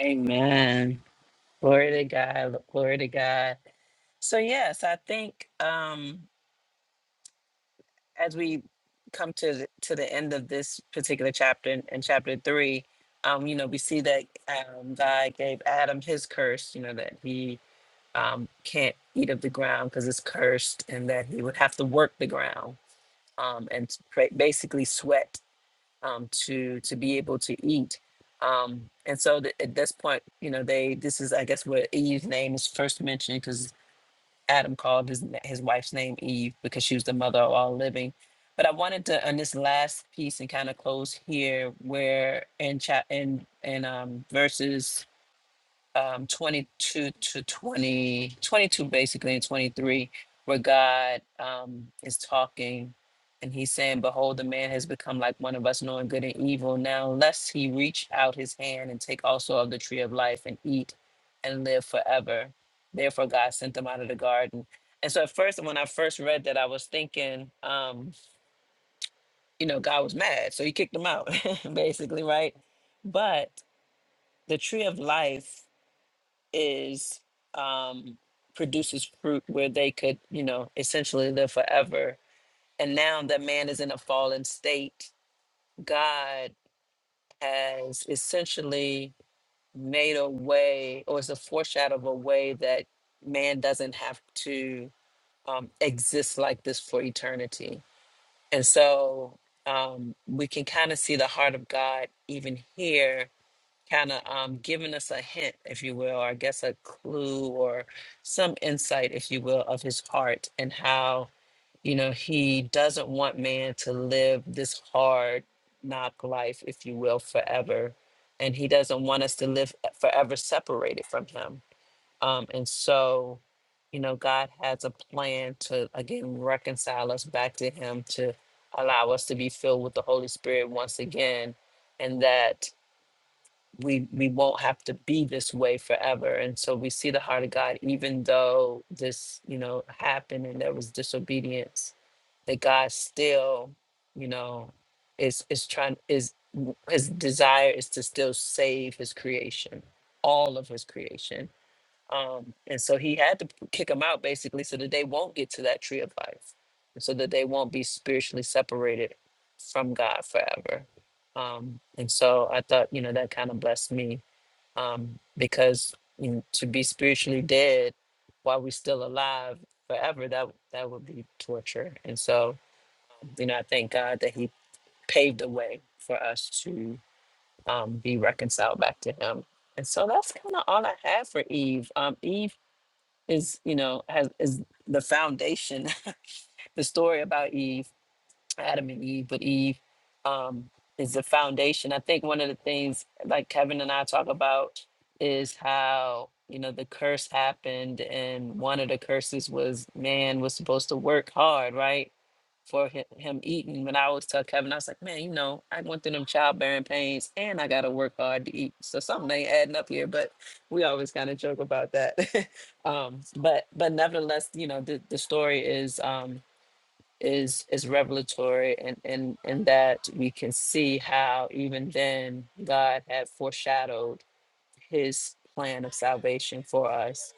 Speaker 1: Amen. Glory to God. Glory to God. So yes, I think um, as we come to the, to the end of this particular chapter in, in chapter three, um, you know, we see that um, God gave Adam his curse. You know that he um, can't eat of the ground because it's cursed, and that he would have to work the ground um, and s- pra- basically sweat um, to to be able to eat. Um, and so th- at this point, you know, they this is I guess where Eve's name is first mentioned Adam called his his wife's name Eve because she was the mother of all living. But I wanted to on this last piece and kind of close here, where in chat in in um, verses um, 22 to 20, 22 basically, and 23, where God um, is talking and he's saying, Behold, the man has become like one of us, knowing good and evil. Now, lest he reach out his hand and take also of the tree of life and eat and live forever. Therefore, God sent them out of the garden. And so, at first, when I first read that, I was thinking, um, you know, God was mad. So he kicked them out, basically, right? But the tree of life is um, produces fruit where they could, you know, essentially live forever. And now that man is in a fallen state, God has essentially made a way, or is a foreshadow of a way that man doesn't have to um, exist like this for eternity. And so um, we can kind of see the heart of God even here kind of um, giving us a hint, if you will, or I guess a clue or some insight, if you will, of his heart and how, you know, he doesn't want man to live this hard knock life, if you will, forever. And he doesn't want us to live eh, forever separated from him. Um, and so, you know, God has a plan to, again, reconcile us back to him, to allow us to be filled with the Holy Spirit once again. And that we we won't have to be this way forever and so we see the heart of god even though this you know happened and there was disobedience that god still you know is is trying is his desire is to still save his creation all of his creation um and so he had to kick them out basically so that they won't get to that tree of life so that they won't be spiritually separated from god forever um and so i thought you know that kind of blessed me um, because you know, to be spiritually dead while we're still alive forever that that would be torture and so um, you know i thank god that he paved the way for us to um, be reconciled back to him and so that's kind of all i have for eve um, eve is you know has is the foundation the story about eve Adam and Eve, but Eve um, is the foundation. I think one of the things, like Kevin and I talk about, is how you know the curse happened, and one of the curses was man was supposed to work hard, right, for hi- him eating. When I always tell Kevin, I was like, man, you know, I went through them childbearing pains, and I got to work hard to eat. So something ain't adding up here, but we always kind of joke about that. um, but but nevertheless, you know, the the story is. Um, is is revelatory and and and that we can see how even then God had foreshadowed his plan of salvation for us.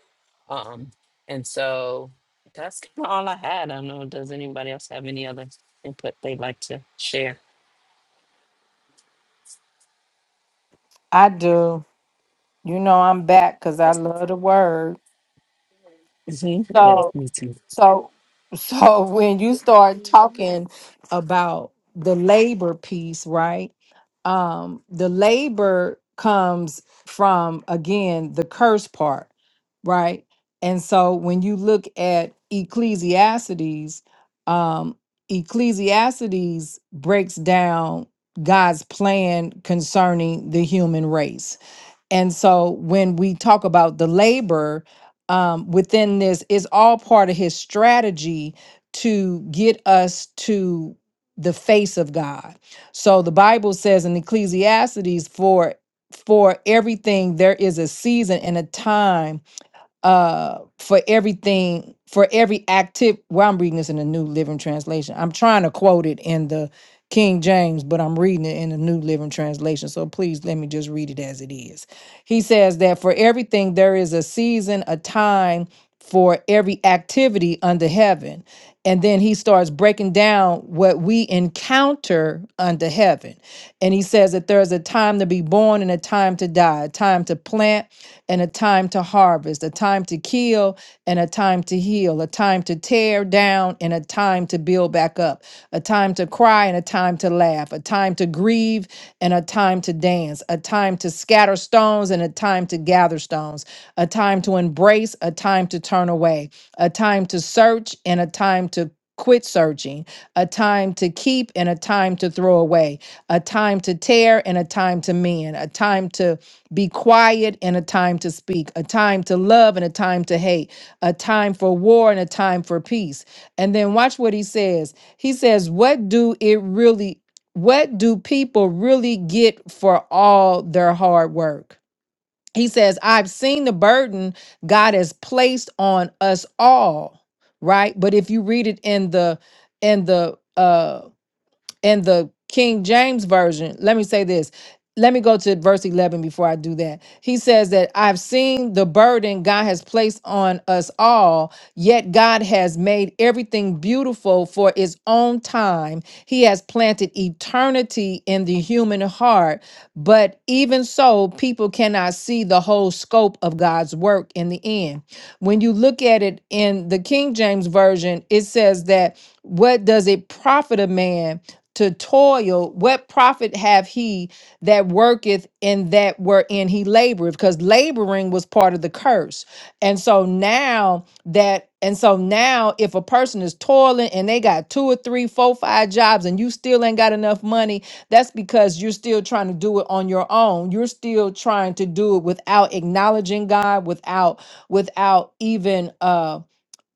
Speaker 1: Um and so that's kind of all I had. I don't know, does anybody else have any other input they'd like to share?
Speaker 3: i do You know I'm back because I
Speaker 1: Yes,
Speaker 3: love the word.
Speaker 1: hmm Yes,
Speaker 3: So
Speaker 1: me too.
Speaker 3: so so when you start talking about the labor piece, right? Um, the labor comes from again the curse part, right? And so when you look at Ecclesiastes, um, Ecclesiastes breaks down God's plan concerning the human race and so when we talk about the labor um, within this, is all part of his strategy to get us to the face of God. So the Bible says in Ecclesiastes, for for everything there is a season and a time uh for everything for every active well i'm reading this in the new living translation i'm trying to quote it in the king james but i'm reading it in the new living translation so please let me just read it as it is he says that for everything there is a season a time for every activity under heaven. And then he starts breaking down what we encounter under heaven. And he says that there is a time to be born and a time to die, a time to plant and a time to harvest, a time to kill and a time to heal, a time to tear down and a time to build back up, a time to cry and a time to laugh, a time to grieve and a time to dance, a time to scatter are stones and a time to gather stones, a time to embrace, a time to turn away, a time to search and a time to quit searching, a time to keep and a time to throw away, a time to tear and a time to mend, a time to be quiet and a time to speak, a time to love and a time to hate, a time for war and a time for peace. And then watch what he says. He says, What do it really? What do people really get for all their hard work? He says, I've seen the burden God has placed on us all, right? But if you read it in the in the uh in the King James Version, let me say this. Let me go to verse 11 before I do that. He says that I've seen the burden God has placed on us all, yet God has made everything beautiful for its own time. He has planted eternity in the human heart, but even so, people cannot see the whole scope of God's work in the end. When you look at it in the King James Version, it says that what does it profit a man? to toil, what profit have he that worketh in that wherein he laboreth? Because laboring was part of the curse. And so now that, and so now if a person is toiling and they got two or three, four, five jobs and you still ain't got enough money, that's because you're still trying to do it on your own. You're still trying to do it without acknowledging God, without, without even, uh,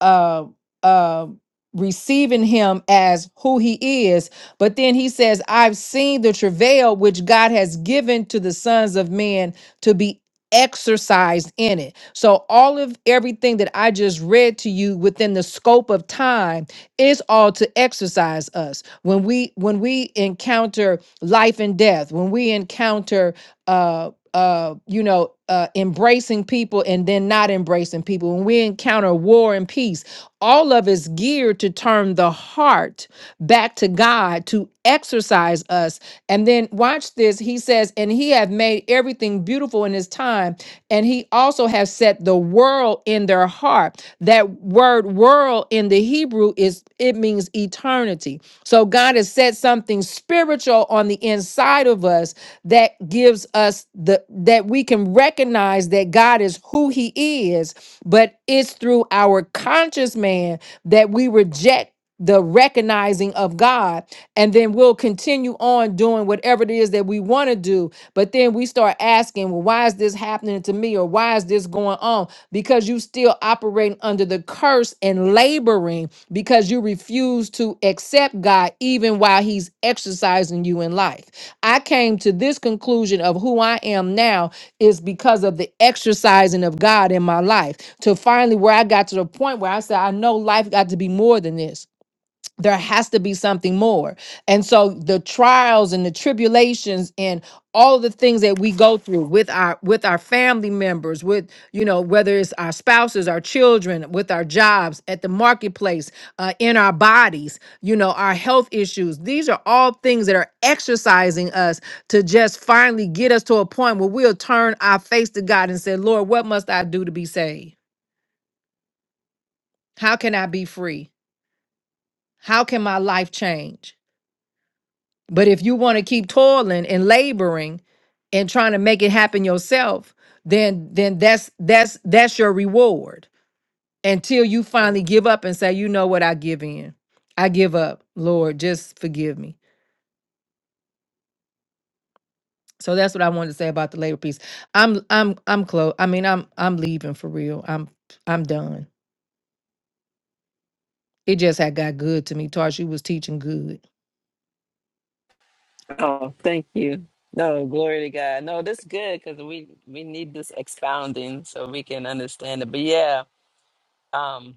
Speaker 3: uh, uh, receiving him as who he is. But then he says, I've seen the travail which God has given to the sons of men to be exercised in it. So all of everything that I just read to you within the scope of time is all to exercise us. When we when we encounter life and death, when we encounter uh, uh you know uh embracing people and then not embracing people when we encounter war and peace all of it's geared to turn the heart back to god to exercise us and then watch this he says and he hath made everything beautiful in his time and he also hath set the world in their heart that word world in the hebrew is it means eternity so god has set something spiritual on the inside of us that gives us the that we can recognize that God is who he is, but it's through our conscious man that we reject the recognizing of God and then we'll continue on doing whatever it is that we want to do but then we start asking well why is this happening to me or why is this going on because you still operating under the curse and laboring because you refuse to accept God even while he's exercising you in life I came to this conclusion of who I am now is because of the exercising of God in my life. To finally where I got to the point where I said, I know life got to be more than this there has to be something more. And so the trials and the tribulations and all the things that we go through with our with our family members, with you know whether it's our spouses, our children, with our jobs, at the marketplace, uh, in our bodies, you know our health issues. These are all things that are exercising us to just finally get us to a point where we'll turn our face to God and say, Lord, what must I do to be saved? How can I be free? How can my life change? But if you want to keep toiling and laboring and trying to make it happen yourself, then then that's that's that's your reward until you finally give up and say, you know what, I give in. I give up. Lord, just forgive me. So that's what I wanted to say about the labor piece. I'm I'm I'm close. I mean, I'm I'm leaving for real. I'm I'm done. It just had got good to me. Tarsha you was teaching good.
Speaker 1: Oh, thank you. No, glory to God. No, this is good because we we need this expounding so we can understand it. But yeah, um,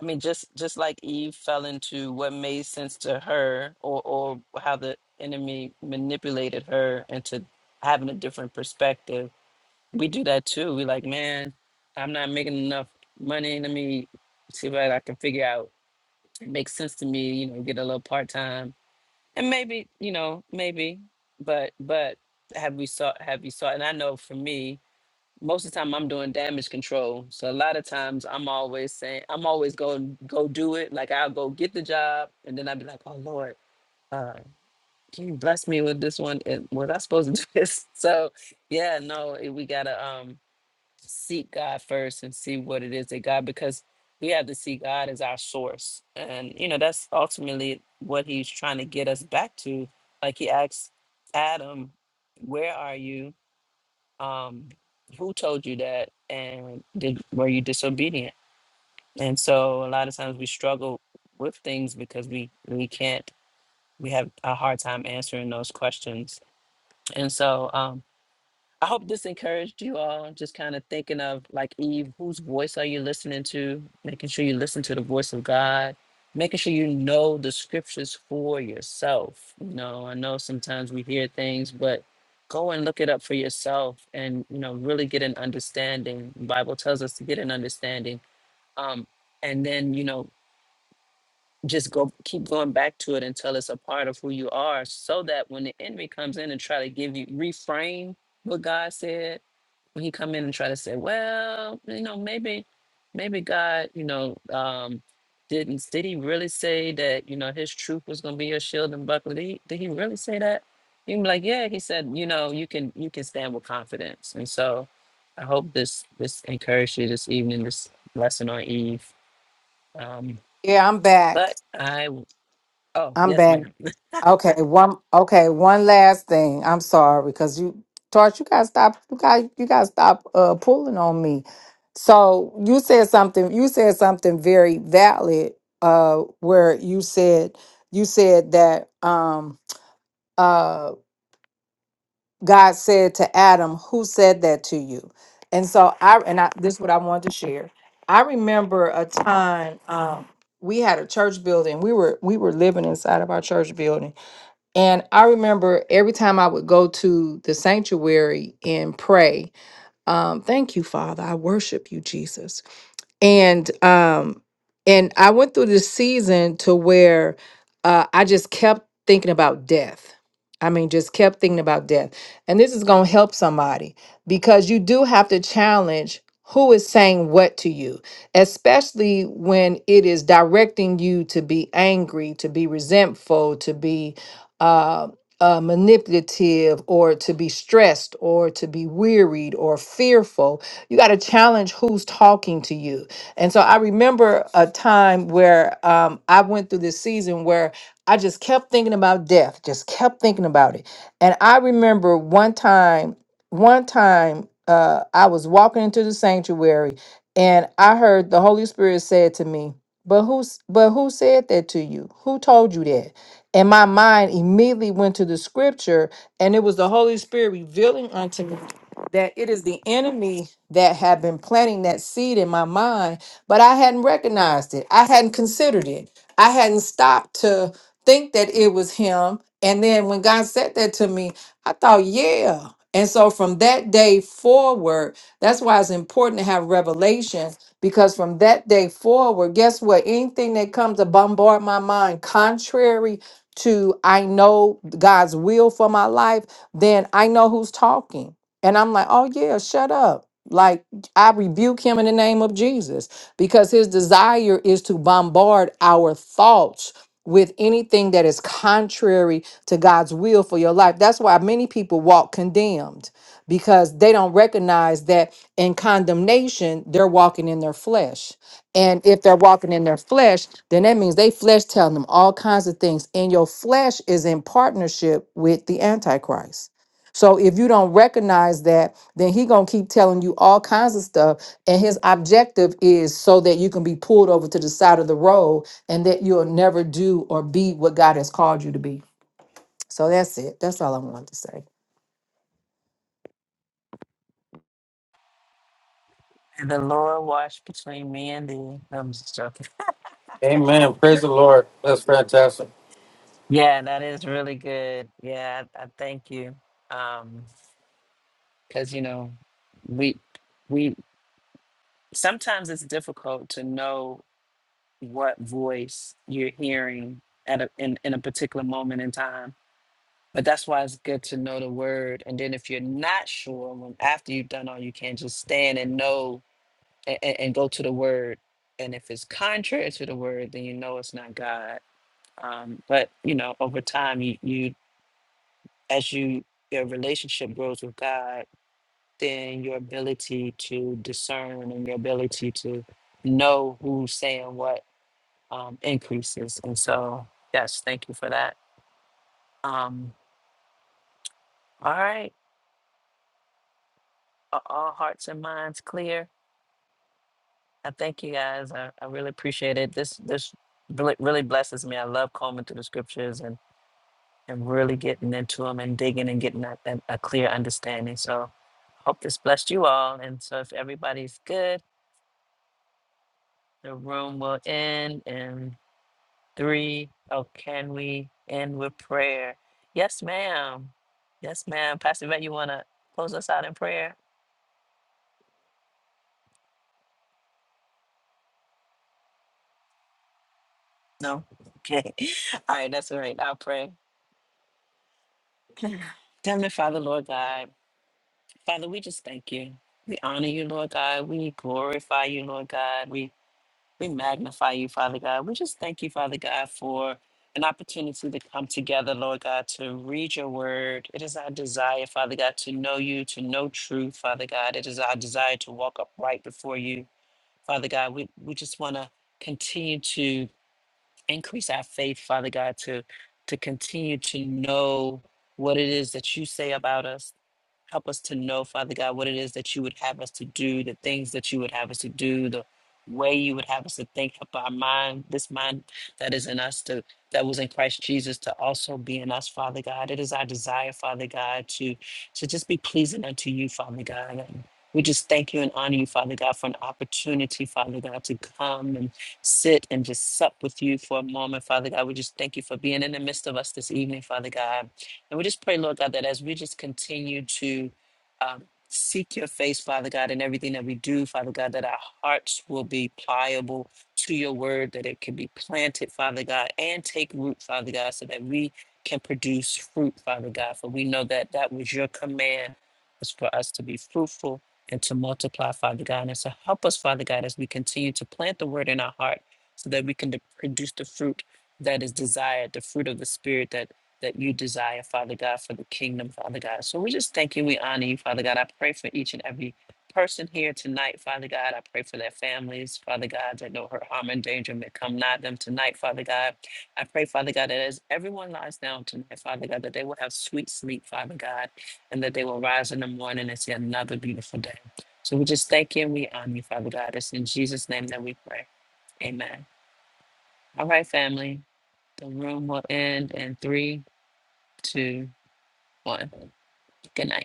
Speaker 1: I mean, just just like Eve fell into what made sense to her, or or how the enemy manipulated her into having a different perspective. We do that too. We like, man, I'm not making enough money. Let me see what I can figure out. It makes sense to me, you know, get a little part time, and maybe, you know, maybe, but but have we sought? Have you sought? And I know for me most of the time I'm doing damage control. So a lot of times I'm always saying, I'm always going go do it. Like I'll go get the job and then I'll be like, oh Lord, uh, can you bless me with this one? And was I supposed to do this? So yeah, no, it- we gotta um seek God first and see what it is that God because we have to see God as our source. And you know, that's ultimately what he's trying to get us back to. Like he asks Adam, where are you? um, who told you that and did were you disobedient and so a lot of times we struggle with things because we we can't we have a hard time answering those questions and so um, I hope this encouraged you all, just kind of thinking of like Eve, whose voice are you listening to? Making sure you listen to the voice of God, making sure you know the scriptures for yourself. You know, I know sometimes we hear things, but go and look it up for yourself and, you know, really get an understanding. The Bible tells us to get an understanding. Um, and then, you know, just go keep going back to it until it's a part of who you are so that when the enemy comes in and try to give you reframe what god said when he come in and try to say well you know maybe maybe god you know um didn't did he really say that you know his truth was going to be your shield and buckler did he, did he really say that you can be like yeah he said you know you can you can stand with confidence and so i hope this this encouraged you this evening this lesson on eve um
Speaker 3: Yeah, I'm back.
Speaker 1: but I Oh,
Speaker 3: I'm
Speaker 1: yes,
Speaker 3: back.
Speaker 1: ma'am.
Speaker 3: Okay, one okay, one last thing. I'm sorry because you Torch, you gotta stop you got you gotta stop uh pulling on me. So you said something you said something very valid uh where you said you said that um uh God said to Adam, Who said that to you? And so I and I this is what I wanted to share. I remember a time um we had a church building. We were we were living inside of our church building and I remember every time I would go to the sanctuary and pray, um, thank you, Father. I worship you, Jesus and um and i went through this season to where uh i just kept thinking about death i mean just kept thinking about death and this is going to help somebody because you do have to challenge who is saying what to you especially when it is directing you to be angry to be resentful to be uh uh, manipulative or to be stressed or to be wearied or fearful you got to challenge who's talking to you and so I remember a time where um, I went through this season where I just kept thinking about death, just kept thinking about it. And I remember one time, one time uh, I was walking into the sanctuary and I heard the Holy Spirit said to me, but who's but who said that to you? Who told you that? And my mind immediately went to the scripture, and it was the Holy Spirit revealing unto me that it is the enemy that had been planting that seed in my mind but I hadn't recognized it. I hadn't considered it. I hadn't stopped to think that it was him. And then when God said that to me, I thought, yeah. And so from that day forward, that's why it's important to have revelation because from that day forward, guess what? Anything that comes to bombard my mind, contrary to I know God's will for my life, then I know who's talking. And I'm like, oh, yeah, shut up. Like, I rebuke him in the name of Jesus because his desire is to bombard our thoughts with anything that is contrary to God's will for your life. That's why many people walk condemned because they don't recognize that in condemnation, they're walking in their flesh. And if they're walking in their flesh, then that means they flesh telling them all kinds of things. And your flesh is in partnership with the Antichrist. So if you don't recognize that, then he gonna keep telling you all kinds of stuff and his objective is so that you can be pulled over to the side of the road and that you'll never do or be what God has called you to be. So that's it. That's all I wanted to say.
Speaker 1: And the Lord watch between me and thee. No, I'm just joking.
Speaker 6: Amen. Praise the Lord. That's fantastic.
Speaker 1: Yeah, that is really good. Yeah, I, I thank you. Um, because you know, we we sometimes it's difficult to know what voice you're hearing at a in, in a particular moment in time. But that's why it's good to know the word. And then if you're not sure, when after you've done all you can, just stand and know and, and go to the word. And if it's contrary to the word, then you know it's not God Um, but you know, over time, you, you as you your relationship grows with God, then your ability to discern and your ability to know who's saying what um, increases. And so, yes, thank you for that. Um, all right, are all hearts and minds clear? I thank you guys. I, I really appreciate it. This this really, really blesses me. I love combing through the scriptures and. and really getting into them and digging and getting a, a, a clear understanding. So hope this blessed you all. And so if everybody's good, the room will end in three. Oh, can we end with prayer? Yes, ma'am. Yes, ma'am. Pastor Vet, you wanna close us out in prayer? No? Okay. All right, that's all right. I'll pray. Heavenly Father, Lord God, Father, we just thank you. We honor you, Lord God. We glorify you, Lord God. We We magnify you, Father God. We just thank you, Father God, for an opportunity to come together, Lord God, to read your word. It is our desire, Father God, to know you, to know truth, Father God. It is our desire to walk upright before you, Father God. We, we just want to continue to increase our faith, Father God, to, to continue to know what it is that you say about us, Help us to know, Father God, what it is that you would have us to do, the things that you would have us to do, the way you would have us to think Help our mind, this mind that is in us to that was in Christ Jesus to also be in us, Father God. It is our desire, Father God, to to just be pleasing unto you, Father God. And we just thank you and honor you, Father God, for an opportunity, Father God, to come and sit and just sup with you for a moment, Father God. We just thank you for being in the midst of us this evening, Father God. And we just pray, Lord God, that as we just continue to um, seek your face, Father God, in everything that we do, Father God, that our hearts will be pliable to your word, that it can be planted, Father God, and take root, Father God, so that we can produce fruit, Father God. For we know that that was your command, was for us to be fruitful and to multiply, Father God. And so help us, Father God, as we continue to plant the word in our heart so that we can de- produce the fruit that is desired, the fruit of the Spirit that that you desire, Father God, for the kingdom, Father God. So we just thank you. We honor you, Father God. I pray for each and every person here tonight, Father God. I pray for their families, Father God, that no hurt, harm, and danger may come nigh them tonight, Father God. I pray, Father God, that as everyone lies down tonight, Father God, that they will have sweet sleep, Father God, and that they will rise in the morning and see another beautiful day. So we just thank you and we honor you, Father God. It's in Jesus' name that we pray. Amen. All right, family. The room will end in three, two, one. Good night.